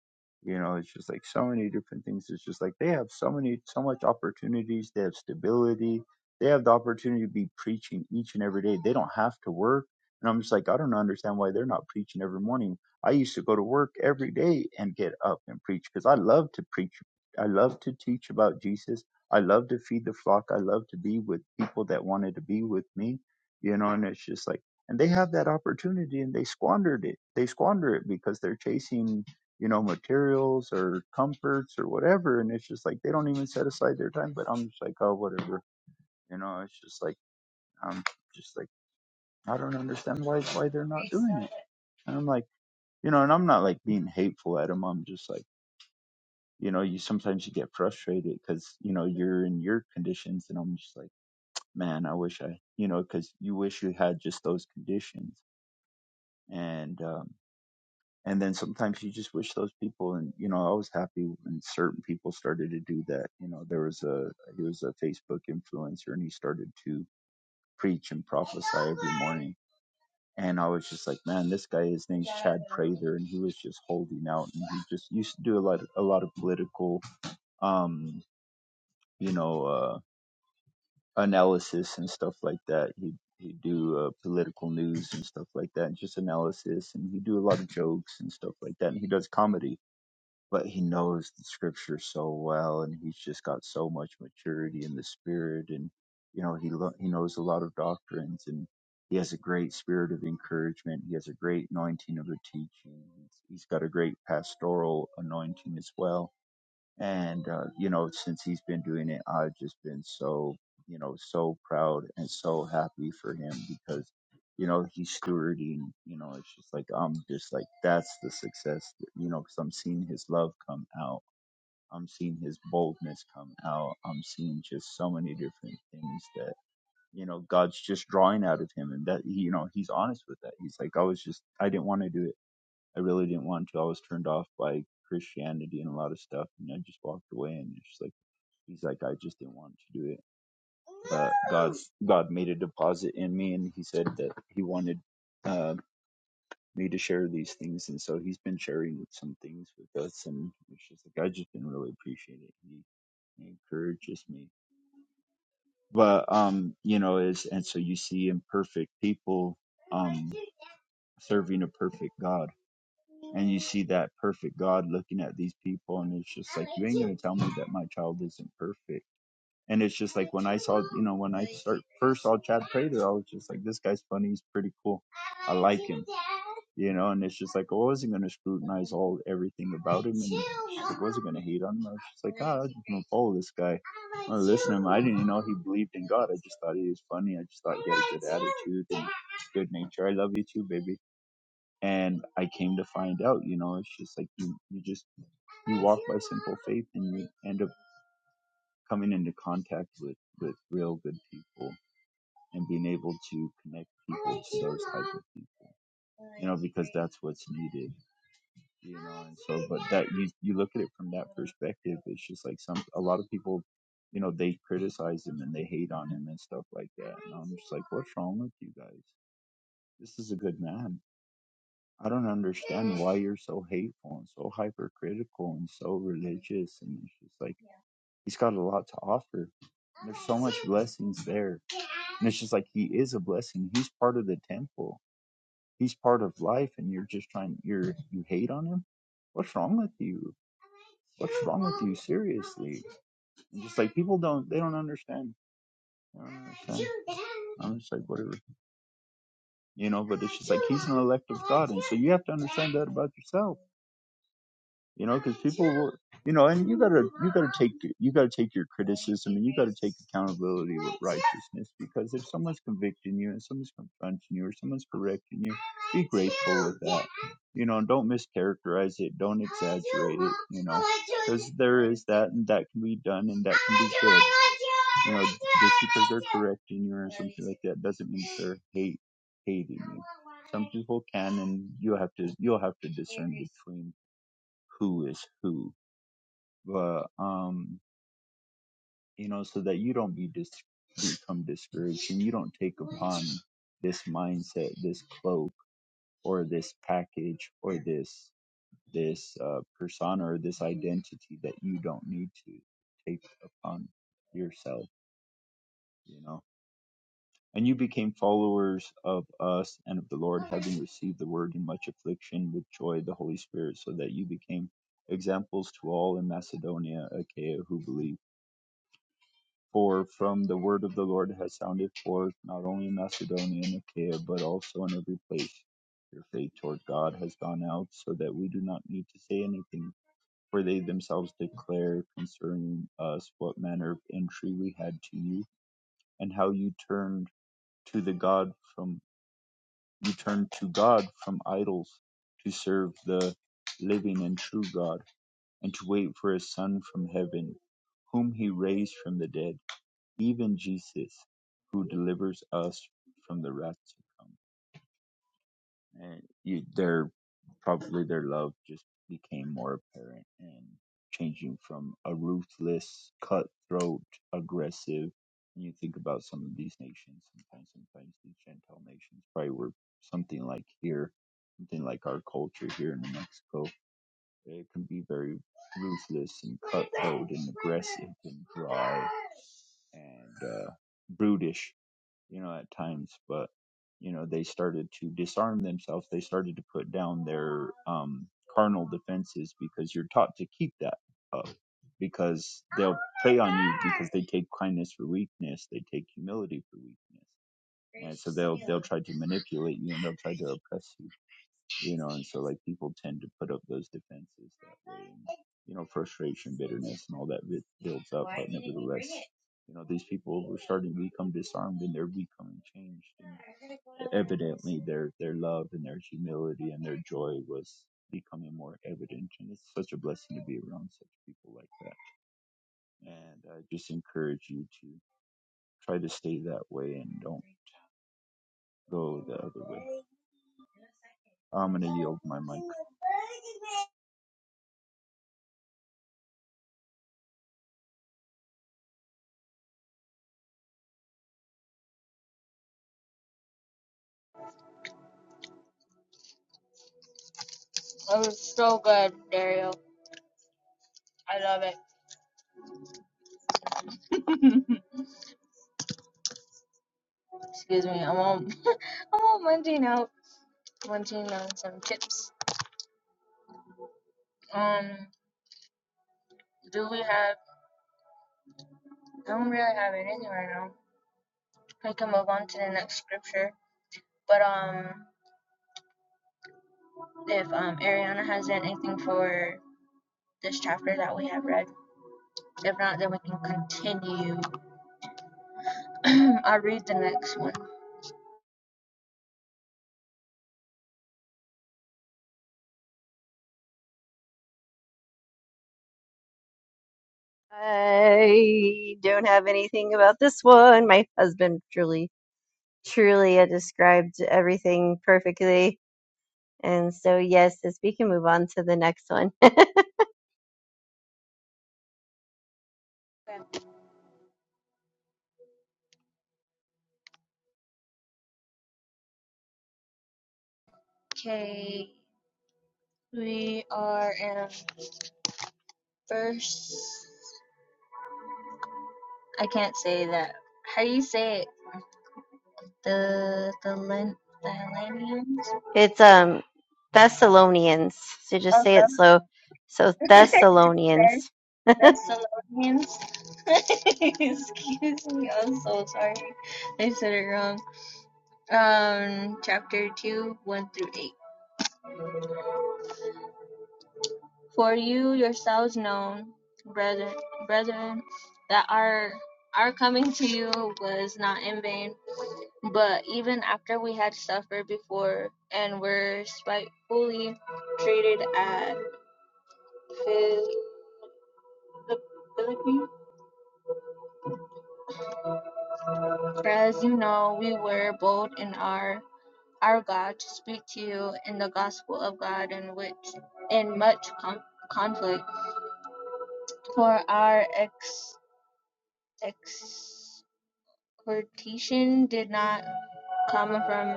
You know, it's just like so many different things. It's just like they have so many so much opportunities. They have stability. They have the opportunity to be preaching each and every day. They don't have to work and I'm just like, I don't understand why they're not preaching every morning. I used to go to work every day and get up and preach because I love to preach. I love to teach about Jesus. I love to feed the flock. I love to be with people that wanted to be with me, you know, and it's just like, and they have that opportunity and they squandered it. They squander it because they're chasing, you know, materials or comforts or whatever. And it's just like, they don't even set aside their time. But I'm just like, oh, whatever. You know, it's just like, I'm just like, I don't understand why why they're not doing it. And I'm like, you know, and I'm not like being hateful at them. I'm just like, you know, you sometimes you get frustrated because you know you're in your conditions, and I'm just like, man, I wish I, you know, because you wish you had just those conditions, and um, and then sometimes you just wish those people, and you know, I was happy when certain people started to do that. You know, there was a he was a Facebook influencer, and he started to preach and prophesy every morning And I was just like, man, this guy, his name's Chad Prather, and he was just holding out, and he just used to do a lot, of, a lot of political, um, you know, uh, analysis and stuff like that. He he'd do uh, political news and stuff like that, and just analysis, and he'd do a lot of jokes and stuff like that, and he does comedy but he knows the scripture so well and he's just got so much maturity in the spirit and you know he lo- he knows a lot of doctrines and he has a great spirit of encouragement he has a great anointing of the teaching he's, he's got a great pastoral anointing as well and, uh, you know, since he's been doing it, I've just been so, you know, so proud and so happy for him because, you know, he's stewarding, you know, it's just like, I'm just like, that's the success, that- you know, because I'm seeing his love come out. I'm seeing his boldness come out. I'm seeing just so many different things that, you know, God's just drawing out of him. And that, you know, he's honest with that. He's like, I was just, I didn't want to do it I really didn't want to. I was turned off by Christianity and a lot of stuff, and I just walked away. And it's just like he's like, I just didn't want to do it. But God's God made a deposit in me, and He said that He wanted uh, me to share these things, and so He's been sharing some things with us. And it's just like I just didn't really appreciate it. He, he encourages me, but um, you know, is and so you see imperfect people um serving a perfect God and you see that perfect God looking at these people, and it's just like, you ain't gonna tell me that my child isn't perfect. And it's just like when I saw, you know, when I start first saw Chad Prater, I was just like, this guy's funny, he's pretty cool, I like him, you know. And it's just like I wasn't gonna scrutinize all everything about him, and like, I wasn't gonna hate on him. I was just like, ah, I'm just gonna follow this guy, I'm gonna listen to him. I didn't even know he believed in God. I just thought he was funny. I just thought he had a good attitude and good nature. I love you too, baby and I came to find out, you know, it's just like you you just you walk by simple faith and you end up coming into contact with with real good people and being able to connect people to those type of people you know because that's what's needed you know and so but that you you look at it from that perspective it's just like some a lot of people you know they criticize him and they hate on him and stuff like that and i'm just like what's wrong with you guys this is a good man I don't understand why you're so hateful and so hypercritical and so religious. And it's just like, he's got a lot to offer. There's so much [LAUGHS] blessings there. And it's just like, he is a blessing. He's part of the temple. He's part of life. And you're just trying, you're, you hate on him. What's wrong with you? What's wrong with you? Seriously. And just like people don't, they don't understand. They don't understand. I'm just like, whatever. You know, but it's just like, he's an elect of God. And so you have to understand that about yourself you know because people will you know and you gotta you gotta take you gotta take your criticism and you gotta take accountability with righteousness because if someone's convicting you and someone's confronting you or someone's correcting you be grateful with that you know and don't mischaracterize it don't exaggerate it you know because there is that and that can be done and that can be good you know just because they're correcting you or something like that doesn't mean they're hate hating you some people can and you have to you'll have to discern between who is who, but um, you know, so that you don't be dis- become discouraged and you don't take upon this mindset, this cloak, or this package, or this this uh, persona or this identity that you don't need to take upon yourself, you know. And you became followers of us and of the Lord, having received the word in much affliction with joy, the Holy Spirit, so that you became examples to all in Macedonia, Achaia, who believed. For from the word of the Lord has sounded forth, not only in Macedonia and Achaia, but also in every place. Your faith toward God has gone out, so that we do not need to say anything, for they themselves declare concerning us what manner of entry we had to you, and how you turned to the God from you turned to God from idols to serve the living and true God, and to wait for his Son from heaven, whom he raised from the dead even Jesus, who delivers us from the wrath to come. And you, their probably their love just became more apparent and changing from a ruthless, cutthroat, aggressive. And you think about some of these nations, sometimes, sometimes these Gentile nations probably were something like here, something like our culture here in New Mexico. It can be very ruthless and cutthroat and aggressive and dry and uh, brutish you know, at times, but you know, they started to disarm themselves. They started to put down their um, carnal defenses because you're taught to keep that up because they'll prey on you because they take kindness for weakness, they take humility for weakness, and so they'll they'll try to manipulate you and they'll try to oppress you you know, and so like people tend to put up those defenses that way, and, you know, frustration, bitterness, and all that builds up. But nevertheless, you know, these people were starting to become disarmed, and they're becoming changed. And evidently, their their love and their humility and their joy was becoming more evident, and it's such a blessing to be around such people like that. And I just encourage you to try to stay that way and don't go the other way. I'm gonna yield my mic.
It was so good, Dario. I love it. Excuse me. I'm on. [LAUGHS] I'm on munching out. Munching on some chips. Um. Do we have? I don't really have anything right now. We can move on to the next scripture. But um, if um Ariana has anything for this chapter that we have read, if not, then we can continue. [CLEARS THROAT] I'll read the next one.
I don't have anything about this one. My husband truly Trulia described everything perfectly. And so, yes, as we can move on to the next one,
Okay. We are in verse. I can't say that. How do you say it? the the Len the Hellenians.
[LAUGHS] it's um Thessalonians. So just
Oh,
say it slow. So
the [LAUGHS] the
Thessalonians.
Thessalonians. [LAUGHS] Excuse me, I'm so sorry. I said it wrong. Um, chapter two, one through eight. For you yourselves know, brethren, brethren, that our our coming to you was not in vain. But even after we had suffered before and were spitefully treated at Phil. The Philippines. As you know, we were bold in our our God to speak to you in the gospel of God, in which in much com- conflict, for our ex exhortation did not come from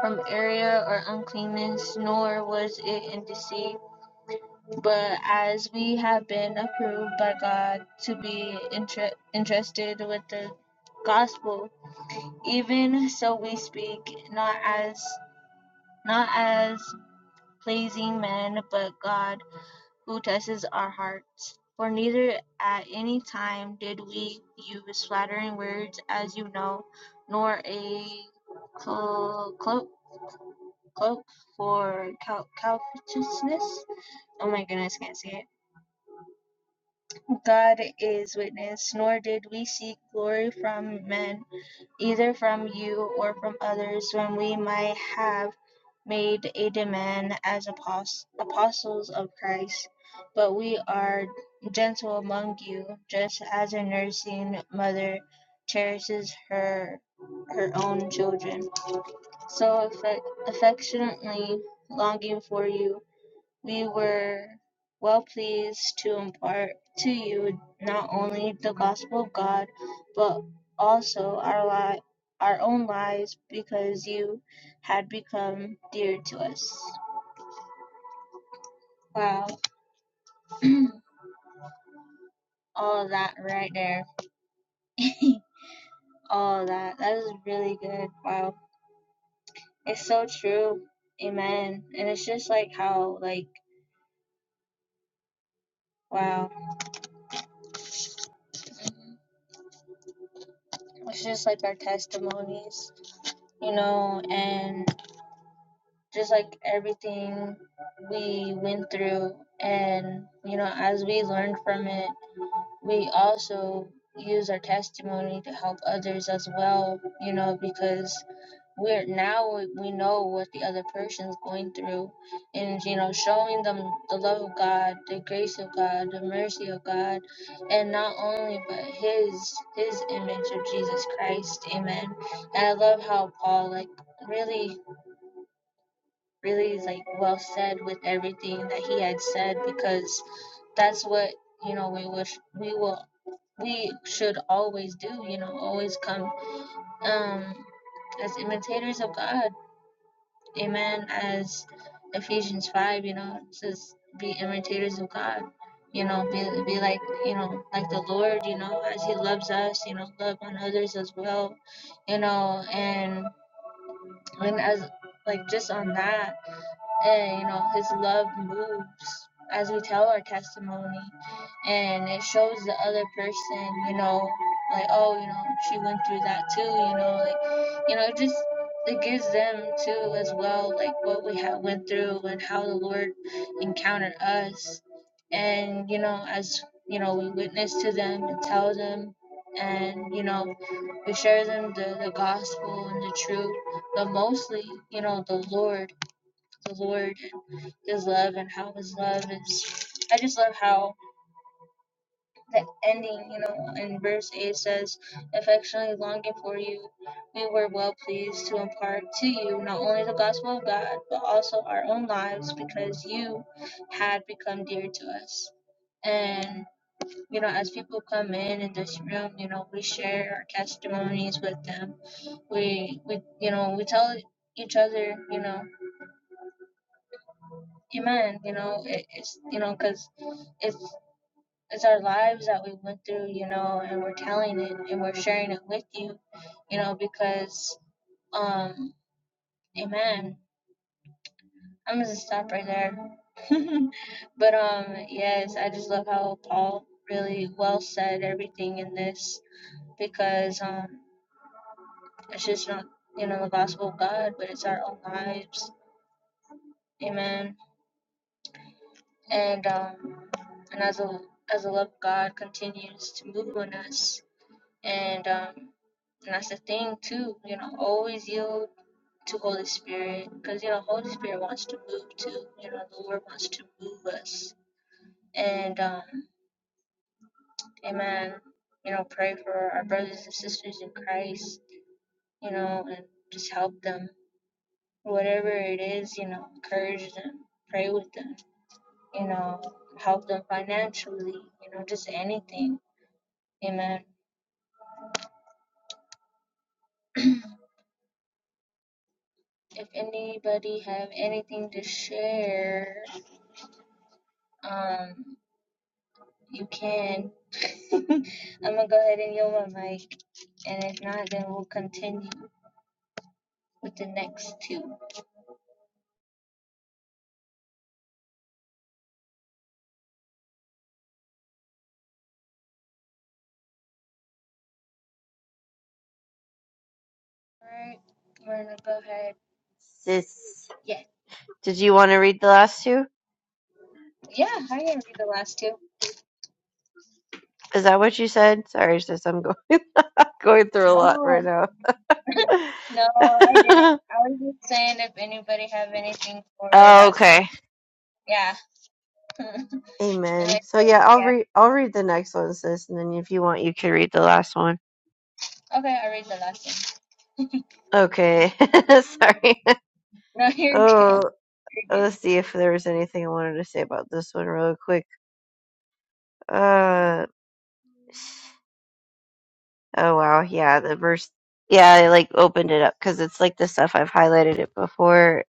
from error or uncleanness, nor was it in deceit, but as we have been approved by God to be inter- entrusted with the gospel Even so we speak, not as not as pleasing men, but God, who tests our hearts. For neither at any time did we use flattering words, as you know, nor a clo- cloak cloak for cal- covetousness. Oh my goodness, can't see it. God is witness, nor did we seek glory from men either from you or from others when we might have made a demand as apos- apostles of Christ, but we are gentle among you, just as a nursing mother cherishes her her own children. So affe- affectionately longing for you we were well pleased to impart to you not only the gospel of God, but also our li- our own lives, because you had become dear to us. Wow, [CLEARS THROAT] all of that right there. [LAUGHS] all of that. That is really good. Wow, it's so true. Amen. And it's just like how like wow, it's just like our testimonies, you know, and just like everything we went through and you know as we learned from it we also use our testimony to help others as well you know because we're now we we know what the other person's going through and you know showing them the love of god the grace of god the mercy of god and not only but his his image of jesus christ amen and i love how paul like really really like well said with everything that he had said because that's what you know we wish we will we should always do you know always come um as imitators of god amen as ephesians 5 you know says be imitators of god you know be, be like you know like the lord you know as he loves us you know love on others as well you know and and as like just on that and you know his love moves as we tell our testimony and it shows the other person you know like oh you know she went through that too you know like you know it just it gives them too as well like what we have went through and how the lord encountered us and you know as you know we witness to them and tell them and you know we share them the, the gospel and the truth but mostly you know the lord the Lord his love and how his love is. I just love how the ending, you know, in verse 8 says, Affectionately longing for you, we were well pleased to impart to you not only the gospel of God, but also our own lives because you had become dear to us. And, you know, as people come in in this room, you know, we share our testimonies with them. We, we you know, we tell each other, you know, amen, you know, it, it's, you know, because it's. it's our lives that we went through, you know, and we're telling it and we're sharing it with you, you know, because um amen. I'm gonna stop right there. [LAUGHS] but um yes, I just love how Paul really well said everything in this because um it's just not you know the gospel of God, but it's our own lives. Amen. And um and as a as the love of God continues to move on us and um And that's the thing too, you know, always yield to Holy Spirit because you know Holy Spirit wants to move too. You know, the Lord wants to move us. And um, Amen. You know, pray for our brothers and sisters in Christ. You know, and just help them, whatever it is. You know, encourage them, pray with them. You know, help them financially. You know, just anything. Amen. If anybody have anything to share, um, you can. [LAUGHS] I'm gonna go ahead and yield my mic, and if not, then we'll continue with the next two. Alright, we're gonna go ahead.
Sis,
Yeah,
did you want to read the last two?
yeah, I didn't read the last two.
Is that what you said? Sorry, sis, I'm going [LAUGHS] going through a lot
Oh,
right
[LAUGHS] no, I didn't.
now. [LAUGHS]
I was just saying if anybody have anything for
Oh,
that.
okay.
Yeah, [LAUGHS] and I
Amen.
said,
So yeah, I'll
yeah.
read I'll read the next one, sis, and then if you want, you can read the last one.
Okay, I read the last one.
Okay. [LAUGHS] Sorry.
No, [LAUGHS]
[LAUGHS]
you're good.
Oh.
You're
Uh, let's
good.
see if there was anything I wanted to say about this one really quick. Uh, oh wow, yeah, the verse, yeah, I like opened it up because it's like the stuff I've highlighted it before.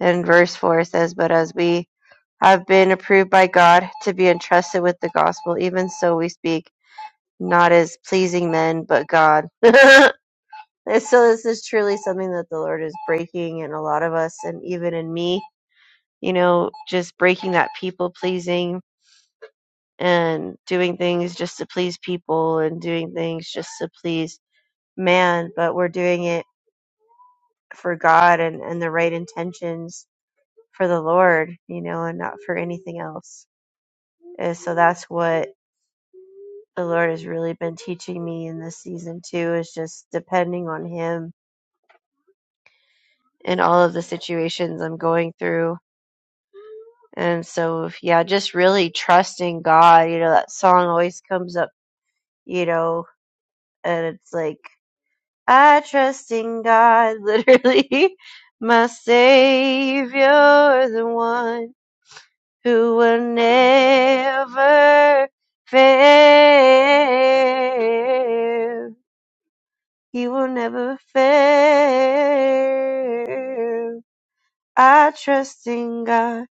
And verse four says, "But as we have been approved by God to be entrusted with the gospel, even so we speak, not as pleasing men, but God." [LAUGHS] And so this is truly something that the Lord is breaking in a lot of us, and even in me, you know, just breaking that people pleasing and doing things just to please people and doing things just to please man, but we're doing it for God and, and the right intentions for the Lord, you know, and not for anything else. And so that's what the Lord has really been teaching me in this season too, is just depending on Him in all of the situations I'm going through. And so, yeah, just really trusting God. You know, that song always comes up, you know, and it's like, I trust in God, literally, [LAUGHS] my Savior, the one who will never fail. He will never fail. I trust in God.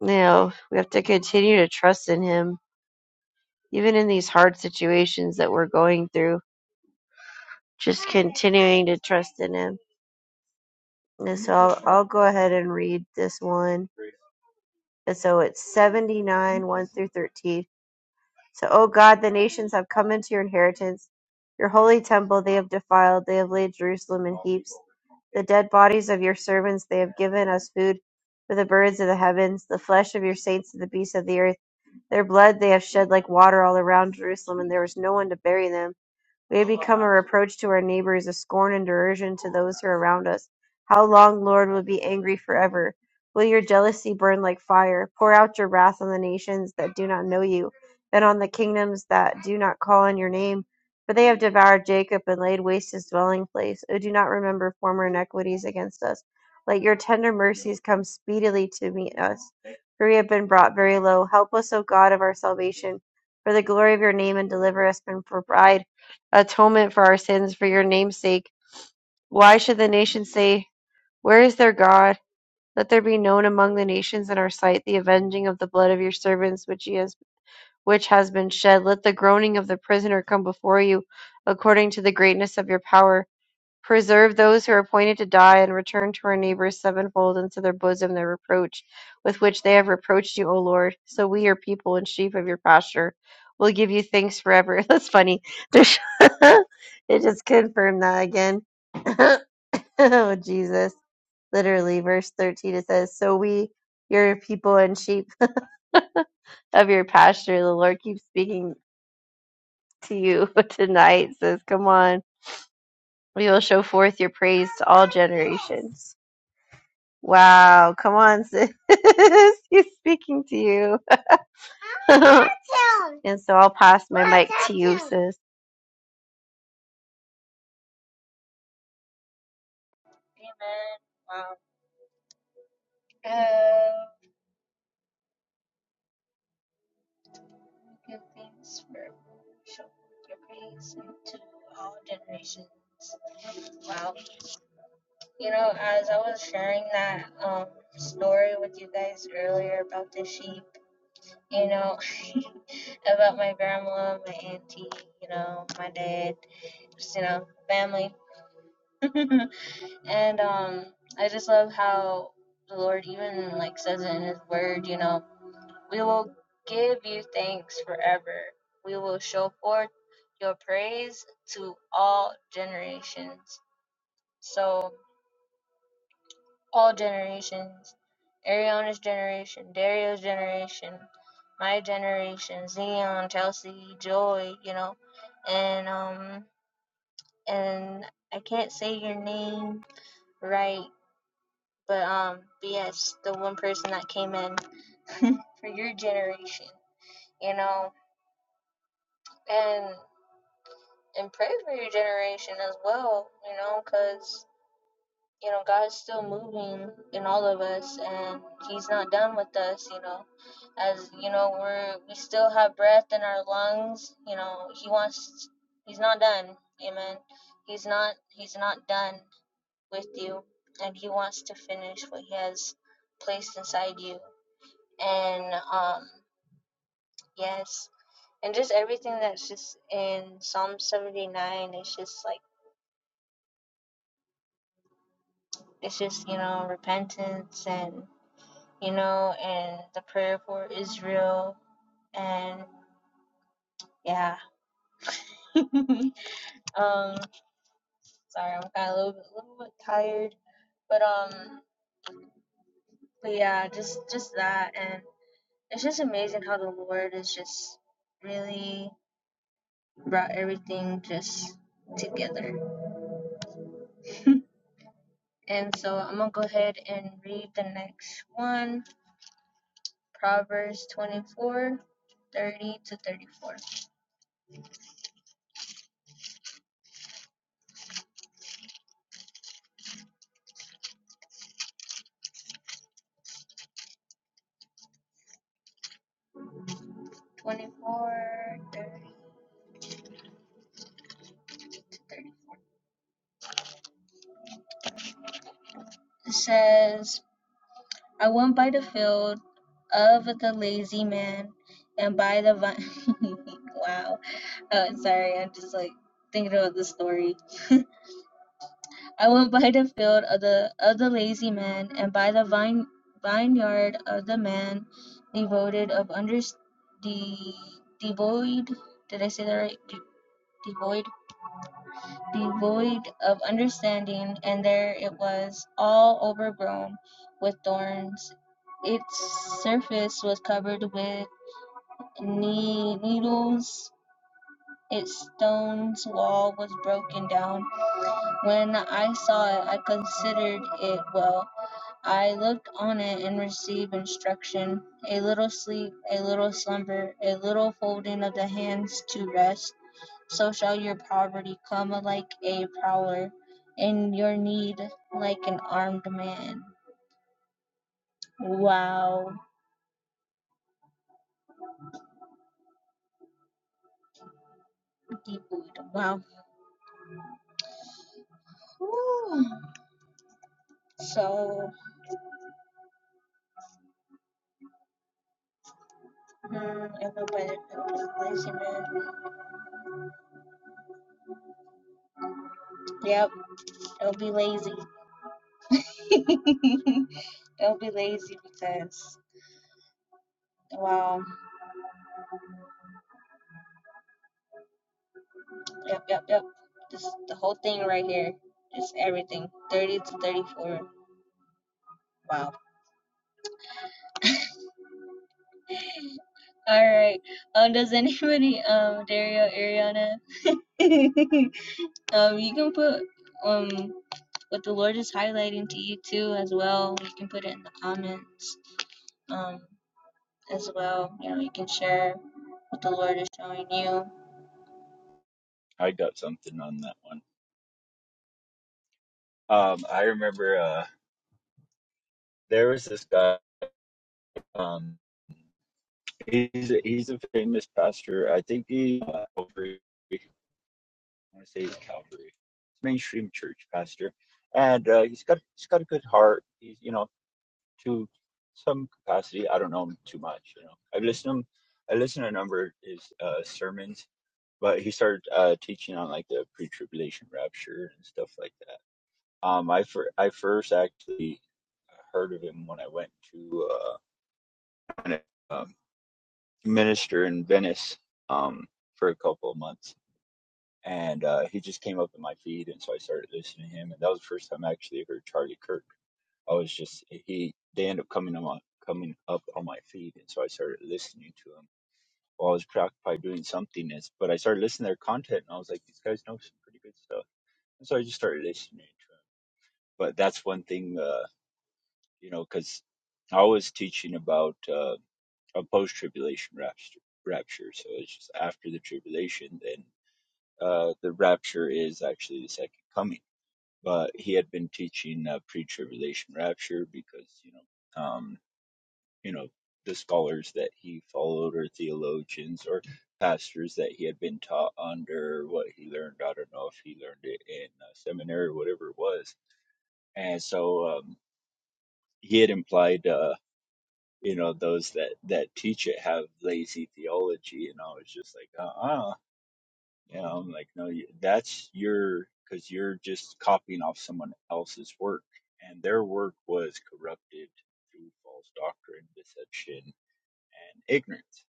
Now, we have to continue to trust in Him, even in these hard situations that we're going through, just continuing to trust in Him. And so I'll, I'll go ahead and read this one. And so it's 79, 1 through 13. So, O God, the nations have come into your inheritance. Your holy temple they have defiled. They have laid Jerusalem in heaps. The dead bodies of your servants they have given us food for the birds of the heavens, the flesh of your saints to the beasts of the earth. Their blood they have shed like water all around Jerusalem, and there was no one to bury them. We have become a reproach to our neighbors, a scorn and derision to those who are around us. How long, Lord, will you be angry forever? Will your jealousy burn like fire? Pour out your wrath on the nations that do not know you, and on the kingdoms that do not call on your name. For they have devoured Jacob and laid waste his dwelling place. O do not remember former iniquities against us. Let your tender mercies come speedily to meet us, for we have been brought very low. Help us, O God of our salvation, for the glory of your name, and deliver us from pride atonement for our sins for your name's sake. Why should the nations say, Where is their God? Let there be known among the nations in our sight the avenging of the blood of your servants which he has which has been shed. Let the groaning of the prisoner come before you according to the greatness of your power preserve those who are appointed to die, and return to our neighbors sevenfold into their bosom the reproach with which they have reproached you, O Lord. So we, your people and sheep of your pasture, will give you thanks forever. [LAUGHS] That's funny. [LAUGHS] it just confirmed that again. [LAUGHS] oh, Jesus. Literally, verse 13, it says, So we, your people and sheep of your pasture, the Lord keeps speaking to you [LAUGHS] tonight. Says, Come on, we will show forth your praise to all generations. Wow, come on, sis. [LAUGHS] He's speaking to you. [LAUGHS] and so I'll pass my mic to you, sis.
Amen. Wow. Um, Good things for show your praise to all generations. Wow. You know, as I was sharing that um, story with you guys earlier about the sheep, you know, [LAUGHS] about my grandma, my auntie, you know, my dad, just, you know, family. [LAUGHS] and um, I just love how the Lord even like says it in his word, you know, we will give you thanks forever. We will show forth your praise to all generations. So all generations, Ariana's generation, Dario's generation, my generation, Zion, Chelsea, Joy, you know, and um, and I can't say your name right, but um, but yes, the one person that came in for your generation, you know, and and pray for your generation as well, you know, because. you know, God's still moving in all of us and He's not done with us, you know. As you know, we're we still have breath in our lungs, you know, He wants He's not done. Amen. He's not He's not done with you and He wants to finish what He has placed inside you. And um yes. And just everything that's just in Psalm seventy nine, it's just like it's just, you know, repentance and you know, and the prayer for Israel. And yeah, [LAUGHS] um, sorry, I'm kind of a little bit, little bit tired, but um, but yeah, just just that, and it's just amazing how the Lord has just really brought everything just together. [LAUGHS] And so I'm gonna go ahead and read the next one, Proverbs 24, 30 to 34. 24, 30. It says. I went by the field of the lazy man and by the vine. [LAUGHS] wow. Uh, sorry, I'm just like thinking about the story. [LAUGHS] I went by the field of the of the lazy man and by the vine vineyard of the man devoted of under the devoid. Did I say that right? De- devoid devoid of understanding, and there it was, all overgrown with thorns. Its surface was covered with nee-, needles. Its stone's wall was broken down. When I saw it, I considered it well. I looked on it and received instruction. A little sleep, a little slumber, a little folding of the hands to rest so shall your poverty come like a prowler, and your need like an armed man. Wow. Deep wood. Wow. Whew. So, mm, everybody will be lazy, man. Yep, they'll be lazy. [LAUGHS] they'll be lazy because, wow. Yep, yep, yep. This the whole thing right here. It's everything. 30 to 34. Wow. All right. Um, does [LAUGHS] anybody um Dario Ariana? [LAUGHS] um, you can put um what the Lord is highlighting to you too as well. You can put it in the comments um as well. You know, you can share what the Lord is showing you.
I got something on that one. Um, I remember uh, there was this guy. Um, he's a, he's a famous pastor. I think he uh, Calvary. I want to say he's Calvary, mainstream church pastor, and uh, he's got he's got a good heart. He's you know to some capacity. I don't know him too much. You know, I've listened to him. I listened to a number of his uh, sermons, but he started uh, teaching on like the pre-tribulation rapture and stuff like that Um, I fir- I first actually heard of him when I went to uh, um, minister in Venice um, for a couple of months, and uh, he just came up in my feed, and so I started listening to him, and that was the first time I actually heard Charlie Kirk. I was just he they end up coming on my, coming up on my feed, and so I started listening to him while I was preoccupied doing something. Is but I started listening to their content, and I was like, these guys know some pretty good stuff, and so I just started listening to him. But that's one thing. uh, you know, because I was teaching about uh, a post tribulation rapture, rapture. So it's just after the tribulation, then uh, the rapture is actually the second coming. But he had been teaching uh, pre tribulation rapture because, you know, um, you know, the scholars that he followed or theologians or pastors that he had been taught under what he learned. I don't know if he learned it in uh, seminary or whatever it was. And so um, he had implied. Uh, you know those that that teach it have lazy theology and i was just like uh-uh you know i'm like no you, that's your because you're just copying off someone else's work and their work was corrupted through false doctrine deception and ignorance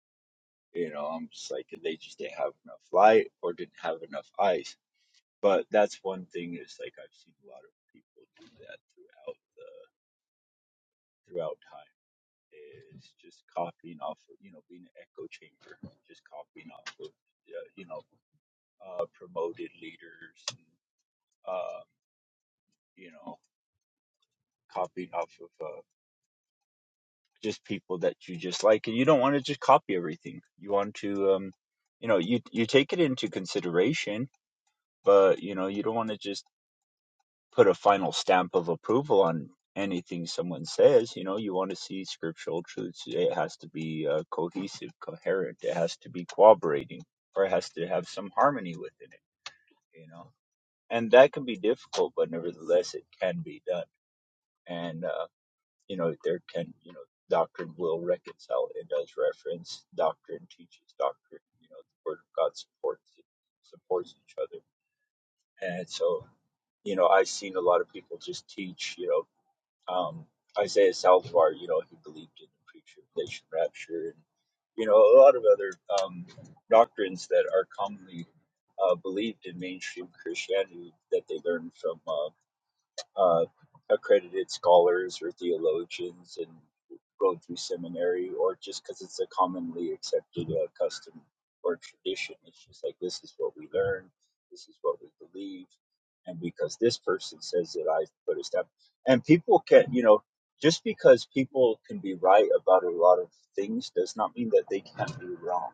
you know i'm just like they just didn't have enough light or didn't have enough eyes but that's one thing is like i've seen a lot of people do that throughout the throughout time is just copying off of, you know, being an echo chamber, just copying off of, uh, you know, uh, promoted leaders, and, um, you know, copying off of uh, just people that you just like. And you don't want to just copy everything. You want to, um, you know, you, you take it into consideration, but, you know, you don't want to just put a final stamp of approval on anything someone says. You know, you want to see scriptural truths. It has to be uh, cohesive, coherent. It has to be cooperating, or it has to have some harmony within it. You know, and that can be difficult, but nevertheless, it can be done. And uh, you know, there can you know, doctrine will reconcile. It does reference doctrine, teaches doctrine. You know, the Word of God supports it, supports each other, and so. You know, I've seen a lot of people just teach. You know, Um, Isaiah Saldivar, you know, he believed in the pre-tribulation rapture, and you know, a lot of other um, doctrines that are commonly uh, believed in mainstream Christianity that they learned from. uh, uh, accredited scholars or theologians and go through seminary, or just because it's a commonly accepted uh, custom or tradition. It's just like this is what we learn, this is what we believe, and because this person says it, I put a step. And people can, you know, just because people can be right about a lot of things does not mean that they can be wrong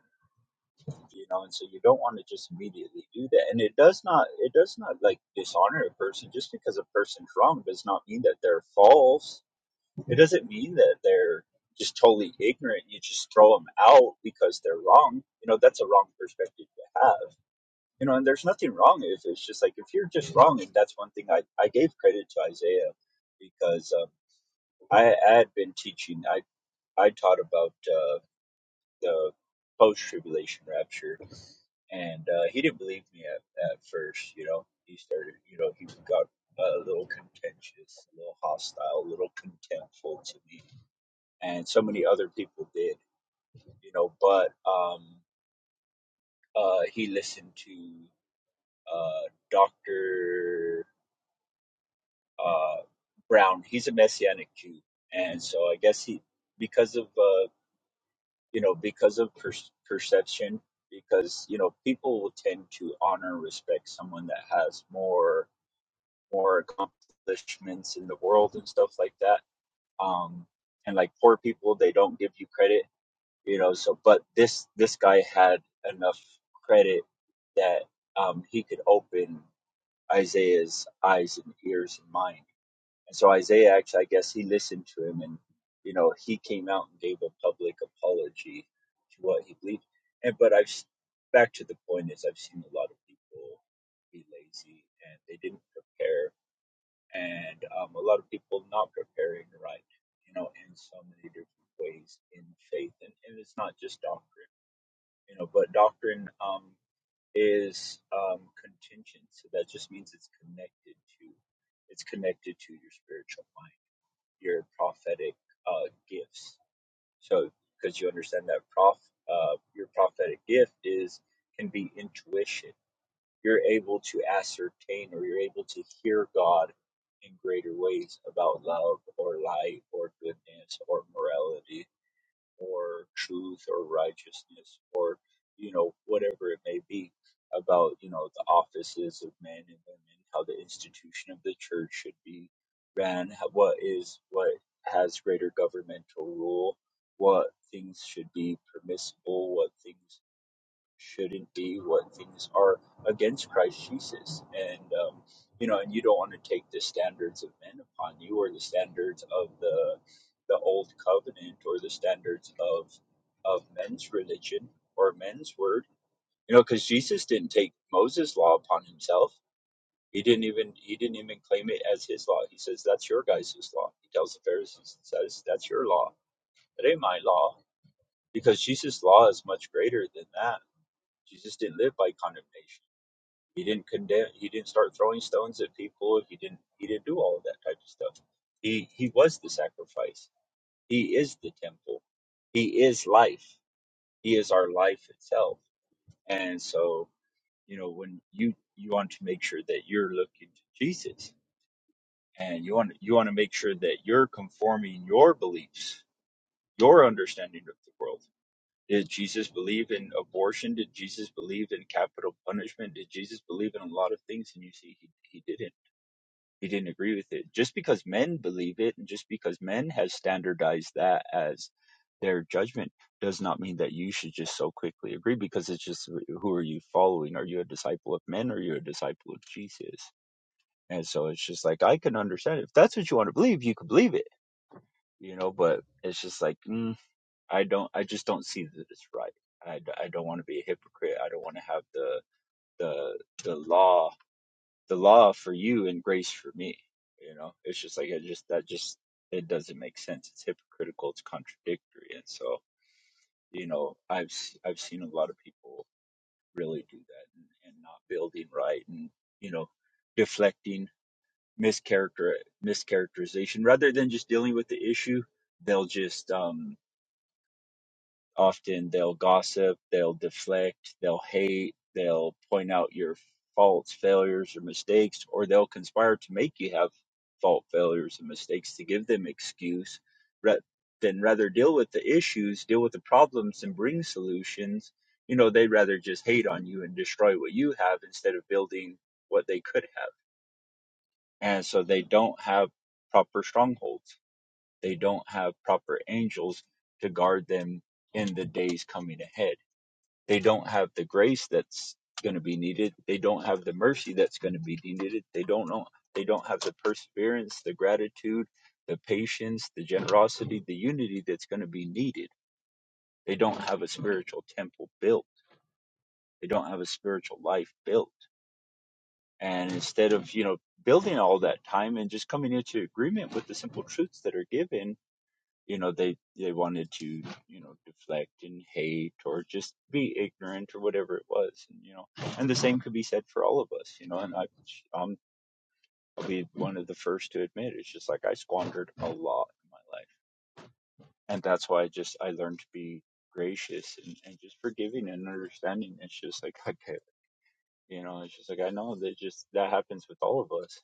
you know and so you don't want to just immediately do that and it does not it does not like dishonor a person just because a person's wrong does not mean that they're false it doesn't mean that they're just totally ignorant you just throw them out because they're wrong you know that's a wrong perspective to have you know and there's nothing wrong if it's just like if you're just wrong and that's one thing i, I gave credit to isaiah because um, I, I had been teaching i i taught about uh, the post tribulation rapture and uh, he didn't believe me at, at first. You know, he started. You know, he got a little contentious, a little hostile, a little contemptful to me, and so many other people did. You know, but um, uh, he listened to uh, Doctor uh, Brown. He's a Messianic Jew, and so I guess he, because of uh, you know, because of per- perception. Because you know, people will tend to honor and respect someone that has more more accomplishments in the world and stuff like that. Um, and like poor people, they don't give you credit, you know. So, but this this guy had enough credit that um, he could open Isaiah's eyes and ears and mind. And so Isaiah actually, I guess, he listened to him, and you know, he came out and gave a public apology to what he believed. And but I've back to the point is I've seen a lot of people be lazy and they didn't prepare and um, a lot of people not preparing right, you know, in so many different ways in faith, and, and it's not just doctrine, you know, but doctrine um, is um, contingent, so that just means it's connected to, it's connected to your spiritual mind, your prophetic uh, gifts. So because you understand that prof, uh, your prophetic gift is can be intuition you're able to ascertain or you're able to hear God in greater ways about love or light or goodness or morality or truth or righteousness or you know whatever it may be about you know the offices of men and women how the institution of the church should be ran how- what is what has greater governmental rule what things should be permissible what things shouldn't be, what things are against Christ Jesus. And, um, you know, and you don't want to take the standards of men upon you or the standards of the, the old covenant or the standards of, of men's religion or men's word, you know, because Jesus didn't take Moses' law upon himself. He didn't even he didn't even claim it as his law. He says that's your guys' law. He tells the Pharisees and says that's your law. That ain't my law because Jesus' law is much greater than that. Jesus didn't live by condemnation. He didn't condemn. He didn't start throwing stones at people. He didn't. He didn't do all of that type of stuff. He he was the sacrifice. He is the temple. He is life. He is our life itself. And so you know when you you want to make sure that you're looking to Jesus, and you want you want to make sure that you're conforming your beliefs, your understanding of the world Did Jesus believe in abortion? Did Jesus believe in capital punishment? Did Jesus believe in a lot of things? And you see, he, he didn't. He didn't agree with it. Just because men believe it and just because men have standardized that as their judgment does not mean that you should just so quickly agree because it's just who are you following? Are you a disciple of men or are you a disciple of Jesus? And so it's just like, I can understand it. If that's what you want to believe, you can believe it, you know, but it's just like, I don't. I just don't see that it's right. I, d- I don't want to be a hypocrite. I don't want to have the the the law the law for you and grace for me. You know, it's just like it just that just it doesn't make sense. It's hypocritical. It's contradictory. And so you know, I've s- I've seen a lot of people really do that and, and not building right and you know deflecting mischaracter mischaracterization rather than just dealing with the issue. They'll just um often they'll gossip, they'll deflect, they'll hate, they'll point out your faults, failures, or mistakes, or they'll conspire to make you have fault, failures, and mistakes to give them excuse. ra- Then rather deal with the issues, deal with the problems, and bring solutions. You know, they'd rather just hate on you and destroy what you have instead of building what they could have. And so they don't have proper strongholds. They don't have proper angels to guard them in the days coming ahead they don't have the grace that's going to be needed. They don't have the mercy that's going to be needed. They don't know. They don't have the perseverance, the gratitude, the patience, the generosity, the unity that's going to be needed. They don't have a spiritual temple built. They don't have a spiritual life built. And instead of, you know, building all that time and just coming into agreement with the simple truths that are given you know they they wanted to you know deflect and hate or just be ignorant or whatever it was and, you know and the same could be said for all of us you know and i um, i'll be one of the first to admit it's just like i squandered a lot in my life and that's why i just i learned to be gracious and, and just forgiving and understanding it's just like okay you know it's just like i know that just that happens with all of us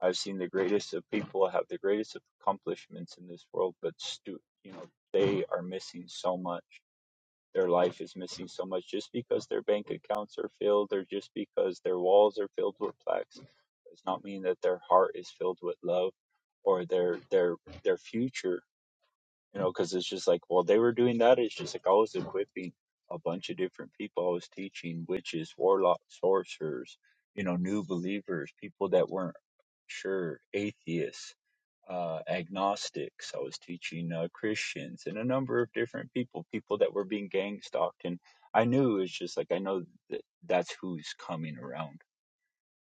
i've seen the greatest of people have the greatest of accomplishments in this world but stu- you know they are missing so much Their life is missing so much just because their bank accounts are filled or just because their walls are filled with plaques does not mean that their heart is filled with love or their their their future you know, because it's just like while they were doing that, it's just like I was equipping a bunch of different people. I was teaching witches, warlocks, sorcerers, you know, new believers, people that weren't sure, atheists, uh, agnostics. I was teaching uh, Christians and a number of different people, people that were being gang stalked. And I knew it's just like I know that that's who's coming around.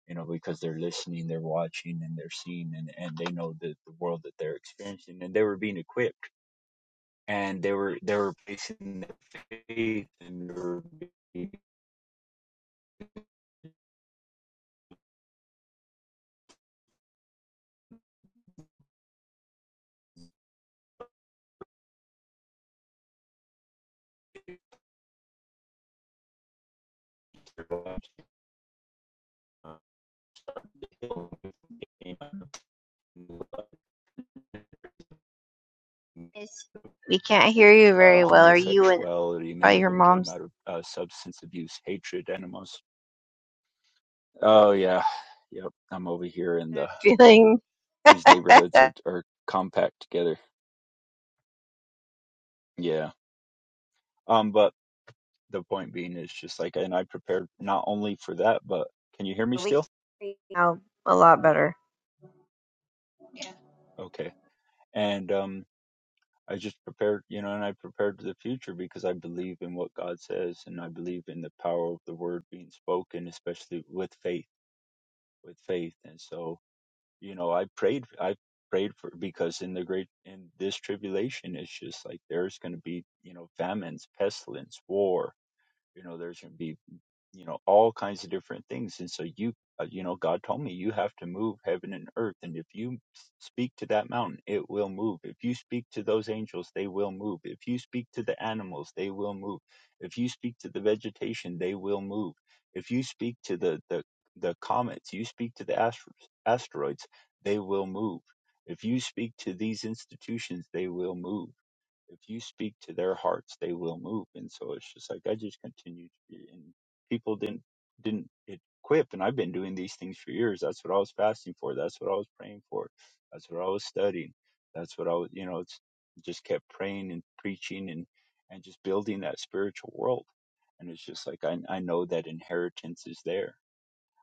You know, because they're listening, they're watching, and they're seeing, and, and they know the, the world that they're experiencing, and they were being equipped and they were they were basing their faith and they were [LAUGHS]
We can't hear you
uh,
very well. Are you and
homosexuality. Many
probably
of
your
them came
mom's
out of uh, substance abuse, hatred, animals. Oh yeah, yep. I'm over here, and the
feeling
these
[LAUGHS]
neighborhoods are are compact together. Yeah. Um, but the point being is just like, and I prepared not only for that, but can you hear me
we can
still?
now a lot better.
Okay. And um, I just prepared, you know, and I prepared for the future because I believe in what God says and I believe in the power of the word being spoken, especially with faith, with faith. And so, you know, I prayed, I prayed for, because in the great, in this tribulation, it's just like there's going to be, you know, famines, pestilence, war, you know there's going to be you know all kinds of different things and so you uh, you know god told me you have to move heaven and earth and if you s- speak to that mountain it will move if you speak to those angels they will move if you speak to the animals they will move if you speak to the vegetation they will move if you speak to the the, the comets you speak to the astro- asteroids they will move if you speak to these institutions they will move if you speak to their hearts, they will move. And so it's just like I just continued, to be- and people didn't didn't it quip. And I've been doing these things for years. That's what I was fasting for. That's what I was praying for. That's what I was studying. That's what I was, you know, it's just kept praying and preaching and and just building that spiritual world. And it's just like I I know that inheritance is there.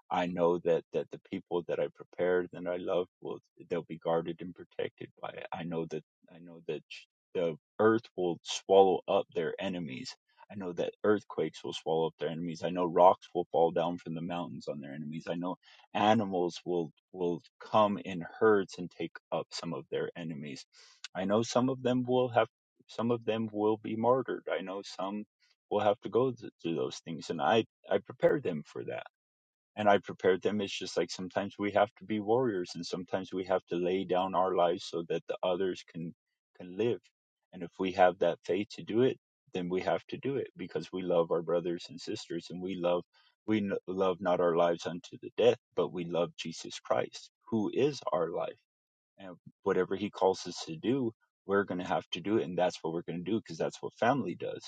I know that that the people that I prepared and I love will they'll be guarded and protected by it. I know that I know that sh- the earth will swallow up their enemies. I know that earthquakes will swallow up their enemies. I know rocks will fall down from the mountains on their enemies. I know animals will will come in herds and take up some of their enemies. I know some of them will have some of them will be martyred. I know some will have to go th- through those things and I I prepared them for that and I prepared them. It's just like sometimes we have to be warriors, and sometimes we have to lay down our lives so that the others can can live. And if we have that faith to do it, then we have to do it because we love our brothers and sisters, and we love we n- love not our lives unto the death, but we love Jesus Christ, who is our life and whatever he calls us to do we're going to have to do it and that's what we're going to do because that's what family does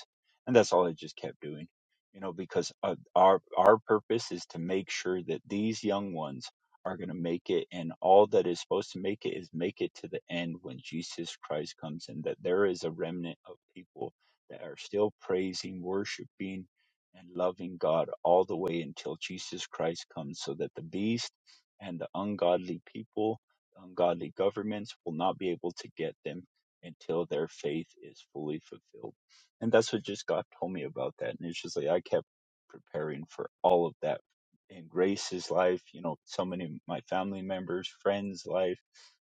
and that's all i just kept doing you know because uh, our our purpose is to make sure that these young ones are going to make it and all that is supposed to make it is make it to the end when jesus christ comes and that there is a remnant of people that are still praising worshiping and loving god all the way until jesus christ comes so that the beast and the ungodly people ungodly governments will not be able to get them until their faith is fully fulfilled. And that's what just God told me about that. And it's just like I kept preparing for all of that in Grace's life, you know, so many of my family members, friends' life,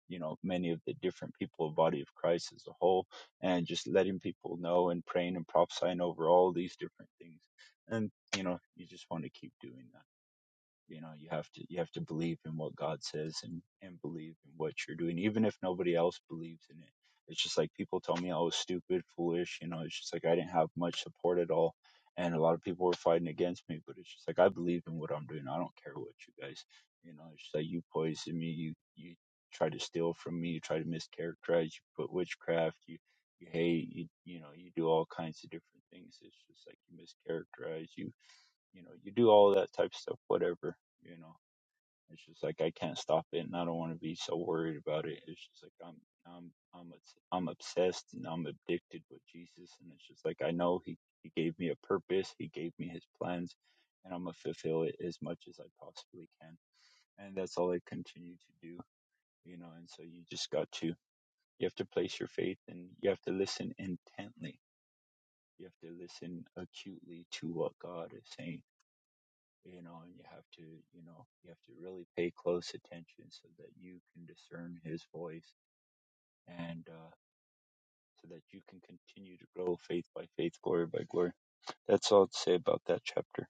you know, many of the different people of body of Christ as a whole, and just letting people know and praying and prophesying over all these different things. And, you know, you just want to keep doing that you know you have to you have to believe in what god says and and believe in what you're doing even if nobody else believes in it it's just like people told me i was stupid foolish you know it's just like i didn't have much support at all and a lot of people were fighting against me but it's just like i believe in what i'm doing i don't care what you guys you know it's just like you poison me you you try to steal from me you try to mischaracterize you put witchcraft you you hate you you know you do all kinds of different things it's just like you mischaracterize you you know you do all that type of stuff whatever you know it's just like i can't stop it and i don't want to be so worried about it it's just like i'm i'm i'm obs- i'm obsessed and i'm addicted with jesus and it's just like i know he he gave me a purpose he gave me his plans and i'm gonna fulfill it as much as i possibly can and that's all i continue to do you know and so you just got to you have to place your faith and you have to listen intently you have to listen acutely to what god is saying you know, and you have to, you know, you have to really pay close attention so that you can discern his voice and uh, so that you can continue to grow faith by faith, glory by glory. That's all to say about that chapter.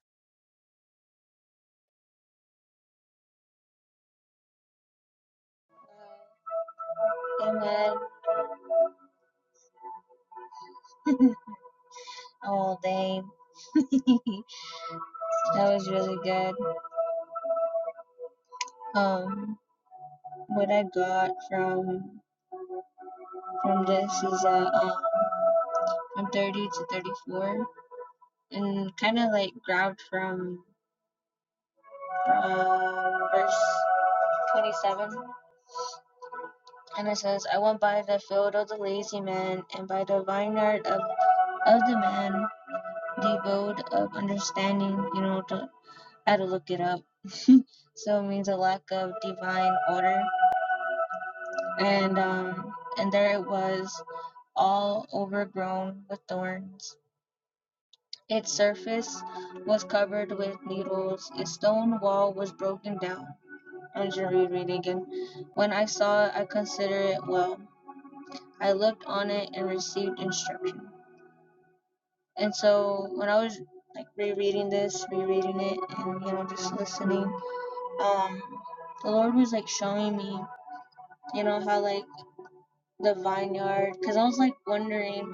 Um, Amen. [LAUGHS] All day. [LAUGHS] that was really good. Um, what I got from from this is uh, uh from 30 to 34. and kind of like grabbed from from verse 27 and it says i went by the field of the lazy man and by the vineyard of, of the man devoid of understanding you know to, i had to look it up so it means a lack of divine order and um and there it was all overgrown with thorns its surface was covered with needles its stone wall was broken down on Jerry Reed again. When I saw it, I considered it well. I looked on it and received instruction. And so when I was like rereading this, rereading it, and you know just listening, um, the Lord was like showing me, you know how like the vineyard, because I was like wondering,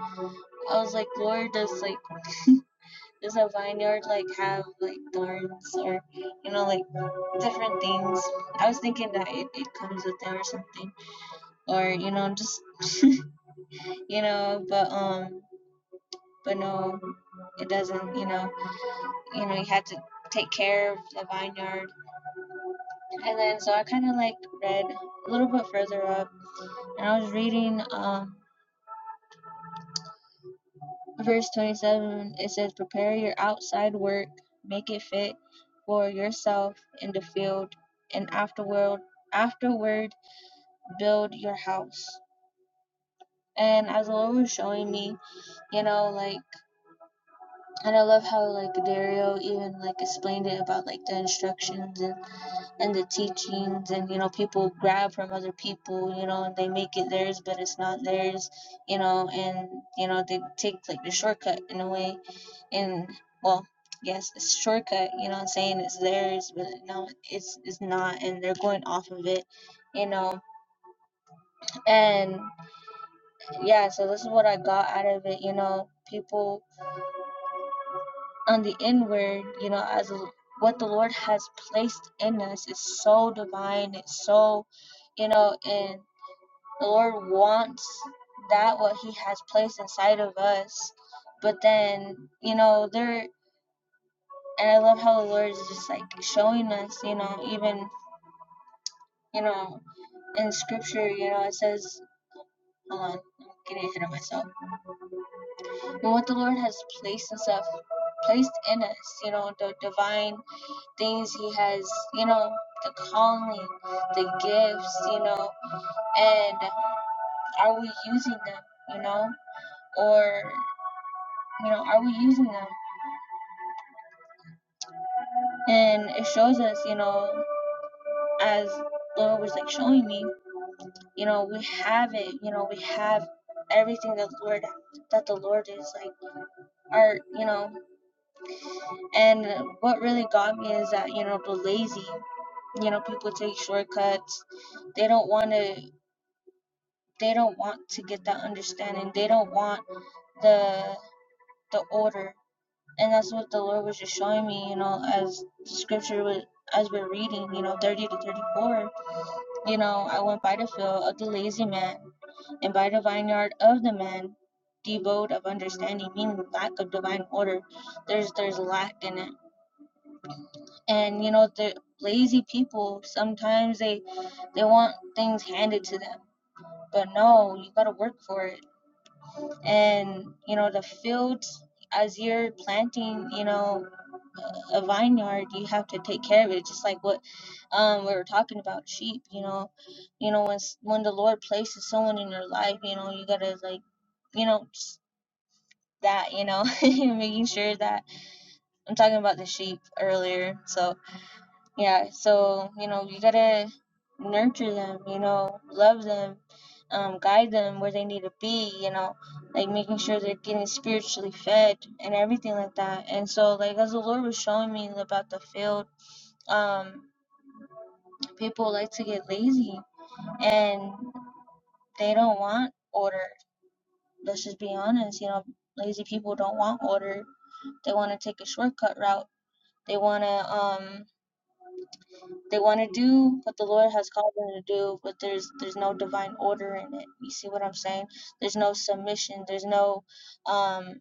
I was like, Lord, does like does a vineyard like have like thorns or you know like different things? I was thinking that it, it comes with it or something, or you know just [LAUGHS] you know, but um but no it doesn't, you know, you know, you had to take care of the vineyard. And then so I kinda like read a little bit further up and I was reading um verse twenty seven it says prepare your outside work, make it fit for yourself in the field and afterward afterward build your house. And as the Lord was showing me, you know, like And I love how like Dario even like explained it about like the instructions and, and the teachings and you know people grab from other people you know and they make it theirs but it's not theirs you know and you know they take like the shortcut in a way and well yes it's a shortcut you know what I'm saying it's theirs but no it's it's not and they're going off of it you know and yeah so this is what I got out of it you know people on the inward, you know, as a, what the Lord has placed in us is so divine. It's so, you know, and the Lord wants that what He has placed inside of us. But then, you know, there, and I love how the Lord is just like showing us, you know, even, you know, in Scripture, you know, it says, hold on, I'm getting ahead of myself. But what the Lord has placed and stuff placed in us, you know, the divine things he has, you know, the calling, the gifts, you know, and are we using them, you know, or, you know, are we using them? And it shows us, you know, as the Lord was like showing me, you know, we have it, you know, we have everything that the Lord, that the Lord is like, our, you know, and what really got me is that, you know, the lazy, you know, people take shortcuts, they don't want to they don't want to get that understanding. They don't want the the order, and that's what the Lord was just showing me. You know, as Scripture was as we're reading, you know, thirty to thirty-four. You know, I went by the field of the lazy man, and by the vineyard of the man devoid of understanding, meaning lack of divine order. There's there's lack in it, and you know the lazy people sometimes they they want things handed to them, but no, you gotta work for it and you know the fields as you're planting you know a vineyard you have to take care of it just like what um we were talking about sheep you know you know when s- when the lord places someone in your life you know you gotta like you know just that you know [LAUGHS] making sure that i'm talking about the sheep earlier so yeah so you know you gotta nurture them you know love them um, guide them where they need to be you know like making sure they're getting spiritually fed and everything like that and so like as the lord was showing me about the field um, people like to get lazy and they don't want order let's just be honest you know lazy people don't want order they want to take a shortcut route they want to um They want to do what the Lord has called them to do, but there's there's no divine order in it. You see what I'm saying? There's no submission. There's no um,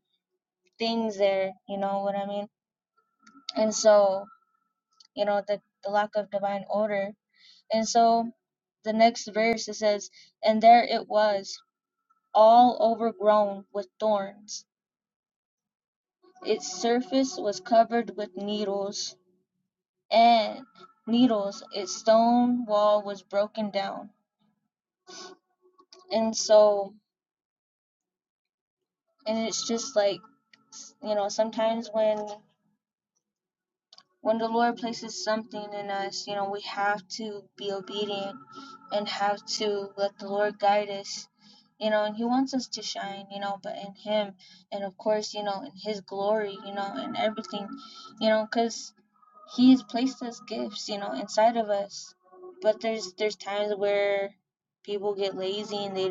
things there. You know what I mean? And so you know the the lack of divine order. And so the next verse it says, and there it was, all overgrown with thorns. Its surface was covered with needles and needles. Its stone wall was broken down. And so and it's just like you know sometimes when when the lord places something in us you know we have to be obedient and have to let the lord guide us you know and he wants us to shine you know but in him and of course you know in his glory you know and everything you know because He has placed us gifts you know inside of us but there's there's times where people get lazy and they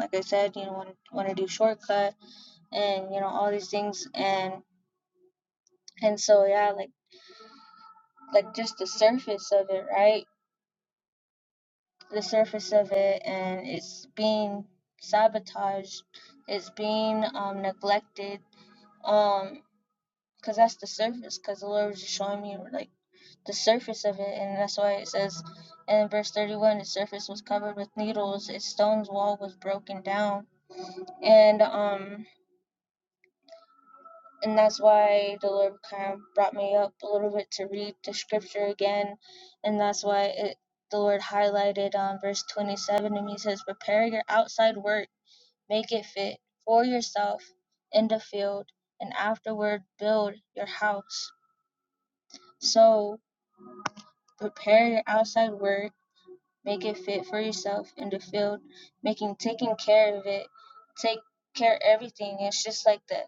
like i said you know want want to do shortcuts and you know all these things and and so yeah like like just the surface of it right the surface of it and it's being sabotaged it's being um neglected um because that's the surface because the lord was just showing me like the surface of it and that's why it says in verse 31 the surface was covered with needles its stone's wall was broken down and um and that's why the Lord kind of brought me up a little bit to read the scripture again, and that's why it the Lord highlighted um verse 27 and He says, "Prepare your outside work, make it fit for yourself in the field, and afterward build your house." So prepare your outside work, make it fit for yourself in the field, making taking care of it, take care of everything. It's just like that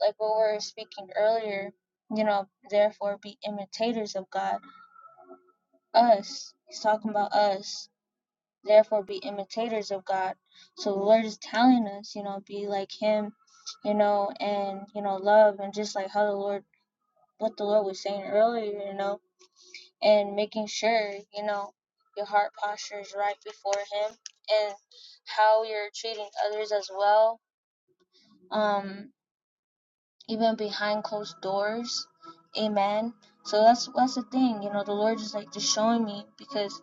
like what we were speaking earlier, you know, therefore be imitators of God. Us, he's talking about us, therefore be imitators of God. So the Lord is telling us, you know, be like him, you know, and, you know, love and just like how the Lord, what the Lord was saying earlier, you know, and making sure, you know, your heart posture is right before him and how you're treating others as well. Um, even behind closed doors. Amen. So that's that's the thing, you know, the Lord is like just showing me because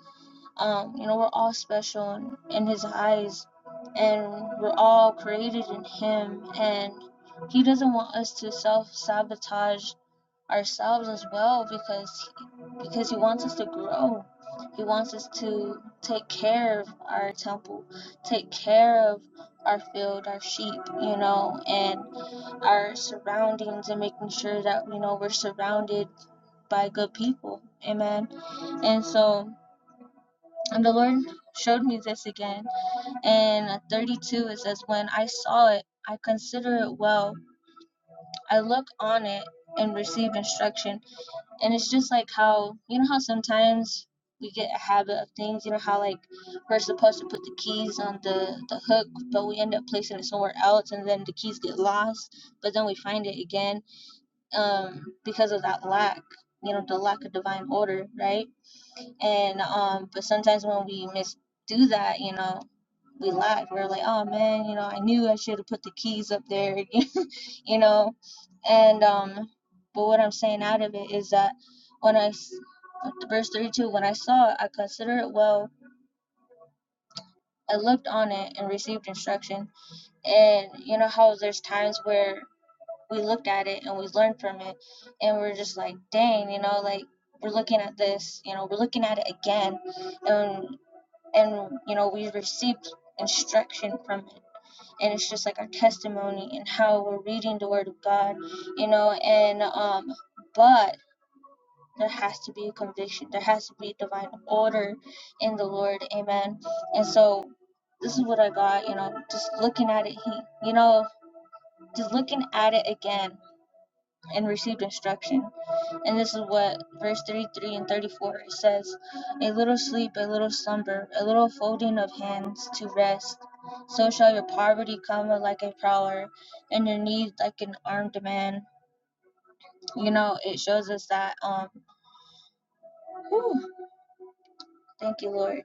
um, you know, we're all special in, in his eyes and we're all created in him and he doesn't want us to self sabotage ourselves as well because he, because he wants us to grow. He wants us to take care of our temple, take care of our field, our sheep, you know, and our surroundings and making sure that you know we're surrounded by good people amen and so and the lord showed me this again and 32 it says when i saw it i consider it well i look on it and receive instruction and it's just like how you know how sometimes we get a habit of things you know how like we're supposed to put the keys on the the hook but we end up placing it somewhere else and then the keys get lost but then we find it again um, because of that lack, you know, the lack of divine order, right? And um, but sometimes when we misdo that, you know, we lack. We're like, oh man, you know, I knew I should have put the keys up there, [LAUGHS] you know. And um, but what I'm saying out of it is that when I, verse 32 when i saw it i considered it well i looked on it and received instruction and you know how there's times where we looked at it and we learned from it and we are just like dang you know like we're looking at this you know we're looking at it again and and you know we received instruction from it and it's just like our testimony and how we're reading the word of god you know and um but there has to be a conviction there has to be divine order in the lord amen and so this is what i got you know just looking at it he you know just looking at it again and received instruction And this is what verse 33 and 34 says A little sleep, a little slumber, a little folding of hands to rest. So shall your poverty come like a prowler, and your need like an armed man. You know, it shows us that. Um, whew, thank you, Lord.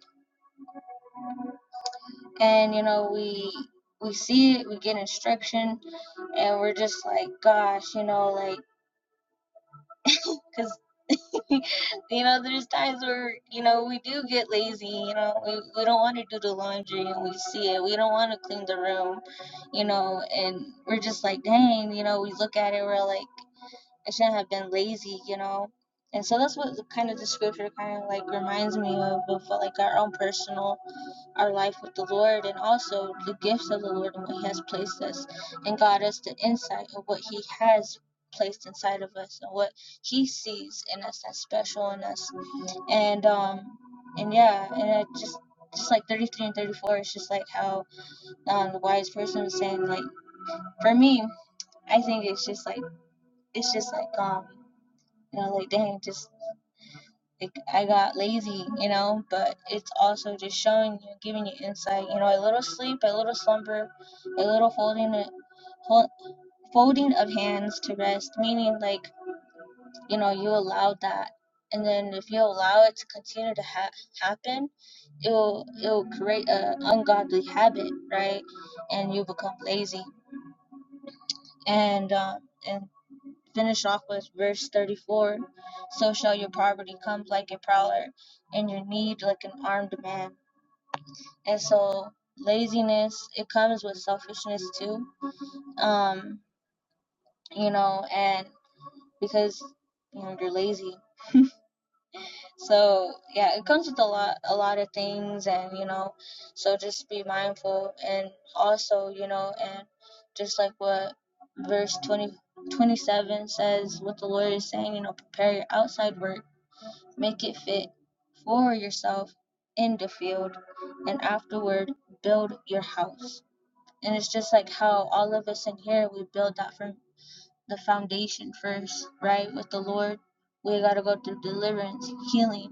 And you know, we we see it, we get instruction, and we're just like, gosh, you know, like, cause. [LAUGHS] you know, there's times where, you know, we do get lazy, you know, we, we don't want to do the laundry and we see it. We don't want to clean the room, you know, and we're just like, dang, you know, we look at it, we're like, I shouldn't have been lazy, you know. And so that's what the, kind of the scripture kind of like reminds me of, of like our own personal our life with the Lord and also the gifts of the Lord and what He has placed us and God us the insight of what He has placed inside of us and what He sees in us that's special in us. And um and yeah, and I just just like 33 and 34 it's just like how um, the wise person was saying like for me i think it's just like it's just like um you know like dang just Like I got lazy, you know, but it's also just showing you, giving you insight. You know, a little sleep, a little slumber, a little folding, folding of hands to rest. Meaning, like you know, you allowed that, and then if you allow it to continue to ha- happen, it'll it'll create an ungodly habit, right? And you become lazy, and um, and finish off with verse 34 so shall your poverty come like a prowler and your need like an armed man and so laziness it comes with selfishness too um you know and because you know you're lazy so yeah it comes with a lot a lot of things and you know so just be mindful and also you know and just like what verse 20 27 says what the lord is saying you know prepare your outside work Make it fit for yourself in the field and afterward build your house. And it's just like how all of us in here, we build that from the foundation first, right? With the Lord, we got to go through deliverance, healing,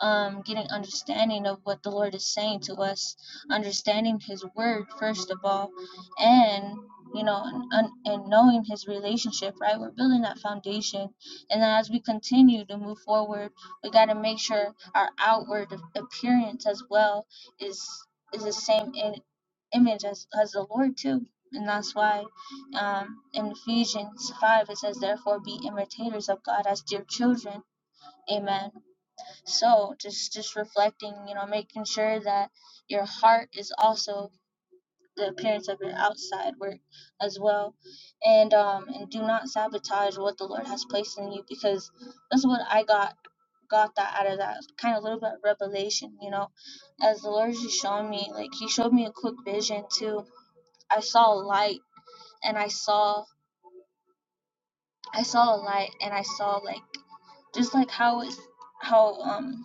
um, getting understanding of what the Lord is saying to us, understanding His word first of all, and you know, and, and knowing His relationship, right? We're building that foundation, and then as we continue to move forward, we got to make sure our outward appearance as well is is the same in image as, as the Lord too. And that's why um, in Ephesians 5 it says, Therefore be imitators of God as dear children. Amen. So just just reflecting, you know, making sure that your heart is also the appearance of your outside work as well. And um and do not sabotage what the Lord has placed in you because that's what I got got that out of that kind of little bit of revelation, you know. As the Lord is showing me, like he showed me a quick vision too I saw a light and I saw I saw a light and I saw like just like how it's how um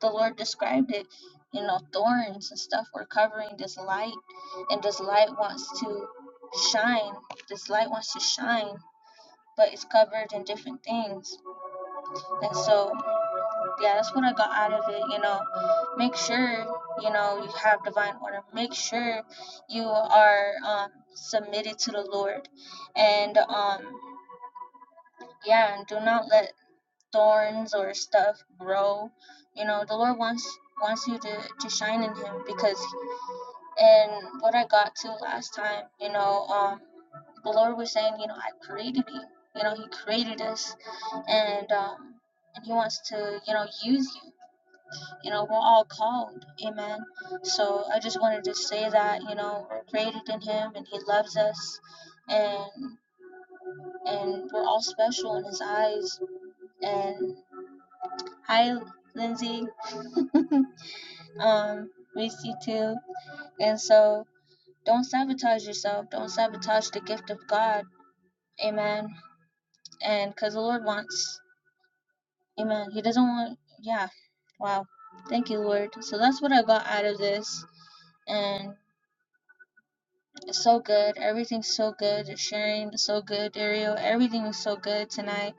the Lord described it, you know, thorns and stuff were covering this light and this light wants to shine. This light wants to shine, but it's covered in different things. And so yeah, that's what I got out of it, you know. Make sure, you know, you have divine order. Make sure you are um submitted to the Lord and um yeah and do not let thorns or stuff grow you know the lord wants wants you to to shine in him because and what i got to last time you know um the lord was saying you know i created you you know he created us and um and he wants to you know use you you know we're all called amen so i just wanted to say that you know we're created in him and he loves us and and we're all special in his eyes and. Hi, Lindsay. [LAUGHS] um, miss you too. And so don't sabotage yourself. Don't sabotage the gift of God. Amen. And because the Lord wants, amen. He doesn't want, yeah. Wow. Thank you, Lord. So that's what I got out of this. And it's so good. Everything's so good. The sharing is so good. Ariel, everything is so good tonight.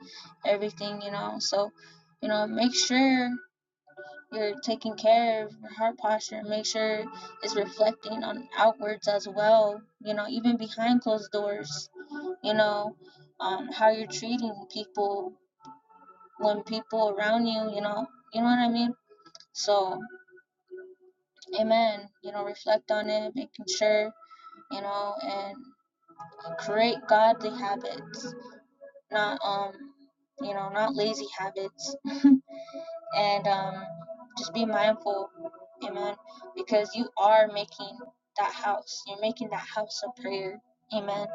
Everything, you know. So, you know, make sure. you're taking care of your heart posture make sure it's reflecting on outwards as well you know even behind closed doors you know um, how you're treating people when people around you you know you know what i mean so amen you know reflect on it making sure you know and create godly habits not um you know not lazy habits [LAUGHS] and um, just be mindful, amen, because you are making that house. You're making that house a prayer, amen.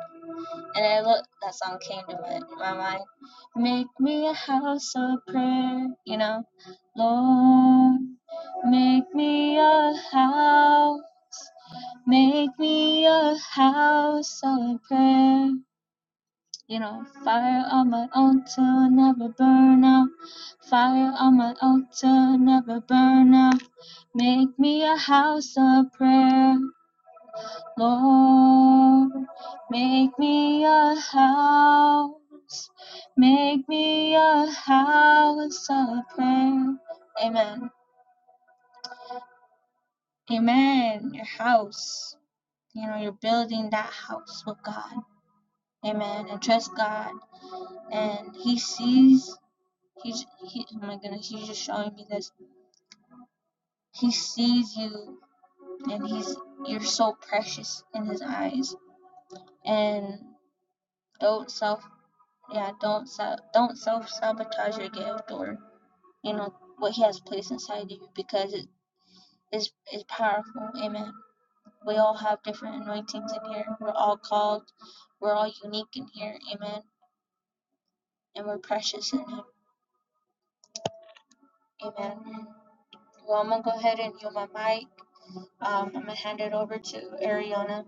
And I look, that song came to my, my mind. Make me a house of prayer, you know, Lord. Make me a house, make me a house of prayer. You know, fire on my altar, never burn out. Fire on my altar, never burn out. Make me a house of prayer, Lord. Make me a house. Make me a house of prayer. Amen. Amen. Your house. You know, you're building that house with God. Amen. And trust God. And He sees He's he, oh my goodness, he's just showing me this. He sees you and he's you're so precious in his eyes. And don't self yeah, don't self don't self sabotage your gift or you know what he has placed inside of you because it is is powerful. Amen. We all have different anointings in here. We're all called. We're all unique in here. Amen. And we're precious in him. Amen. Well, I'm gonna go ahead and yield my mic. Um, I'm gonna hand it over to Ariana.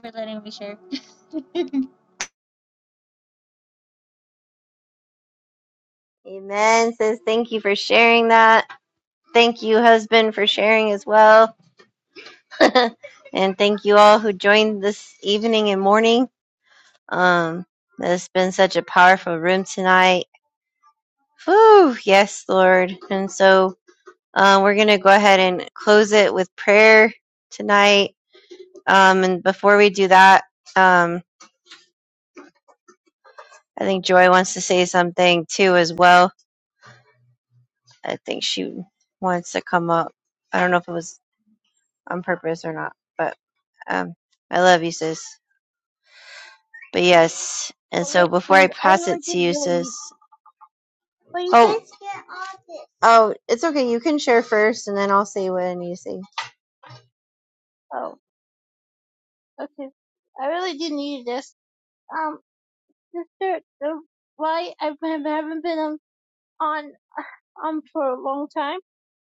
for letting me share. [CLEARS THROAT]
Amen, sis. Thank you for sharing that. Thank you, husband, for sharing as well. [LAUGHS] and thank you all who joined this evening and morning. Um, it's been such a powerful room tonight Whew, yes, Lord. And so uh, we're going to go ahead and close it with prayer tonight. Um, and before we do that, um, I think Joy wants to say something too as well. I think she wants to come up. I don't know if it was on purpose or not, but um, I love you, sis. But yes, and
Well, there
so before I
was- I
pass
really
it to
did
you,
really
sis.
need. What do you
Oh,
think?
oh, it's okay. You can share first, and then I'll say what I need to say.
Oh, okay. I really did need this. Um, this shirt. The why I haven't been on on um for a long time.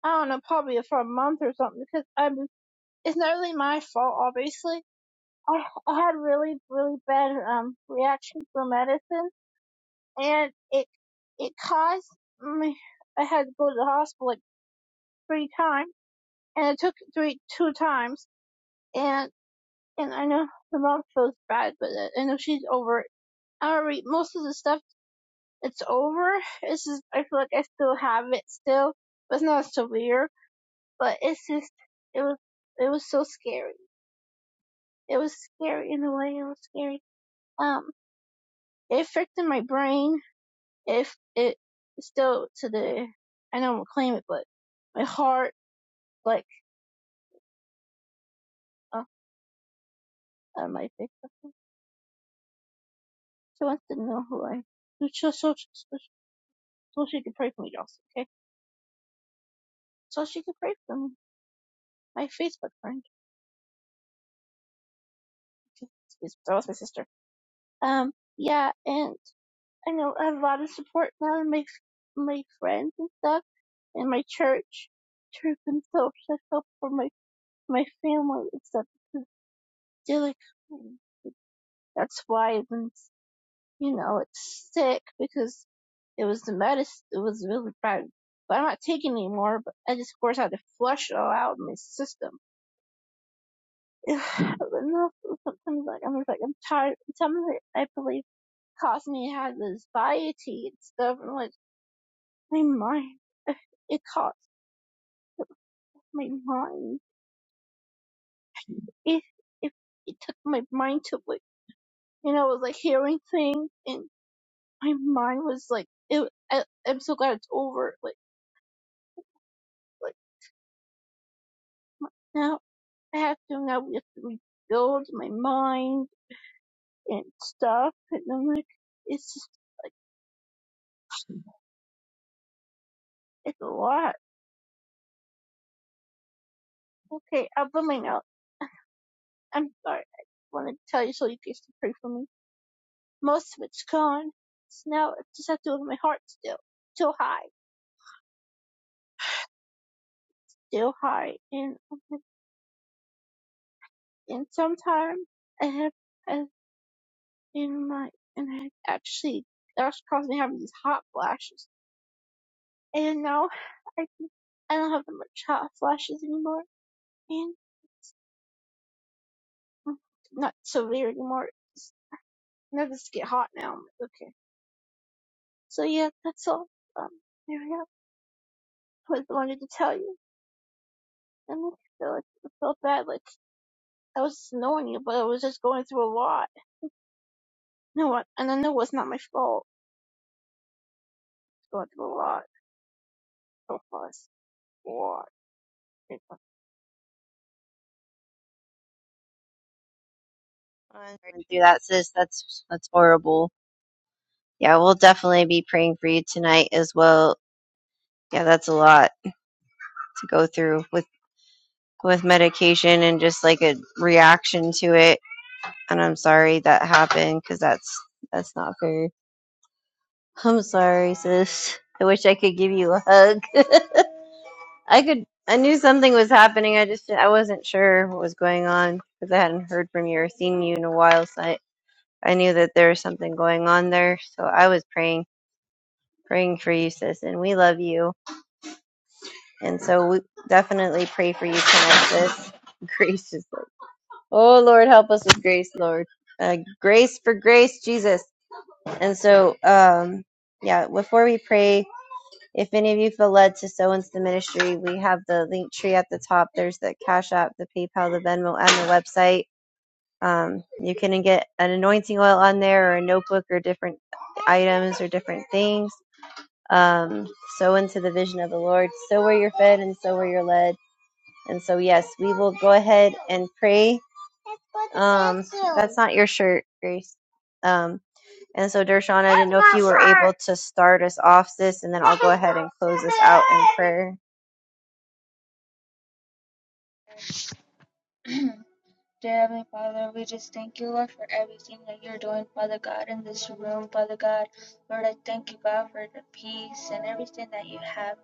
I don't know, probably for a month or something. Because I'm. It's not really my fault, obviously. I I had really really bad um reaction to medicine, and it it caused my. I had to go to the hospital like three times, and it took three two times. and. And I know the mom feels bad, but uh, I know she's over it. I already, most of the stuff, it's over. It's just, I feel like I still have it still, but it's not severe. But it's just, it was, it was so scary. It was scary in a way. It was scary. Um, it affected my brain. If it it still to the, I don't to claim it, but my heart, like, oh, I might fix something. She wants to know who I, so, so, so, so she could pray for me also, okay? So she could pray for me my Facebook friend. Excuse me, that was my sister. Um, yeah, and I know I have a lot of support now and my my friends and stuff and my church, church and stuff. so I help for my my family and stuff. They're like, that's why when you know it's sick because it was the medicine. It was really bad, but I'm not taking it anymore. But I just of course had to flush it all out of my system. [SIGHS] but no, sometimes like I'm just like I'm tired. Sometimes I believe. caused me to have anxiety and stuff. And like my mind, it caused my mind. It it it took my mind to like you know, it was like hearing things, and my mind was like, it. I, I'm so glad it's over. Like like now I have to now we have to rebuild my mind and stuff. And I'm like, it's just like it's a lot. Okay, I'll put my note. I'm sorry. I wanted to tell you so you guys can pray for me. Most of it's gone. So now I just have to look at my heart still. Still high. Still high. And, and sometimes I have, I, in my, and I actually, that's caused me having these hot flashes. And now I, I don't have the much hot flashes anymore. And mm, not severe anymore. It's, now just get hot now. I'm like, okay. So yeah, that's all. Um, there we go. What I wanted to tell you. And I feel like I felt bad, like I was just annoying you, but I was just going through a lot. No, and I know it's not my fault, but what, what, what?
I'm sorry through that, sis. That's that's horrible. Yeah, we'll definitely be praying for you tonight as well. Yeah, that's a lot to go through with with medication and just like a reaction to it. And I'm sorry that happened because that's that's not fair. I'm sorry, sis. I wish I could give you a hug. [LAUGHS] I could. I knew something was happening. I just I wasn't sure what was going on because I hadn't heard from you or seen you in a while. So I I knew that there was something going on there. So I was praying praying for you, sis, and we love you. And so we definitely pray for you tonight, sis. [LAUGHS] Gracious. Lord. Oh, Lord, help us with grace, Lord. Uh, grace for grace, Jesus. And so, um, yeah, before we pray, if any of you feel led to sow into the ministry, we have the link tree at the top. There's the Cash App, the PayPal, the Venmo, and the website. Um, you can get an anointing oil on there or a notebook or different items or different things um, sow into the vision of the Lord, so where you're fed and so where you're led. And so, yes, we will go ahead and pray. Um, that's not your shirt, Grace. Um, and so, Dershawn, I didn't know if you were able to start us off, sis, and then I'll go ahead and close us out in prayer
Dear Heavenly Father, we just thank you, Lord, for everything that you're doing, Father God, in this room, Father God. Lord, I thank you, God, for the peace and everything that you have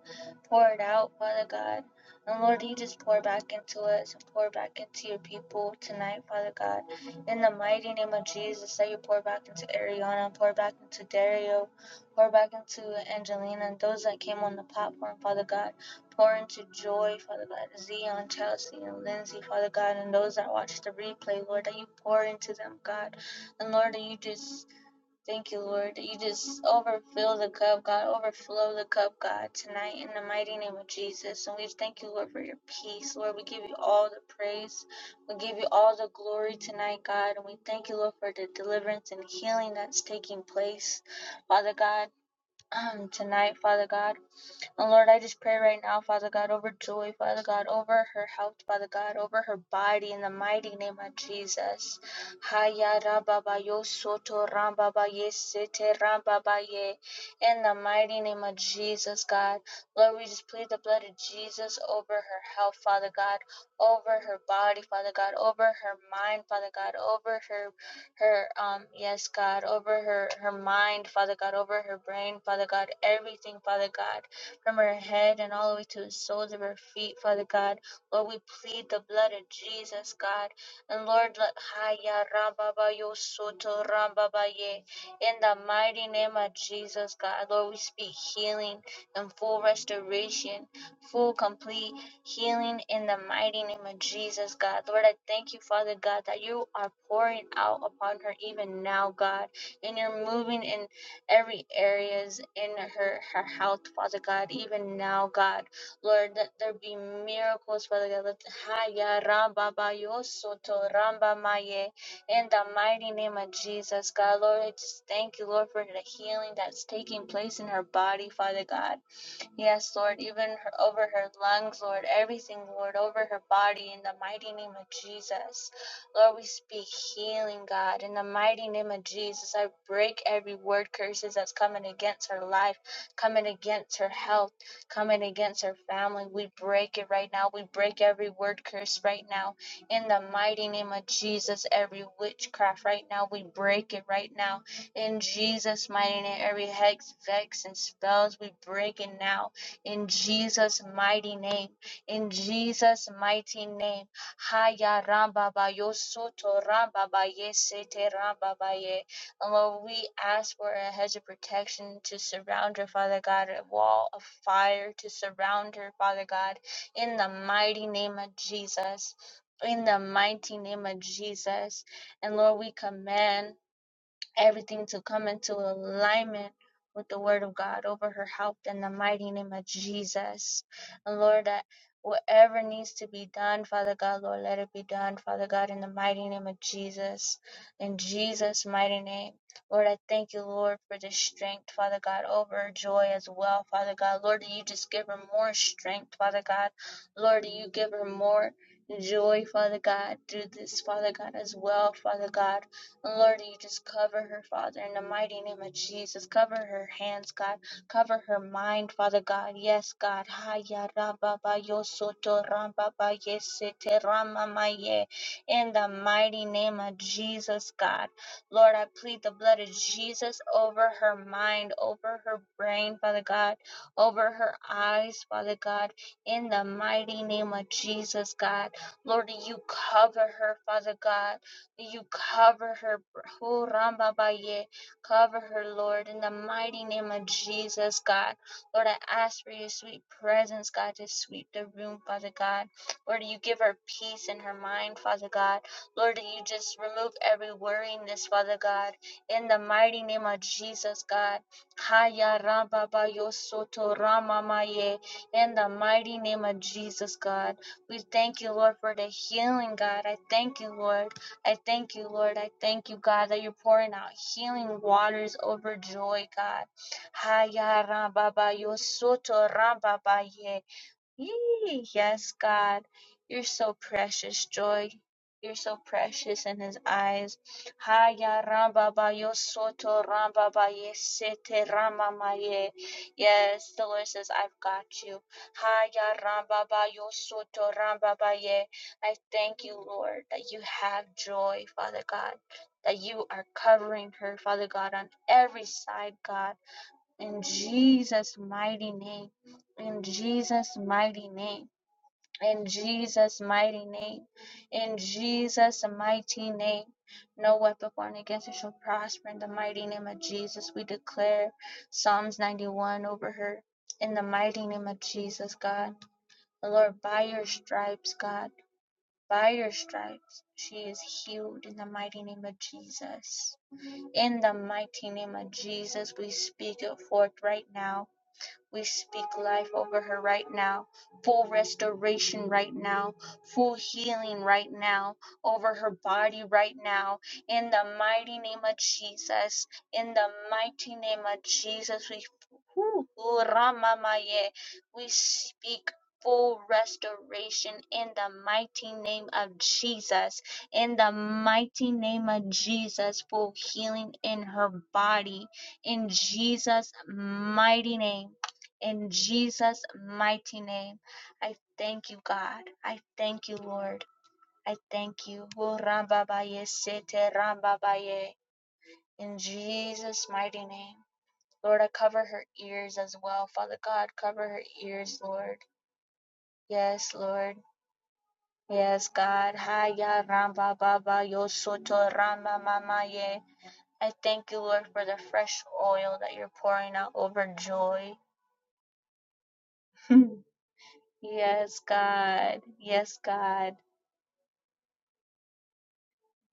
poured out, Father God. And Lord, you just pour back into us and pour back into your people tonight, Father God. In the mighty name of Jesus, that you pour back into Ariana, pour back into Dario, pour back into Angelina and those that came on the platform, Father God. Pour into joy, Father God, Zion, Chelsea, and Lindsay, Father God, and those that watch the replay, Lord, that you pour into them, God. And Lord, that you just thank you, Lord, that you just overfill the cup, God, overflow the cup, God, tonight in the mighty name of Jesus. And we thank you, Lord, for your peace. Lord, we give you all the praise. We give you all the glory tonight, God. And we thank you, Lord, for the deliverance and healing that's taking place, Father God, [CLEARS THROAT] tonight, Father God. And Lord, I just pray right now, Father God, over Joy, Father God, over her health, Father God, over her body, in the mighty name of Jesus. Haya rababa yo soto rambaba ye sete rambaba ye. In the mighty name of Jesus, God. Lord, we just plead the blood of Jesus over her health, Father God, over her body, Father God, over her mind, Father God, over her her um yes god over her her mind father god over her brain father god everything father god from her head and all the way to the soles of her feet, Father God. Lord, we plead the blood of Jesus, God. And Lord, let Haya Rambaba Yo Soto Rambaba Ye. In the mighty name of Jesus, God. Lord, we speak healing and full restoration, full complete healing in the mighty name of Jesus, God. Lord, I thank you, Father God, that you are pouring out upon her even now, God. And you're moving in every areas in her her health, Father God. Even now, God, Lord, let there be miracles, Father God. Let Haya Ramba Bayo Soto Ramba Maye in the mighty name of Jesus, God, Lord. I just thank you, Lord, for the healing that's taking place in her body, Father God. Yes, Lord, even her, over her lungs, Lord, everything, Lord, over her body in the mighty name of Jesus. Lord, we speak healing, God, in the mighty name of Jesus. I break every word curses that's coming against her life, coming against her health, coming against her family. We break it right now. We break every word curse right now. In the mighty name of Jesus, every witchcraft right now, we break it right now in Jesus' mighty name, every hex, vex, and spells we break it now. In Jesus' mighty name. In Jesus' mighty name. Haya rambaba yosoto rambaba yesete rambaba ye. And Lord, we ask for a hedge of protection to surround her, Father God, a wall of fire to surround her, Father God, in the mighty name of Jesus. In the mighty name of Jesus. And Lord, we command everything to come into alignment with the word of God over her help in the mighty name of Jesus. And Lord, that whatever needs to be done, Father God, Lord, let it be done, Father God, in the mighty name of Jesus. In Jesus' mighty name. Lord, I thank you, Lord, for the strength, Father God, over joy as well, Father God. Lord, that you just give her more strength, Father God. Lord, that you give her more joy, Father God, through this, Father God, as well, Father God. Lord, you just cover her, Father, in the mighty name of Jesus. Cover her hands, God. Cover her mind, Father God. Yes, God. Haya raba ba yo soto ramba ba yesete rama ma In the mighty name of Jesus, God. Lord, I plead the blood of Jesus over her mind, over her brain, Father God, over her eyes, Father God. In the mighty name of Jesus, God. Lord, you cover her, Father God you cover her, Hu Ramba Baye, cover her, Lord, in the mighty name of Jesus, God. Lord, I ask for your sweet presence, God, to sweep the room, Father God. Lord, you give her peace in her mind, Father God. Lord, you just remove every worryingness, Father God, in the mighty name of Jesus, God. Haya Ramba Bayo Soto Rama Maye, in the mighty name of Jesus, God. We thank you, Lord, for the healing, God. I thank you, Lord. I thank you, Lord. I thank you, God, that you're pouring out healing waters over joy, God. Haya ramba ba yo soto ramba ba ye. Yee, Yes, God, you're so precious, Joy. You're so precious in His eyes. Haya ramba ba yo soto ramba ba ye sete rama ma ye. Yes, the Lord says, I've got you. Haya ramba ba yo soto ramba ba ye. I thank you, Lord, that you have joy, Father God, that you are covering her, Father God, on every side, God in Jesus' mighty name, in Jesus' mighty name, in Jesus' mighty name, in Jesus' mighty name. No weapon formed against her shall prosper. In the mighty name of Jesus, we declare Psalms 91 over her. In the mighty name of Jesus, God. Lord, by your stripes, God, by your stripes, she is healed in the mighty name of Jesus. In the mighty name of Jesus, we speak it forth right now we speak life over her right now, full restoration right now, full healing right now, over her body right now. In the mighty name of Jesus, in the mighty name of Jesus, we, Whew, Ramamaye. we speak full restoration in the mighty name of Jesus. In the mighty name of Jesus, full healing in her body. In Jesus' mighty name. In Jesus' mighty name, I thank you, God. I thank you, Lord. I thank you. Oh, Rambabaye, Sete Rambabaye. In Jesus' mighty name. Lord, I cover her ears as well. Father God, cover her ears, Lord. Yes, Lord. Yes, God. Haya Ramba Yosoto Rama I thank you, Lord, for the fresh oil that you're pouring out over joy. [LAUGHS] yes, God. Yes, God.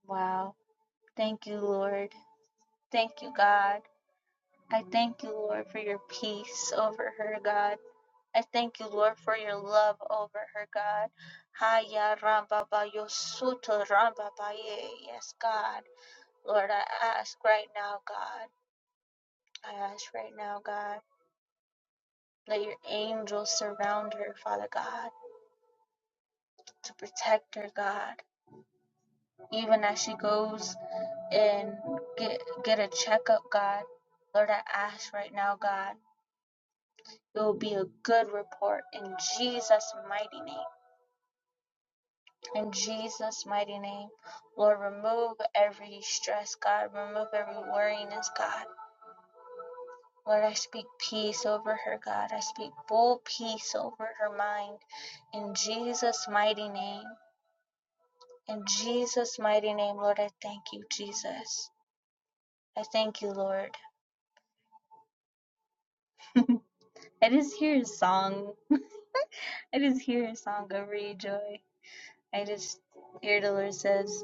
Wow. Thank you, Lord. Thank you, God. I thank you, Lord, for your peace over her, God. I thank you, Lord, for your love over her, God. Haya ramba ba yo suto ramba ba ye. Yes, God. Lord, I ask right now, God. I ask right now, God. Let your angels surround her, Father God, to protect her, God. Even as she goes and get get a checkup, God. Lord, I ask right now, God It will be a good report in Jesus' mighty name. In Jesus' mighty name, Lord, remove every stress, God. Remove every worriness, God. Lord, I speak peace over her, God. I speak full peace over her mind. In Jesus' mighty name. In Jesus' mighty name, Lord, I thank you, Jesus. I thank you, Lord. [LAUGHS] I just hear a song. I just hear a song over you, Joy. I just hear the Lord says.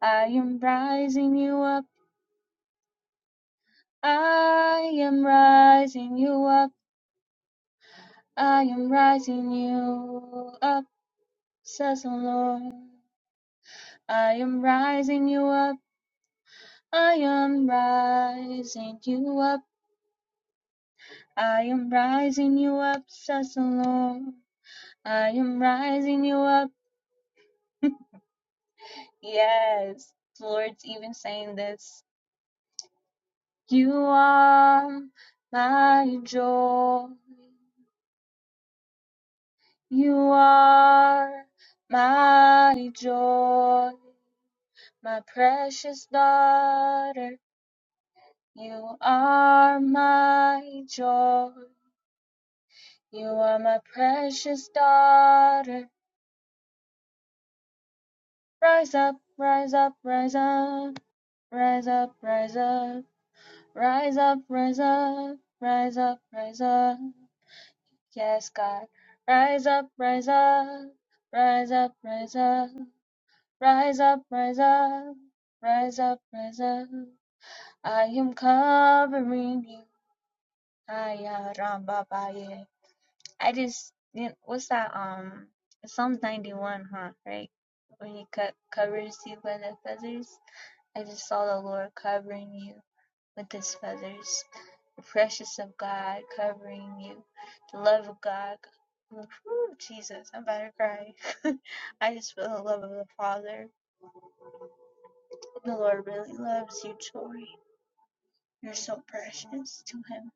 I am rising you up. I am rising you up. I am rising you up, says the Lord. I am rising you up. I am rising you up. I am rising you up, says the Lord. I am rising you up. Yes, the Lord's even saying this. You are my joy. You are my joy, my precious daughter. You are my joy. You are my precious daughter. Rise up, rise up, rise up, rise up, rise up, rise up, rise up, rise up, rise up. Yes, God. Rise up, rise up, rise up, rise up. Rise up, rise up, rise up, rise up. I am covering you. Aya Ramba Baye. I just didn't, what's that? Um, Psalms 91, huh? Right? When he co- covers you with the feathers. I just saw the Lord covering you with his feathers. The precious of God covering you. The love of God. Whew, Jesus, I'm about to cry. [LAUGHS] I just feel the love of the Father. The Lord really loves you, Tori. You're so precious to him.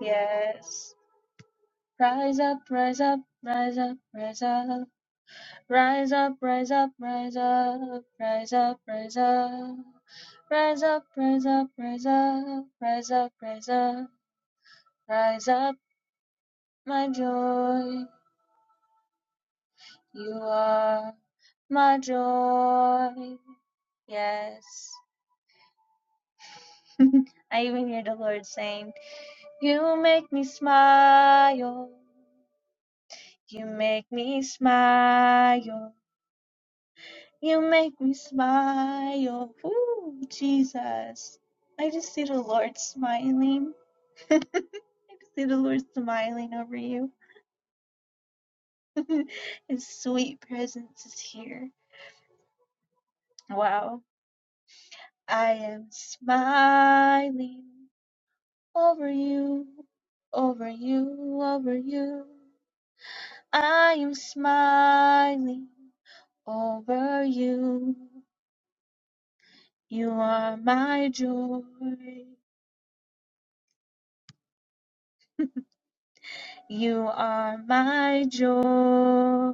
Yes. Rise up, rise up, rise up, rise up. Rise up, rise up, rise up, rise up, rise up. Rise up, rise up, rise up, rise up, rise up. Rise up, my joy. You are my joy. Yes. [LAUGHS] I even hear the Lord saying, You make me smile. You make me smile. You make me smile. Ooh, Jesus. I just see the Lord smiling. [LAUGHS] I just see the Lord smiling over you. [LAUGHS] His sweet presence is here. Wow. I am smiling over you, over you, over you. I am smiling over you. You are my joy. You are my joy,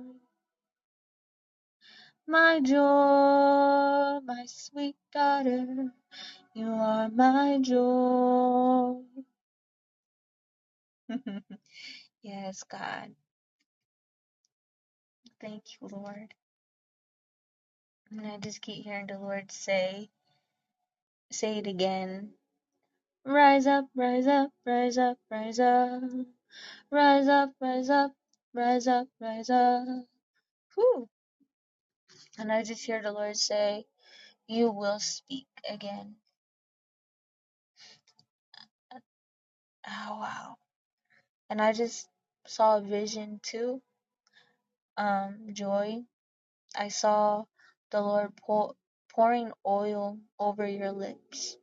my joy, my sweet daughter. You are my joy. [LAUGHS] yes, God. Thank you, Lord. And I just keep hearing the Lord say, say it again. Rise up, rise up, rise up, rise up. Rise up, rise up, rise up, rise up. Whew. And I just hear the Lord say, You will speak again. Oh, wow. wow. and I just saw a vision too. Um, joy. I saw the Lord pour, pouring oil over your lips.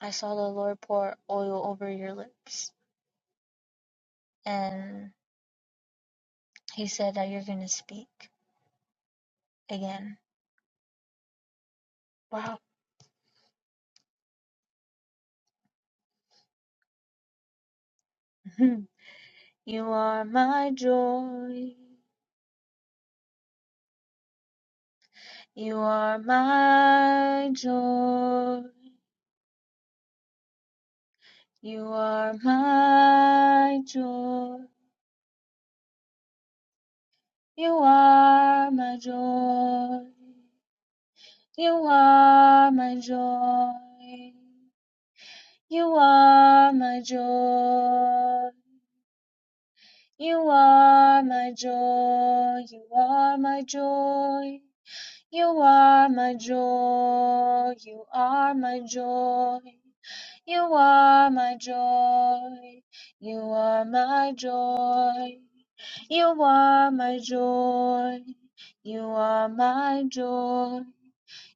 I saw the Lord pour oil over your lips, and He said that you're gonna speak again. Wow. [LAUGHS] you are my joy. You are my joy. You are my joy. You are my joy. You are my joy. You are my joy. You are my joy. You are my joy. You are my joy. You are my joy. You are my joy. You are my joy. You are my joy. You are my joy.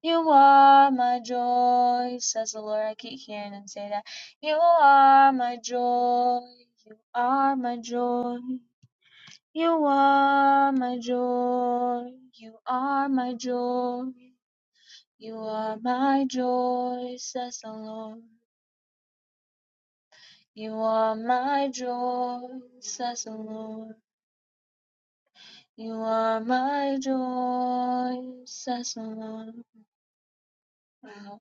You are my joy, says the Lord. I keep hearing him say that. You are my joy. You are my joy. You are my joy. You are my joy. You are my joy, says the Lord. You are my joy, says the Lord. You are my joy, says the Lord. Wow.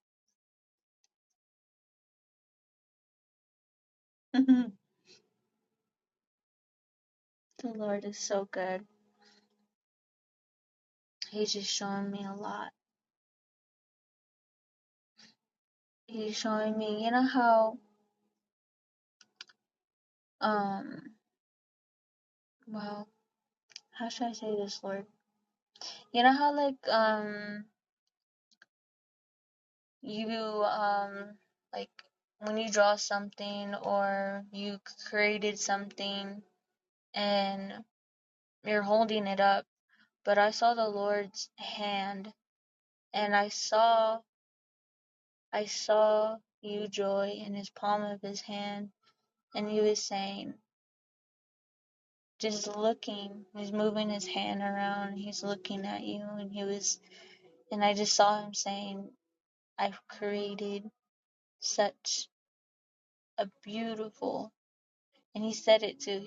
[LAUGHS] the Lord is so good. He's just showing me a lot. He's showing me, you know how, um, well, how should I say this, Lord? You know how, like, um, you, um, like, when you draw something or you created something and you're holding it up, but I saw the Lord's hand and I saw, I saw you, Joy, in his palm of his hand, and he was saying, just looking, he's moving his hand around, he's looking at you, and he was and I just saw him saying, I've created such a beautiful, and he said it too.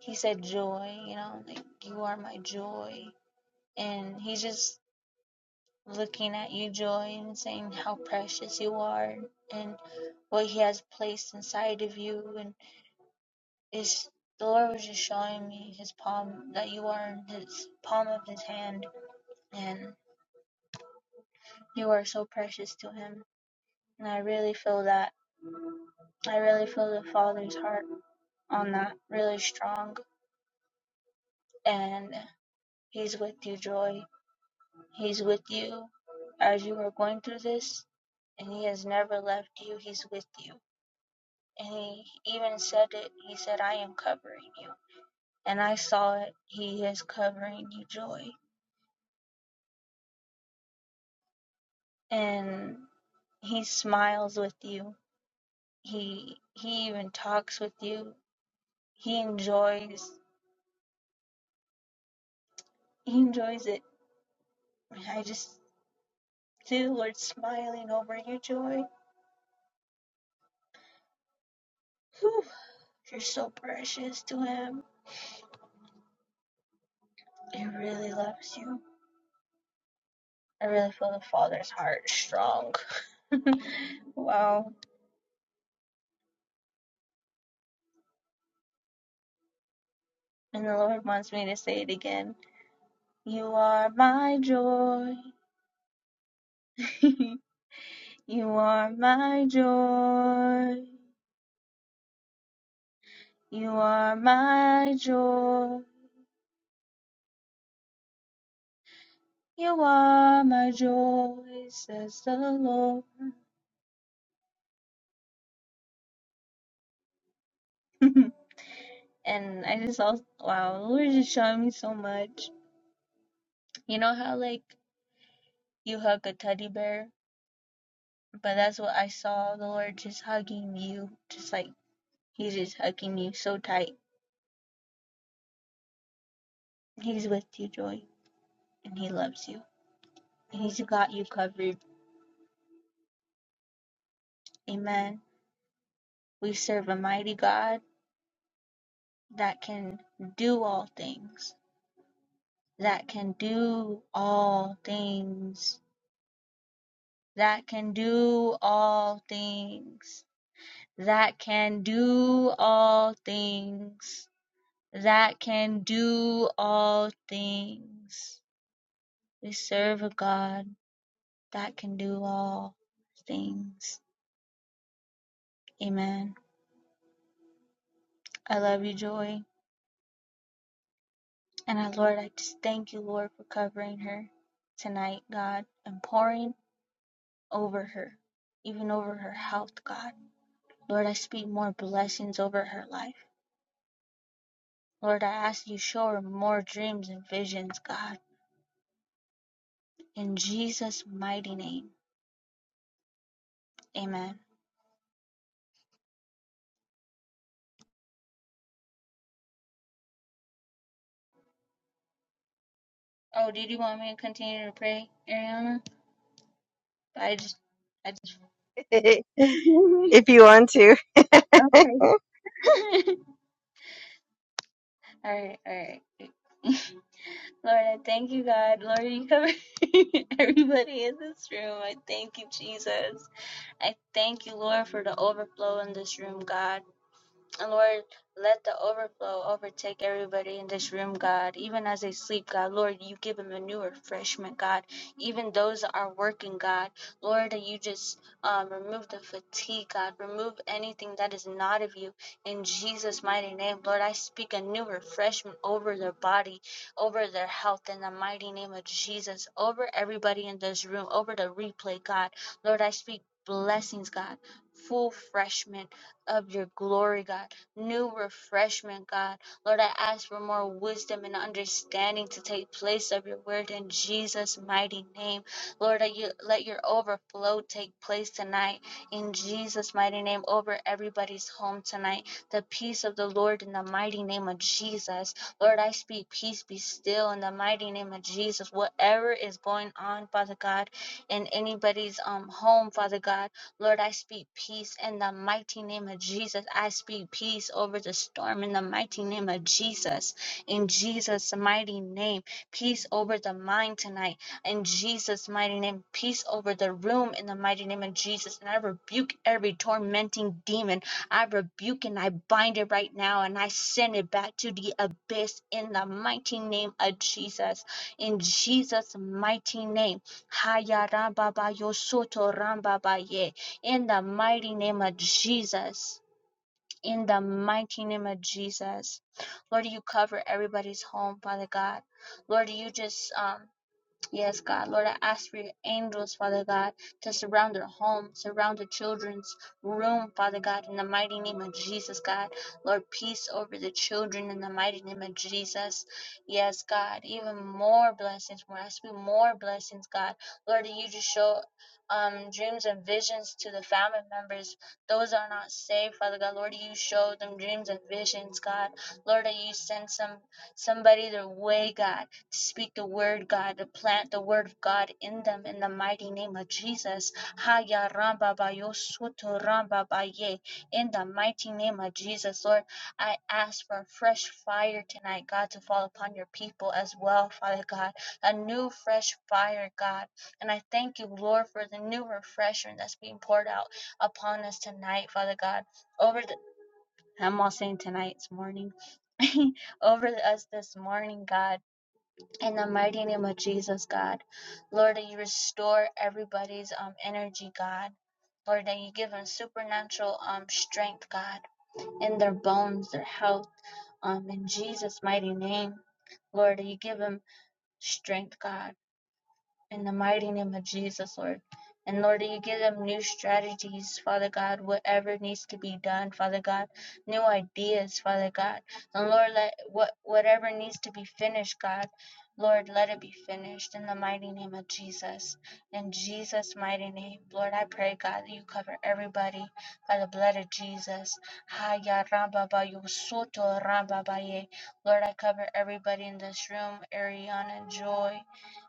He said, Joy, you know, like, you are my joy. And he's just looking at you, Joy, and saying how precious you are and what he has placed inside of you. And it's, the Lord was just showing me his palm, that you are in his palm of his hand, and you are so precious to him. And I really feel that. I really feel the Father's heart On that, really strong, and He's with you, Joy. He's with you as you are going through this, and He has never left you. He's with you. And He even said it. He said, I am covering you. And I saw it. He is covering you, Joy. And He smiles with you. He he even talks with you. He enjoys he enjoys it. I just see the Lord smiling over you, Joy. Whew. You're so precious to him. He really loves you. I really feel the Father's heart strong. [LAUGHS] wow. And the Lord wants me to say it again. You are my joy. [LAUGHS] you are my joy. You are my joy. You are my joy, says the Lord. [LAUGHS] and I just also, wow, the Lord is just showing me so much. You know how, like, you hug a teddy bear But that's what I saw the Lord just hugging you, just like He's just hugging you so tight. He's with you, Joy, and He loves you. He's got you covered. Amen. We serve a mighty God that can do all things, that can do all things, that can do all things, that can do all things, that can do all things. We serve a God that can do all things. Amen. I love you, Joy. And I, Lord, I just thank you, Lord, for covering her tonight, God, and pouring over her, even over her health, God. Lord, I speak more blessings over her life. Lord, I ask you show her more dreams and visions, God. In Jesus' mighty name. Amen. Oh, did you want me to continue to pray, Ariana? I just I just
[LAUGHS] if
[LAUGHS]
you want to.
okay. [LAUGHS] All right, all right. [LAUGHS] Lord, I thank you, God. Lord, you cover [LAUGHS] everybody in this room. I thank you, Jesus. I thank you, Lord, for the overflow in this room, God. And Lord, let the overflow overtake everybody in this room, God. Even as they sleep, God, Lord, you give them a new refreshment, God. Even those that are working, God, Lord, that you just um, remove the fatigue, God. Remove anything that is not of you. In Jesus' mighty name, Lord, I speak a new refreshment over their body, over their health, in the mighty name of Jesus, over everybody in this room, over the replay, God. Lord, I speak blessings, God. Full freshman of your glory, God. New refreshment, God. Lord, I ask for more wisdom and understanding to take place of your word in Jesus' mighty name. Lord, that you let your overflow take place tonight in Jesus' mighty name over everybody's home tonight. The peace of the Lord in the mighty name of Jesus. Lord, I speak peace be still in the mighty name of Jesus. Whatever is going on, Father God, in anybody's um home, Father God. Lord, I speak peace in the mighty name of Jesus. I speak peace over the storm in the mighty name of Jesus. In Jesus' mighty name, peace over the mind tonight. In Jesus' mighty name, peace over the room in the mighty name of Jesus. And I rebuke every tormenting demon. I rebuke and I bind it right now and I send it back to the abyss in the mighty name of Jesus. In Jesus' mighty name. Hayaramba ba yosoto ramba ba ye in the mighty name of Jesus. In the mighty name of Jesus. Lord, you cover everybody's home, Father God. Lord, you just um, Yes, God. Lord, I ask for your angels, Father God, to surround their home, surround their children's room, Father God, in the mighty name of Jesus, God. Lord, peace over the children in the mighty name of Jesus. Yes, God. Even more blessings. We're asking more blessings, God. Lord, that you just show um, dreams and visions to the family members. Those that are not saved, Father God. Lord, that you show them dreams and visions, God. Lord, that you send some somebody their way, God Speak the word, God, plant the word of God in them in the mighty name of Jesus. Haya ramba ba soto ramba ba In the mighty name of Jesus, Lord, I ask for a fresh fire tonight, God, to fall upon your people as well, Father God. A new, fresh fire, God. And I thank you, Lord, for the new refreshment that's being poured out upon us tonight, Father God. Over the, I'm all saying tonight, it's morning. [LAUGHS] Over us this morning, God. In the mighty name of Jesus, God. Lord, that you restore everybody's um energy, God. Lord, that you give them supernatural um strength, God, in their bones, their health, um, in Jesus' mighty name. Lord, that you give them strength, God. In the mighty name of Jesus, Lord. And Lord, that you give them new strategies, Father God, whatever needs to be done, Father God, new ideas, Father God. And Lord, let what whatever needs to be finished, God, Lord, let it be finished in the mighty name of Jesus. In Jesus' mighty name, Lord, I pray, God, that you cover everybody by the blood of Jesus. Haya ramba ba yo soto ramba ba ye. Lord, I cover everybody in this room, Ariana, Joy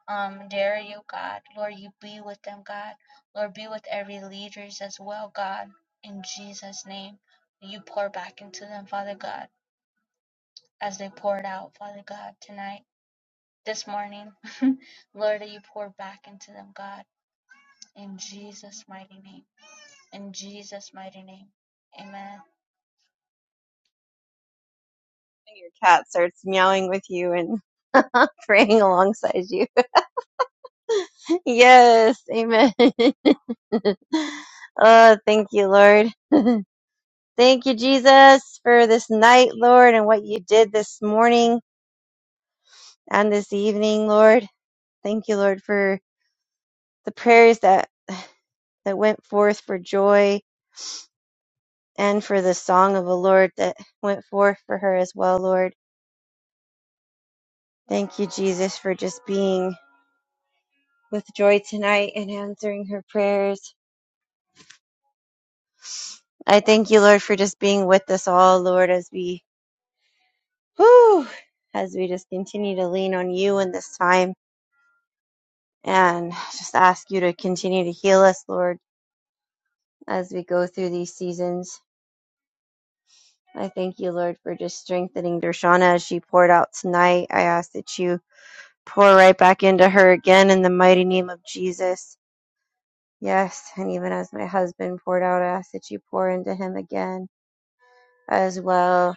um, dare you, God. Lord, you be with them, God. Lord, be with every leaders as well, God. In Jesus' name, you pour back into them, Father God, as they poured out, Father God, tonight, this morning. [LAUGHS] Lord, that you pour back into them, God. In Jesus' mighty name. In Jesus' mighty name. Amen.
Your cat starts meowing with you and [LAUGHS] praying alongside you. [LAUGHS] yes, amen. [LAUGHS] oh, thank you, Lord. [LAUGHS] Thank you, Jesus, for this night, Lord, and what you did this morning and this evening, Lord. Thank you, Lord, for the prayers that, that went forth for joy and for the song of the Lord that went forth for her as well, Lord. Thank you, Jesus, for just being with joy tonight and answering her prayers. I thank you, Lord, for just being with us all, Lord, as we, whew, as we just continue to lean on you in this time and just ask you to continue to heal us, Lord as we go through these seasons. I thank you, Lord, for just strengthening Dershana as she poured out tonight. I ask that you pour right back into her again in the mighty name of Jesus. Yes, and even as my husband poured out, I ask that you pour into him again as well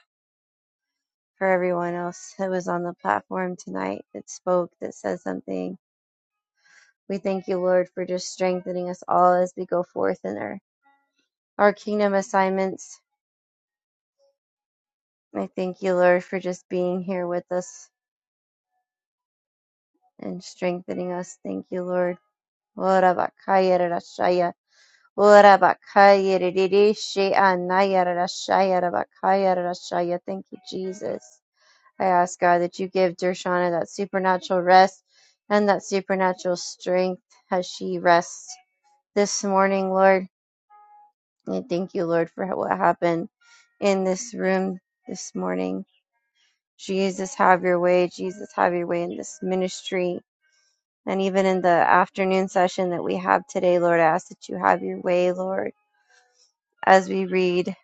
for everyone else that was on the platform tonight that spoke, that said something. We thank you, Lord, for just strengthening us all as we go forth in our, our kingdom assignments. I thank you, Lord, for just being here with us and strengthening us. Thank you, Lord. Ora bakaya rarashaya. Ora bakaya ririshe anaya rarashaya rabakaya rarashaya. Thank you, Jesus. I ask God that you give Dershana that supernatural rest and that supernatural strength as she rests this morning, Lord. And thank you, Lord, for what happened in this room this morning. Jesus, have your way. Jesus, have your way in this ministry. And even in the afternoon session that we have today, Lord, I ask that you have your way, Lord, as we read.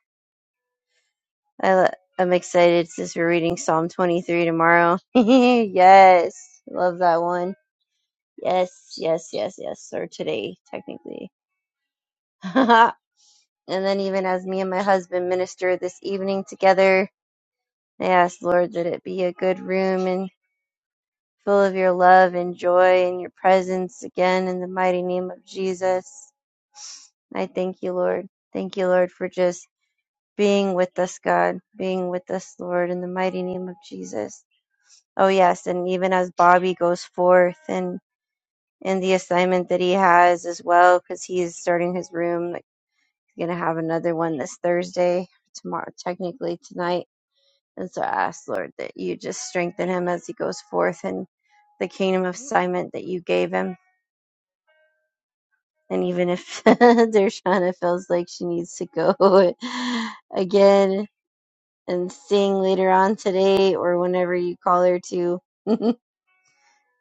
I, am excited since we're reading Psalm 23 tomorrow. [LAUGHS] yes, love that one. Yes, yes, yes, yes, or today, technically. [LAUGHS] and then even as me and my husband minister this evening together, I ask, Lord, that it be a good room and full of your love and joy and your presence again in the mighty name of Jesus. I thank you, Lord. Thank you, Lord, for just being with us, God, being with us, Lord, in the mighty name of Jesus. Oh, yes. And even as Bobby goes forth and and the assignment that he has as well, because he's starting his room, like, he's going to have another one this Thursday, tomorrow, technically tonight. And so I ask, Lord, that you just strengthen him as he goes forth in the kingdom of assignment that you gave him. And even if [LAUGHS] Dershana feels like she needs to go [LAUGHS] again, and sing later on today or whenever you call her to. [LAUGHS] I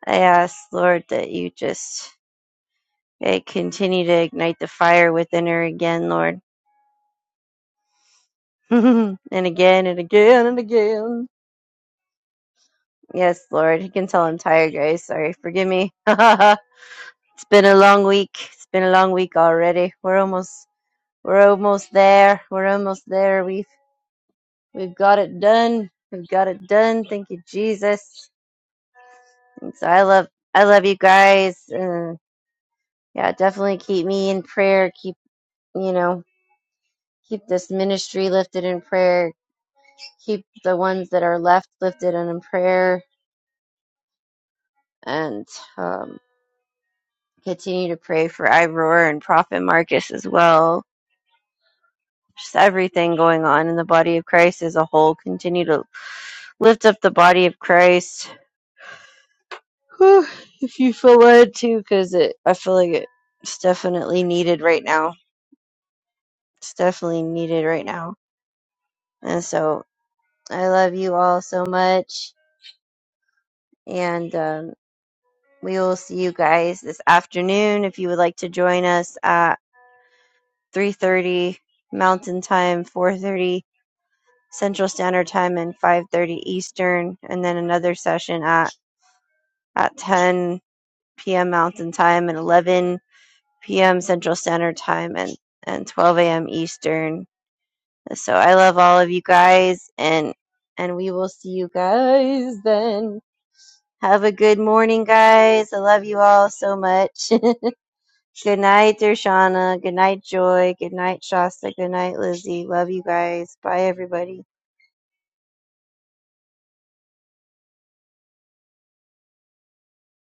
ask, Lord, that you just eh, continue to ignite the fire within her again, Lord. [LAUGHS] and again and again and again. Yes, Lord. You can tell I'm tired, guys. Sorry, forgive me. [LAUGHS] it's been a long week. It's been a long week already. We're almost we're almost there. We're almost there. We've we've got it done. We've got it done. Thank you, Jesus. And so I love I love you guys. Uh, Yeah, definitely keep me in prayer. Keep, you know, keep this ministry lifted in prayer. Keep the ones that are left lifted and in prayer. And um, continue to pray for Iroar and Prophet Marcus as well. Just everything going on in the body of Christ as a whole. Continue to lift up the body of Christ. Whew, if you feel led to, because it I feel like it, it's definitely needed right now. It's definitely needed right now. And so I love you all so much and um, we will see you guys this afternoon if you would like to join us at 3.30 mountain time 4.30 central standard time and 5.30 eastern and then another session at, at 10 p.m mountain time and 11 p.m central standard time and, and 12 a.m eastern so i love all of you guys and and we will see you guys then have a good morning guys i love you all so much [LAUGHS] Good night, Dershana. Good night, Joy. Good night, Shasta. Good night, Lizzie. Love you guys. Bye, everybody.